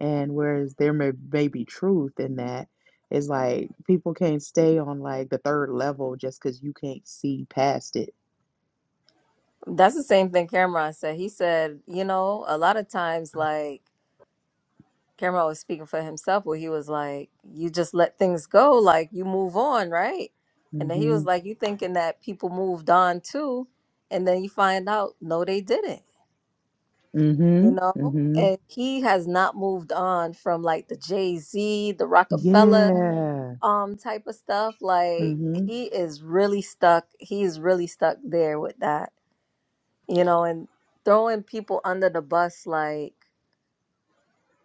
And whereas there may, may be truth in that, it's like people can't stay on like the third level just because you can't see past it.
That's the same thing Cameron said. He said, you know, a lot of times like Cameron was speaking for himself where he was like, You just let things go, like you move on, right? And then he
Mm-hmm.
was like, You thinking that people moved on too, and then you find out no they didn't, you
Mm-hmm.
know?
Mm-hmm.
And he has not moved on from like the Jay-Z, the Rockefeller
Yeah.
um type of stuff. Like
Mm-hmm.
he is really stuck, he's really stuck there with that, you know, and throwing people under the bus like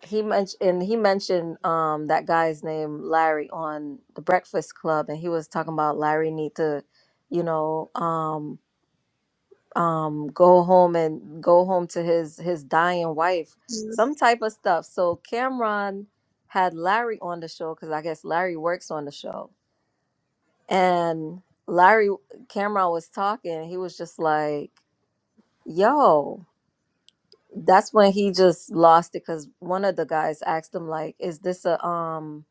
he mentioned he mentioned um that guy's name Larry on the Breakfast Club, and he was talking about Larry need to, you know, um um go home and go home to his his dying wife, some type of stuff. So Cameron had Larry on the show because I guess Larry works on the show, and Larry Cameron was talking. He was just like, "Yo." That's when he just lost it because one of the guys asked him like, "Is this a um?"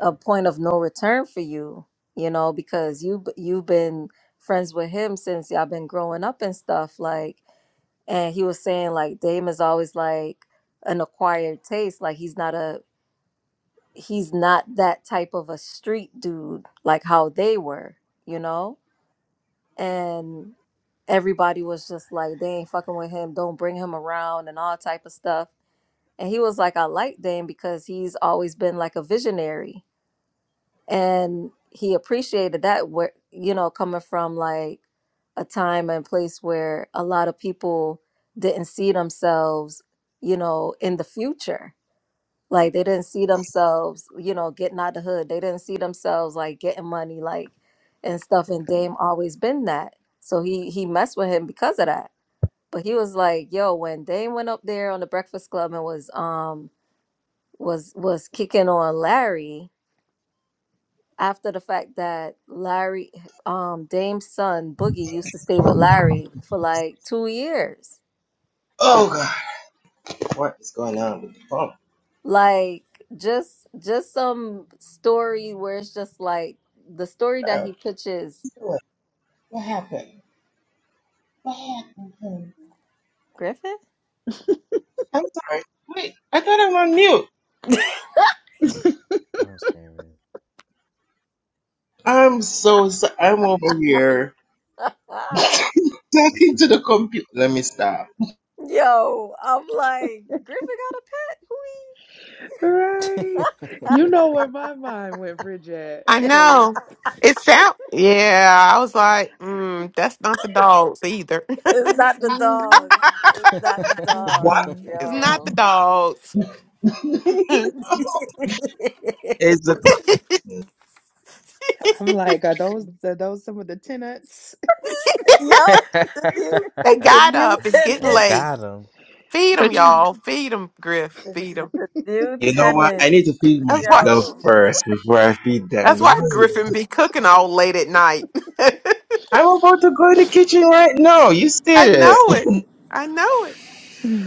a point of no return for you, you know, because you b- you've been friends with him since y'all been growing up and stuff like and he was saying like Dame is always like an acquired taste, like he's not a he's not that type of a street dude like how they were, you know? And everybody was just like they ain't fucking with him, don't bring him around and all type of stuff. And he was like I like Dame because he's always been like a visionary and he appreciated that where you know coming from like a time and place where a lot of people didn't see themselves you know in the future like they didn't see themselves you know getting out the hood they didn't see themselves like getting money like and stuff and Dame always been that so he he messed with him because of that but he was like yo when Dame went up there on the breakfast club and was um was was kicking on Larry after the fact that Larry, um, Dame's son Boogie used to stay with Larry for like two years.
Oh God, what is going on with the phone?
Like just just some story where it's just like the story that he pitches
What happened? What happened? honey?
Griffin.
I'm sorry. Wait, I thought I'm on mute.
I'm screaming.
I'm so sorry. I'm over here talking to the computer. Let me stop.
Yo, I'm like Griffin got a pet. Who
Right. You know where my mind went, Bridget,
I
he?
because
know. It sound yeah, I was like, mm, that's not the dogs either.
it's
it's
not the
mm-mm,
dogs. It's not the
What
dogs.
mm-mm.
not the
Yo.
dogs. they
Yo,
is the? You
I'm like, are those are those some of the tenants?
the new the
got
new
up. It's getting
I
tenant.
late.
got him.
Feed them,
Which
y'all. Feed them, Griff. Feed them.
New
know what? I
tenants.
need to feed
That's why.
Yo,
myself first before I feed them.
That's
You
why
know?
Griffin be cooking all late at night.
I'm about to go in the kitchen right now. You
I
stay there.
know it. I know it.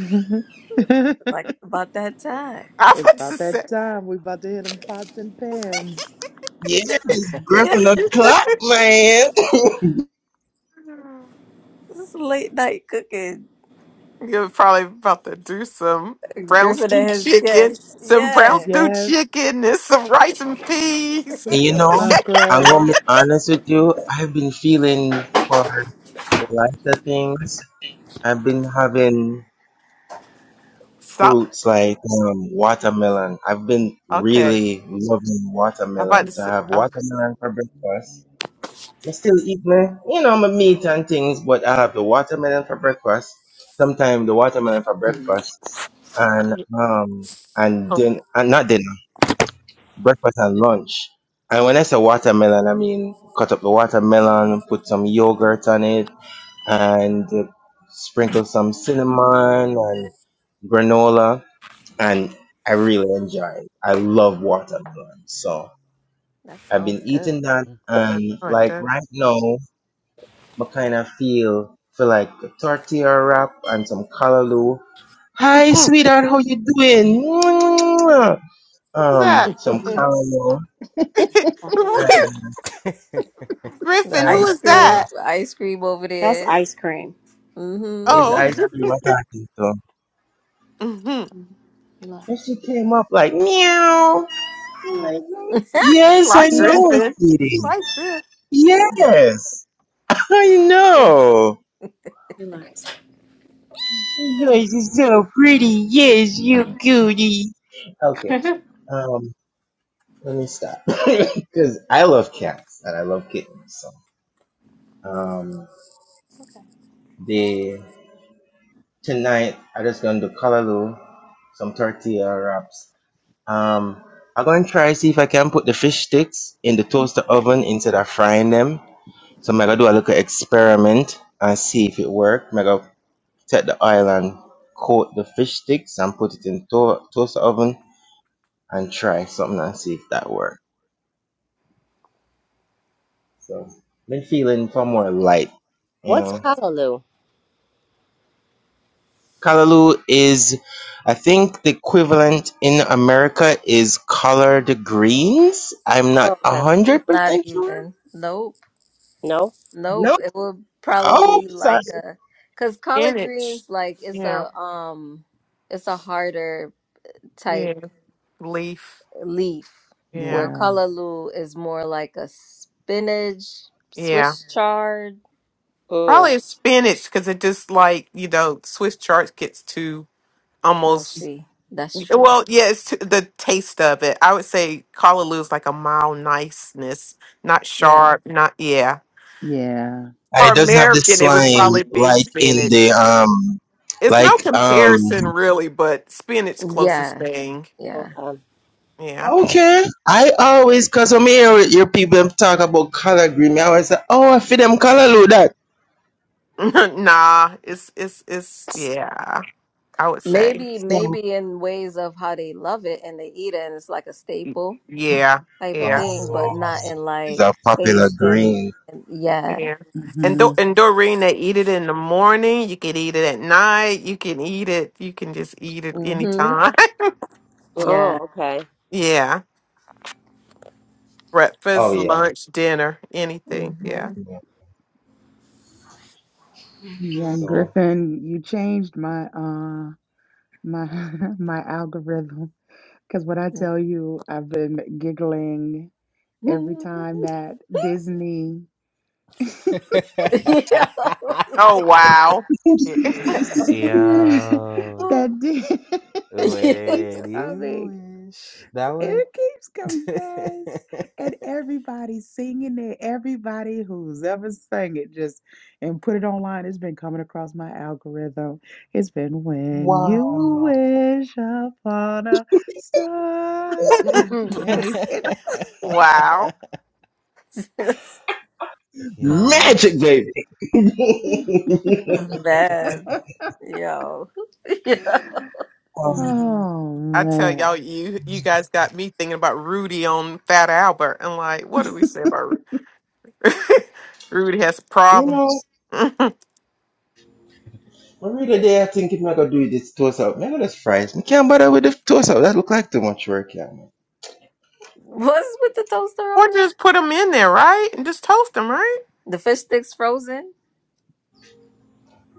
like it's about that time.
I'm
It's
about
about
to say
that time. We about to hit them pots and pans.
Yes,
Yes,
gripping the clock, man.
this is late night cooking.
you're probably about to do some brown
Griffin
stew
and his
chicken,
guests.
some brown
Yeah.
stew
Yes,
chicken, and some rice and peas.
And you
some
know, I'm gonna
mackerel.
be honest with you. I've been feeling for lots of things. I've been having
so
fruits like um, watermelon. I've been
okay,
really loving
I'm about
watermelon.
to
So I
say.
have
I'm,
watermelon for breakfast. I still eat my, you know, my meat and things, but I have the watermelon for breakfast. Sometimes the watermelon for breakfast, and um, and
oh,
then and not dinner. breakfast and lunch. And when I say watermelon, I mean cut up the watermelon, put some yogurt on it, and uh, sprinkle some cinnamon and granola. And I really enjoy it. I love watermelon. So
That
I've
sounds
been
good.
eating that.
hmm
And
oh, right
like
there.
right now, I kind of feel feel like a tortilla wrap and some callaloo. Hi,
Who's
sweetheart, how you doing? Um,
that?
some
Mm.
callaloo
Stop, stop it, stop it.
Griffin,
the
and
who
ice
is
uh,
cream,
that?
ice cream over
That's
there.
ice cream.
Mm-hmm.
it's
Oh.
ice
hmm
cream. I got this though.
hmm
Mhm.
And
Relax.
she came up like meow. I'm
Oh,
like,
He
yes, I
likes
know,
riffing. He
sweetie.
likes riff.
Yes, I know.
relax.
Yes, you're so pretty. Yes, you goody. Okay,
mm.
um, let me stop because I love cats and I love kittens. So, um, the tonight I just gonna do callaloo, some tortilla wraps Um, I'm going to try see if I can put the fish sticks in the toaster oven instead of frying them. So I'm gonna do a little experiment and see if it works. I'm gonna take the oil and coat the fish sticks and put it in to- toaster oven and try something and see if that works. So been feeling for more light, you
What's
know.
Callaloo?
Callaloo is, I think the equivalent in America is collard greens. I'm not a
Okay.
hundred
Not
percent sure.
even. Nope.
No.
No.
Nope. It will probably
Oh,
be
sorry.
like a, cause collard
Spinach.
greens, like it's
Yeah.
a um, it's a harder type.
Yeah. Leaf.
leaf, where
Yeah.
Yeah,
kalaloo is more like a spinach,
Yeah.
Swiss chard,
Mm,
Probably a spinach because it just like, you know, Swiss chard gets too almost.
mushy. That's true.
Well, yeah, it's too, the taste of it. I would say callaloo is like a mild niceness, not
Yeah.
sharp, not, yeah.
yeah.
And
For
it doesn't have the
American, it would
slime
probably be
like in the
spinach.
um,
It's no
like um.
comparison really, but spinach closest
Yeah.
thing.
Yeah.
okay.
Yeah.
Okay. I always cause when me hear your people talk about color green, me always say, oh, I feel them color look that.
nah, it's it's it's yeah. I would say
Maybe,
So,
maybe in ways of how they love it and they eat it, and it's like a staple
yeah,
type of
yeah,
thing, but
oh,
not in
it's
like
a popular
taste and,
green.
and yeah.
yeah. And
hmm
do and Doreen, they eat it in the morning. You can eat it at night. You can eat it. You can just eat it
Mm-hmm.
anytime.
Oh,
Yeah.
okay.
yeah,
Oh
breakfast,
yeah.
lunch, dinner, anything.
Mm-hmm.
Yeah.
yeah.
Yeah,
So.
Griffin, you changed my uh my my algorithm because when I tell you I've been giggling every
hmm
time that Disney
yeah.
Oh wow.
that Di-
Yo,
it
yeah.
keeps
when you
coming.
wish that one.
It keeps coming, yes. And everybody singing it, everybody who's ever sang it just and put it online. It's been coming across my algorithm. It's been when
Wow.
you wish upon a star.
Mhm.
Makes it.
wow.
Yo.
oh,
Magic, baby.
man. Yo. yeah.
Um,
Oh
I tell
man.
y'all, you you guys got me thinking about Rudy on Fat Albert, and like, what do we say about Rudy? Rudy has a
you
problem.
know, every other day I think if I gonna do this toast out, maybe that's fries. I can't bother with the toast out. That look like too much work, yeah.
What's with the toaster
Or
oven?
just put them in there, right? And just toast them, right?
The fish sticks frozen?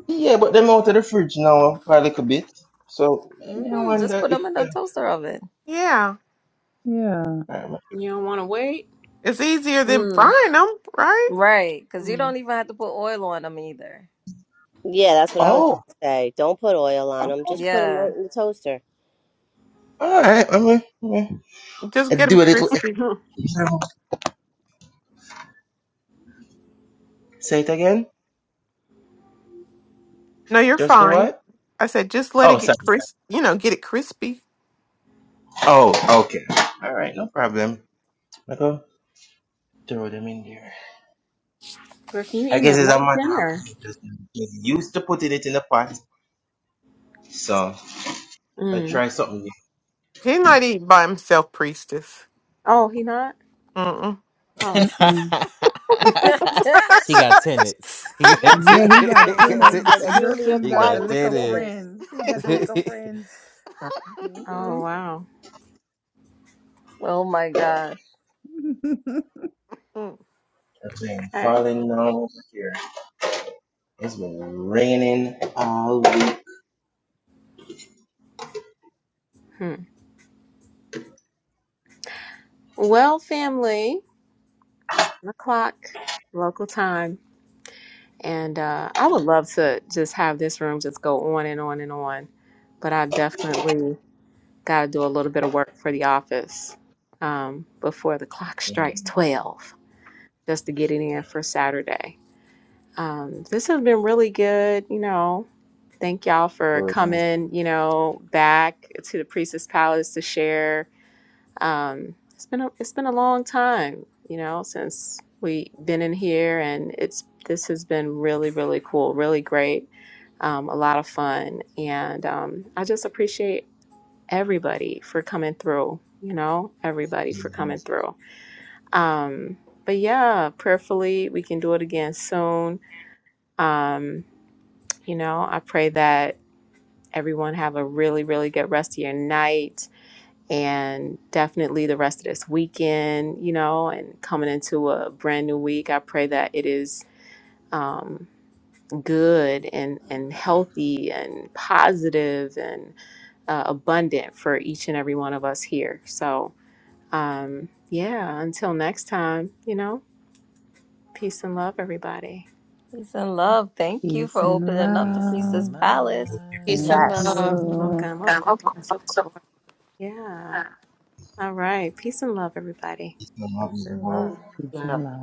Yeah, but them out of the fridge now for a little bit. So me I
hmm Just
wonder
put
if
them in the
them.
toaster oven.
Yeah.
Yeah.
um,
You don't want to wait?
It's easier than
Mm.
frying them, right?
Right. Because you
Mm.
don't even have to put oil on them either.
Yeah, that's what I was gonna
Oh,
say. Don't put oil on them. Just put them
Yeah.
right in the toaster.
all right. I mean, I mean,
Just
I
get them
do a little.
crispy.
extra- Say it again.
No, you're
Just do
fine.
what?
I said, just let
Oh,
it
sorry.
get crisp, you know, get it crispy.
Oh, okay. All right, no problem. I go throw them in there.
Griffin, you
I
eating
guess
a
it's a
late
matter of
dinner.
me just get used to putting it in the pot. So I
Mm.
try something. new.
He might eat by himself, priestess.
Oh, he not?
Mm-mm.
Oh.
Mm-mm.
you
he got tenants. He got
got
Yeah, he
tenants
got
over
tenants.
there.
tenants. Uh,
Some newly
Griffin
He
got the
got
acquired
lick of
tenants.
tenants.
friends. He got the lick of friends.
Oh,
hmm
wow.
Oh my gosh.
It's been
Okay.
falling down over here. It's been raining all week.
Hmm. Well, family, it's 10 o'clock local time. And uh, I would love to just have this room just go on and on and on. But I definitely Got to do a little bit of work for the office um, before the clock
And of
strikes 12 just to get it in for Saturday. Um, this has been really good. You know, thank y'all for
course, I'm
coming, you know, back to the Priestess Palace to share. Um, it's been a, it's been a long time, you know, since we have been in here and it's this has been really, really cool, really great. Um, a lot of fun. And um, I just appreciate everybody for coming through, you know, everybody for
in
coming through. Um, but yeah, prayerfully, we can do it again soon. Um, you know, I pray that everyone have a really, really good rest of your night and definitely the rest of this weekend, you know, and coming into a brand new week. I pray that it is um, good and, and healthy and positive and uh, abundant for each and every one of us here. So, Um, yeah, until next time, you know, peace and love, everybody.
He's in love. Thank you for
Peace and
opening up the
Peace
Priestess
and
love.
Palace.
love.
Thank
business.
Yes.
December?
you.
Welcome, of course, of course. Yeah. All right. Peace and love, everybody.
It's not
He's
even
in
warm.
love.
Peace and love.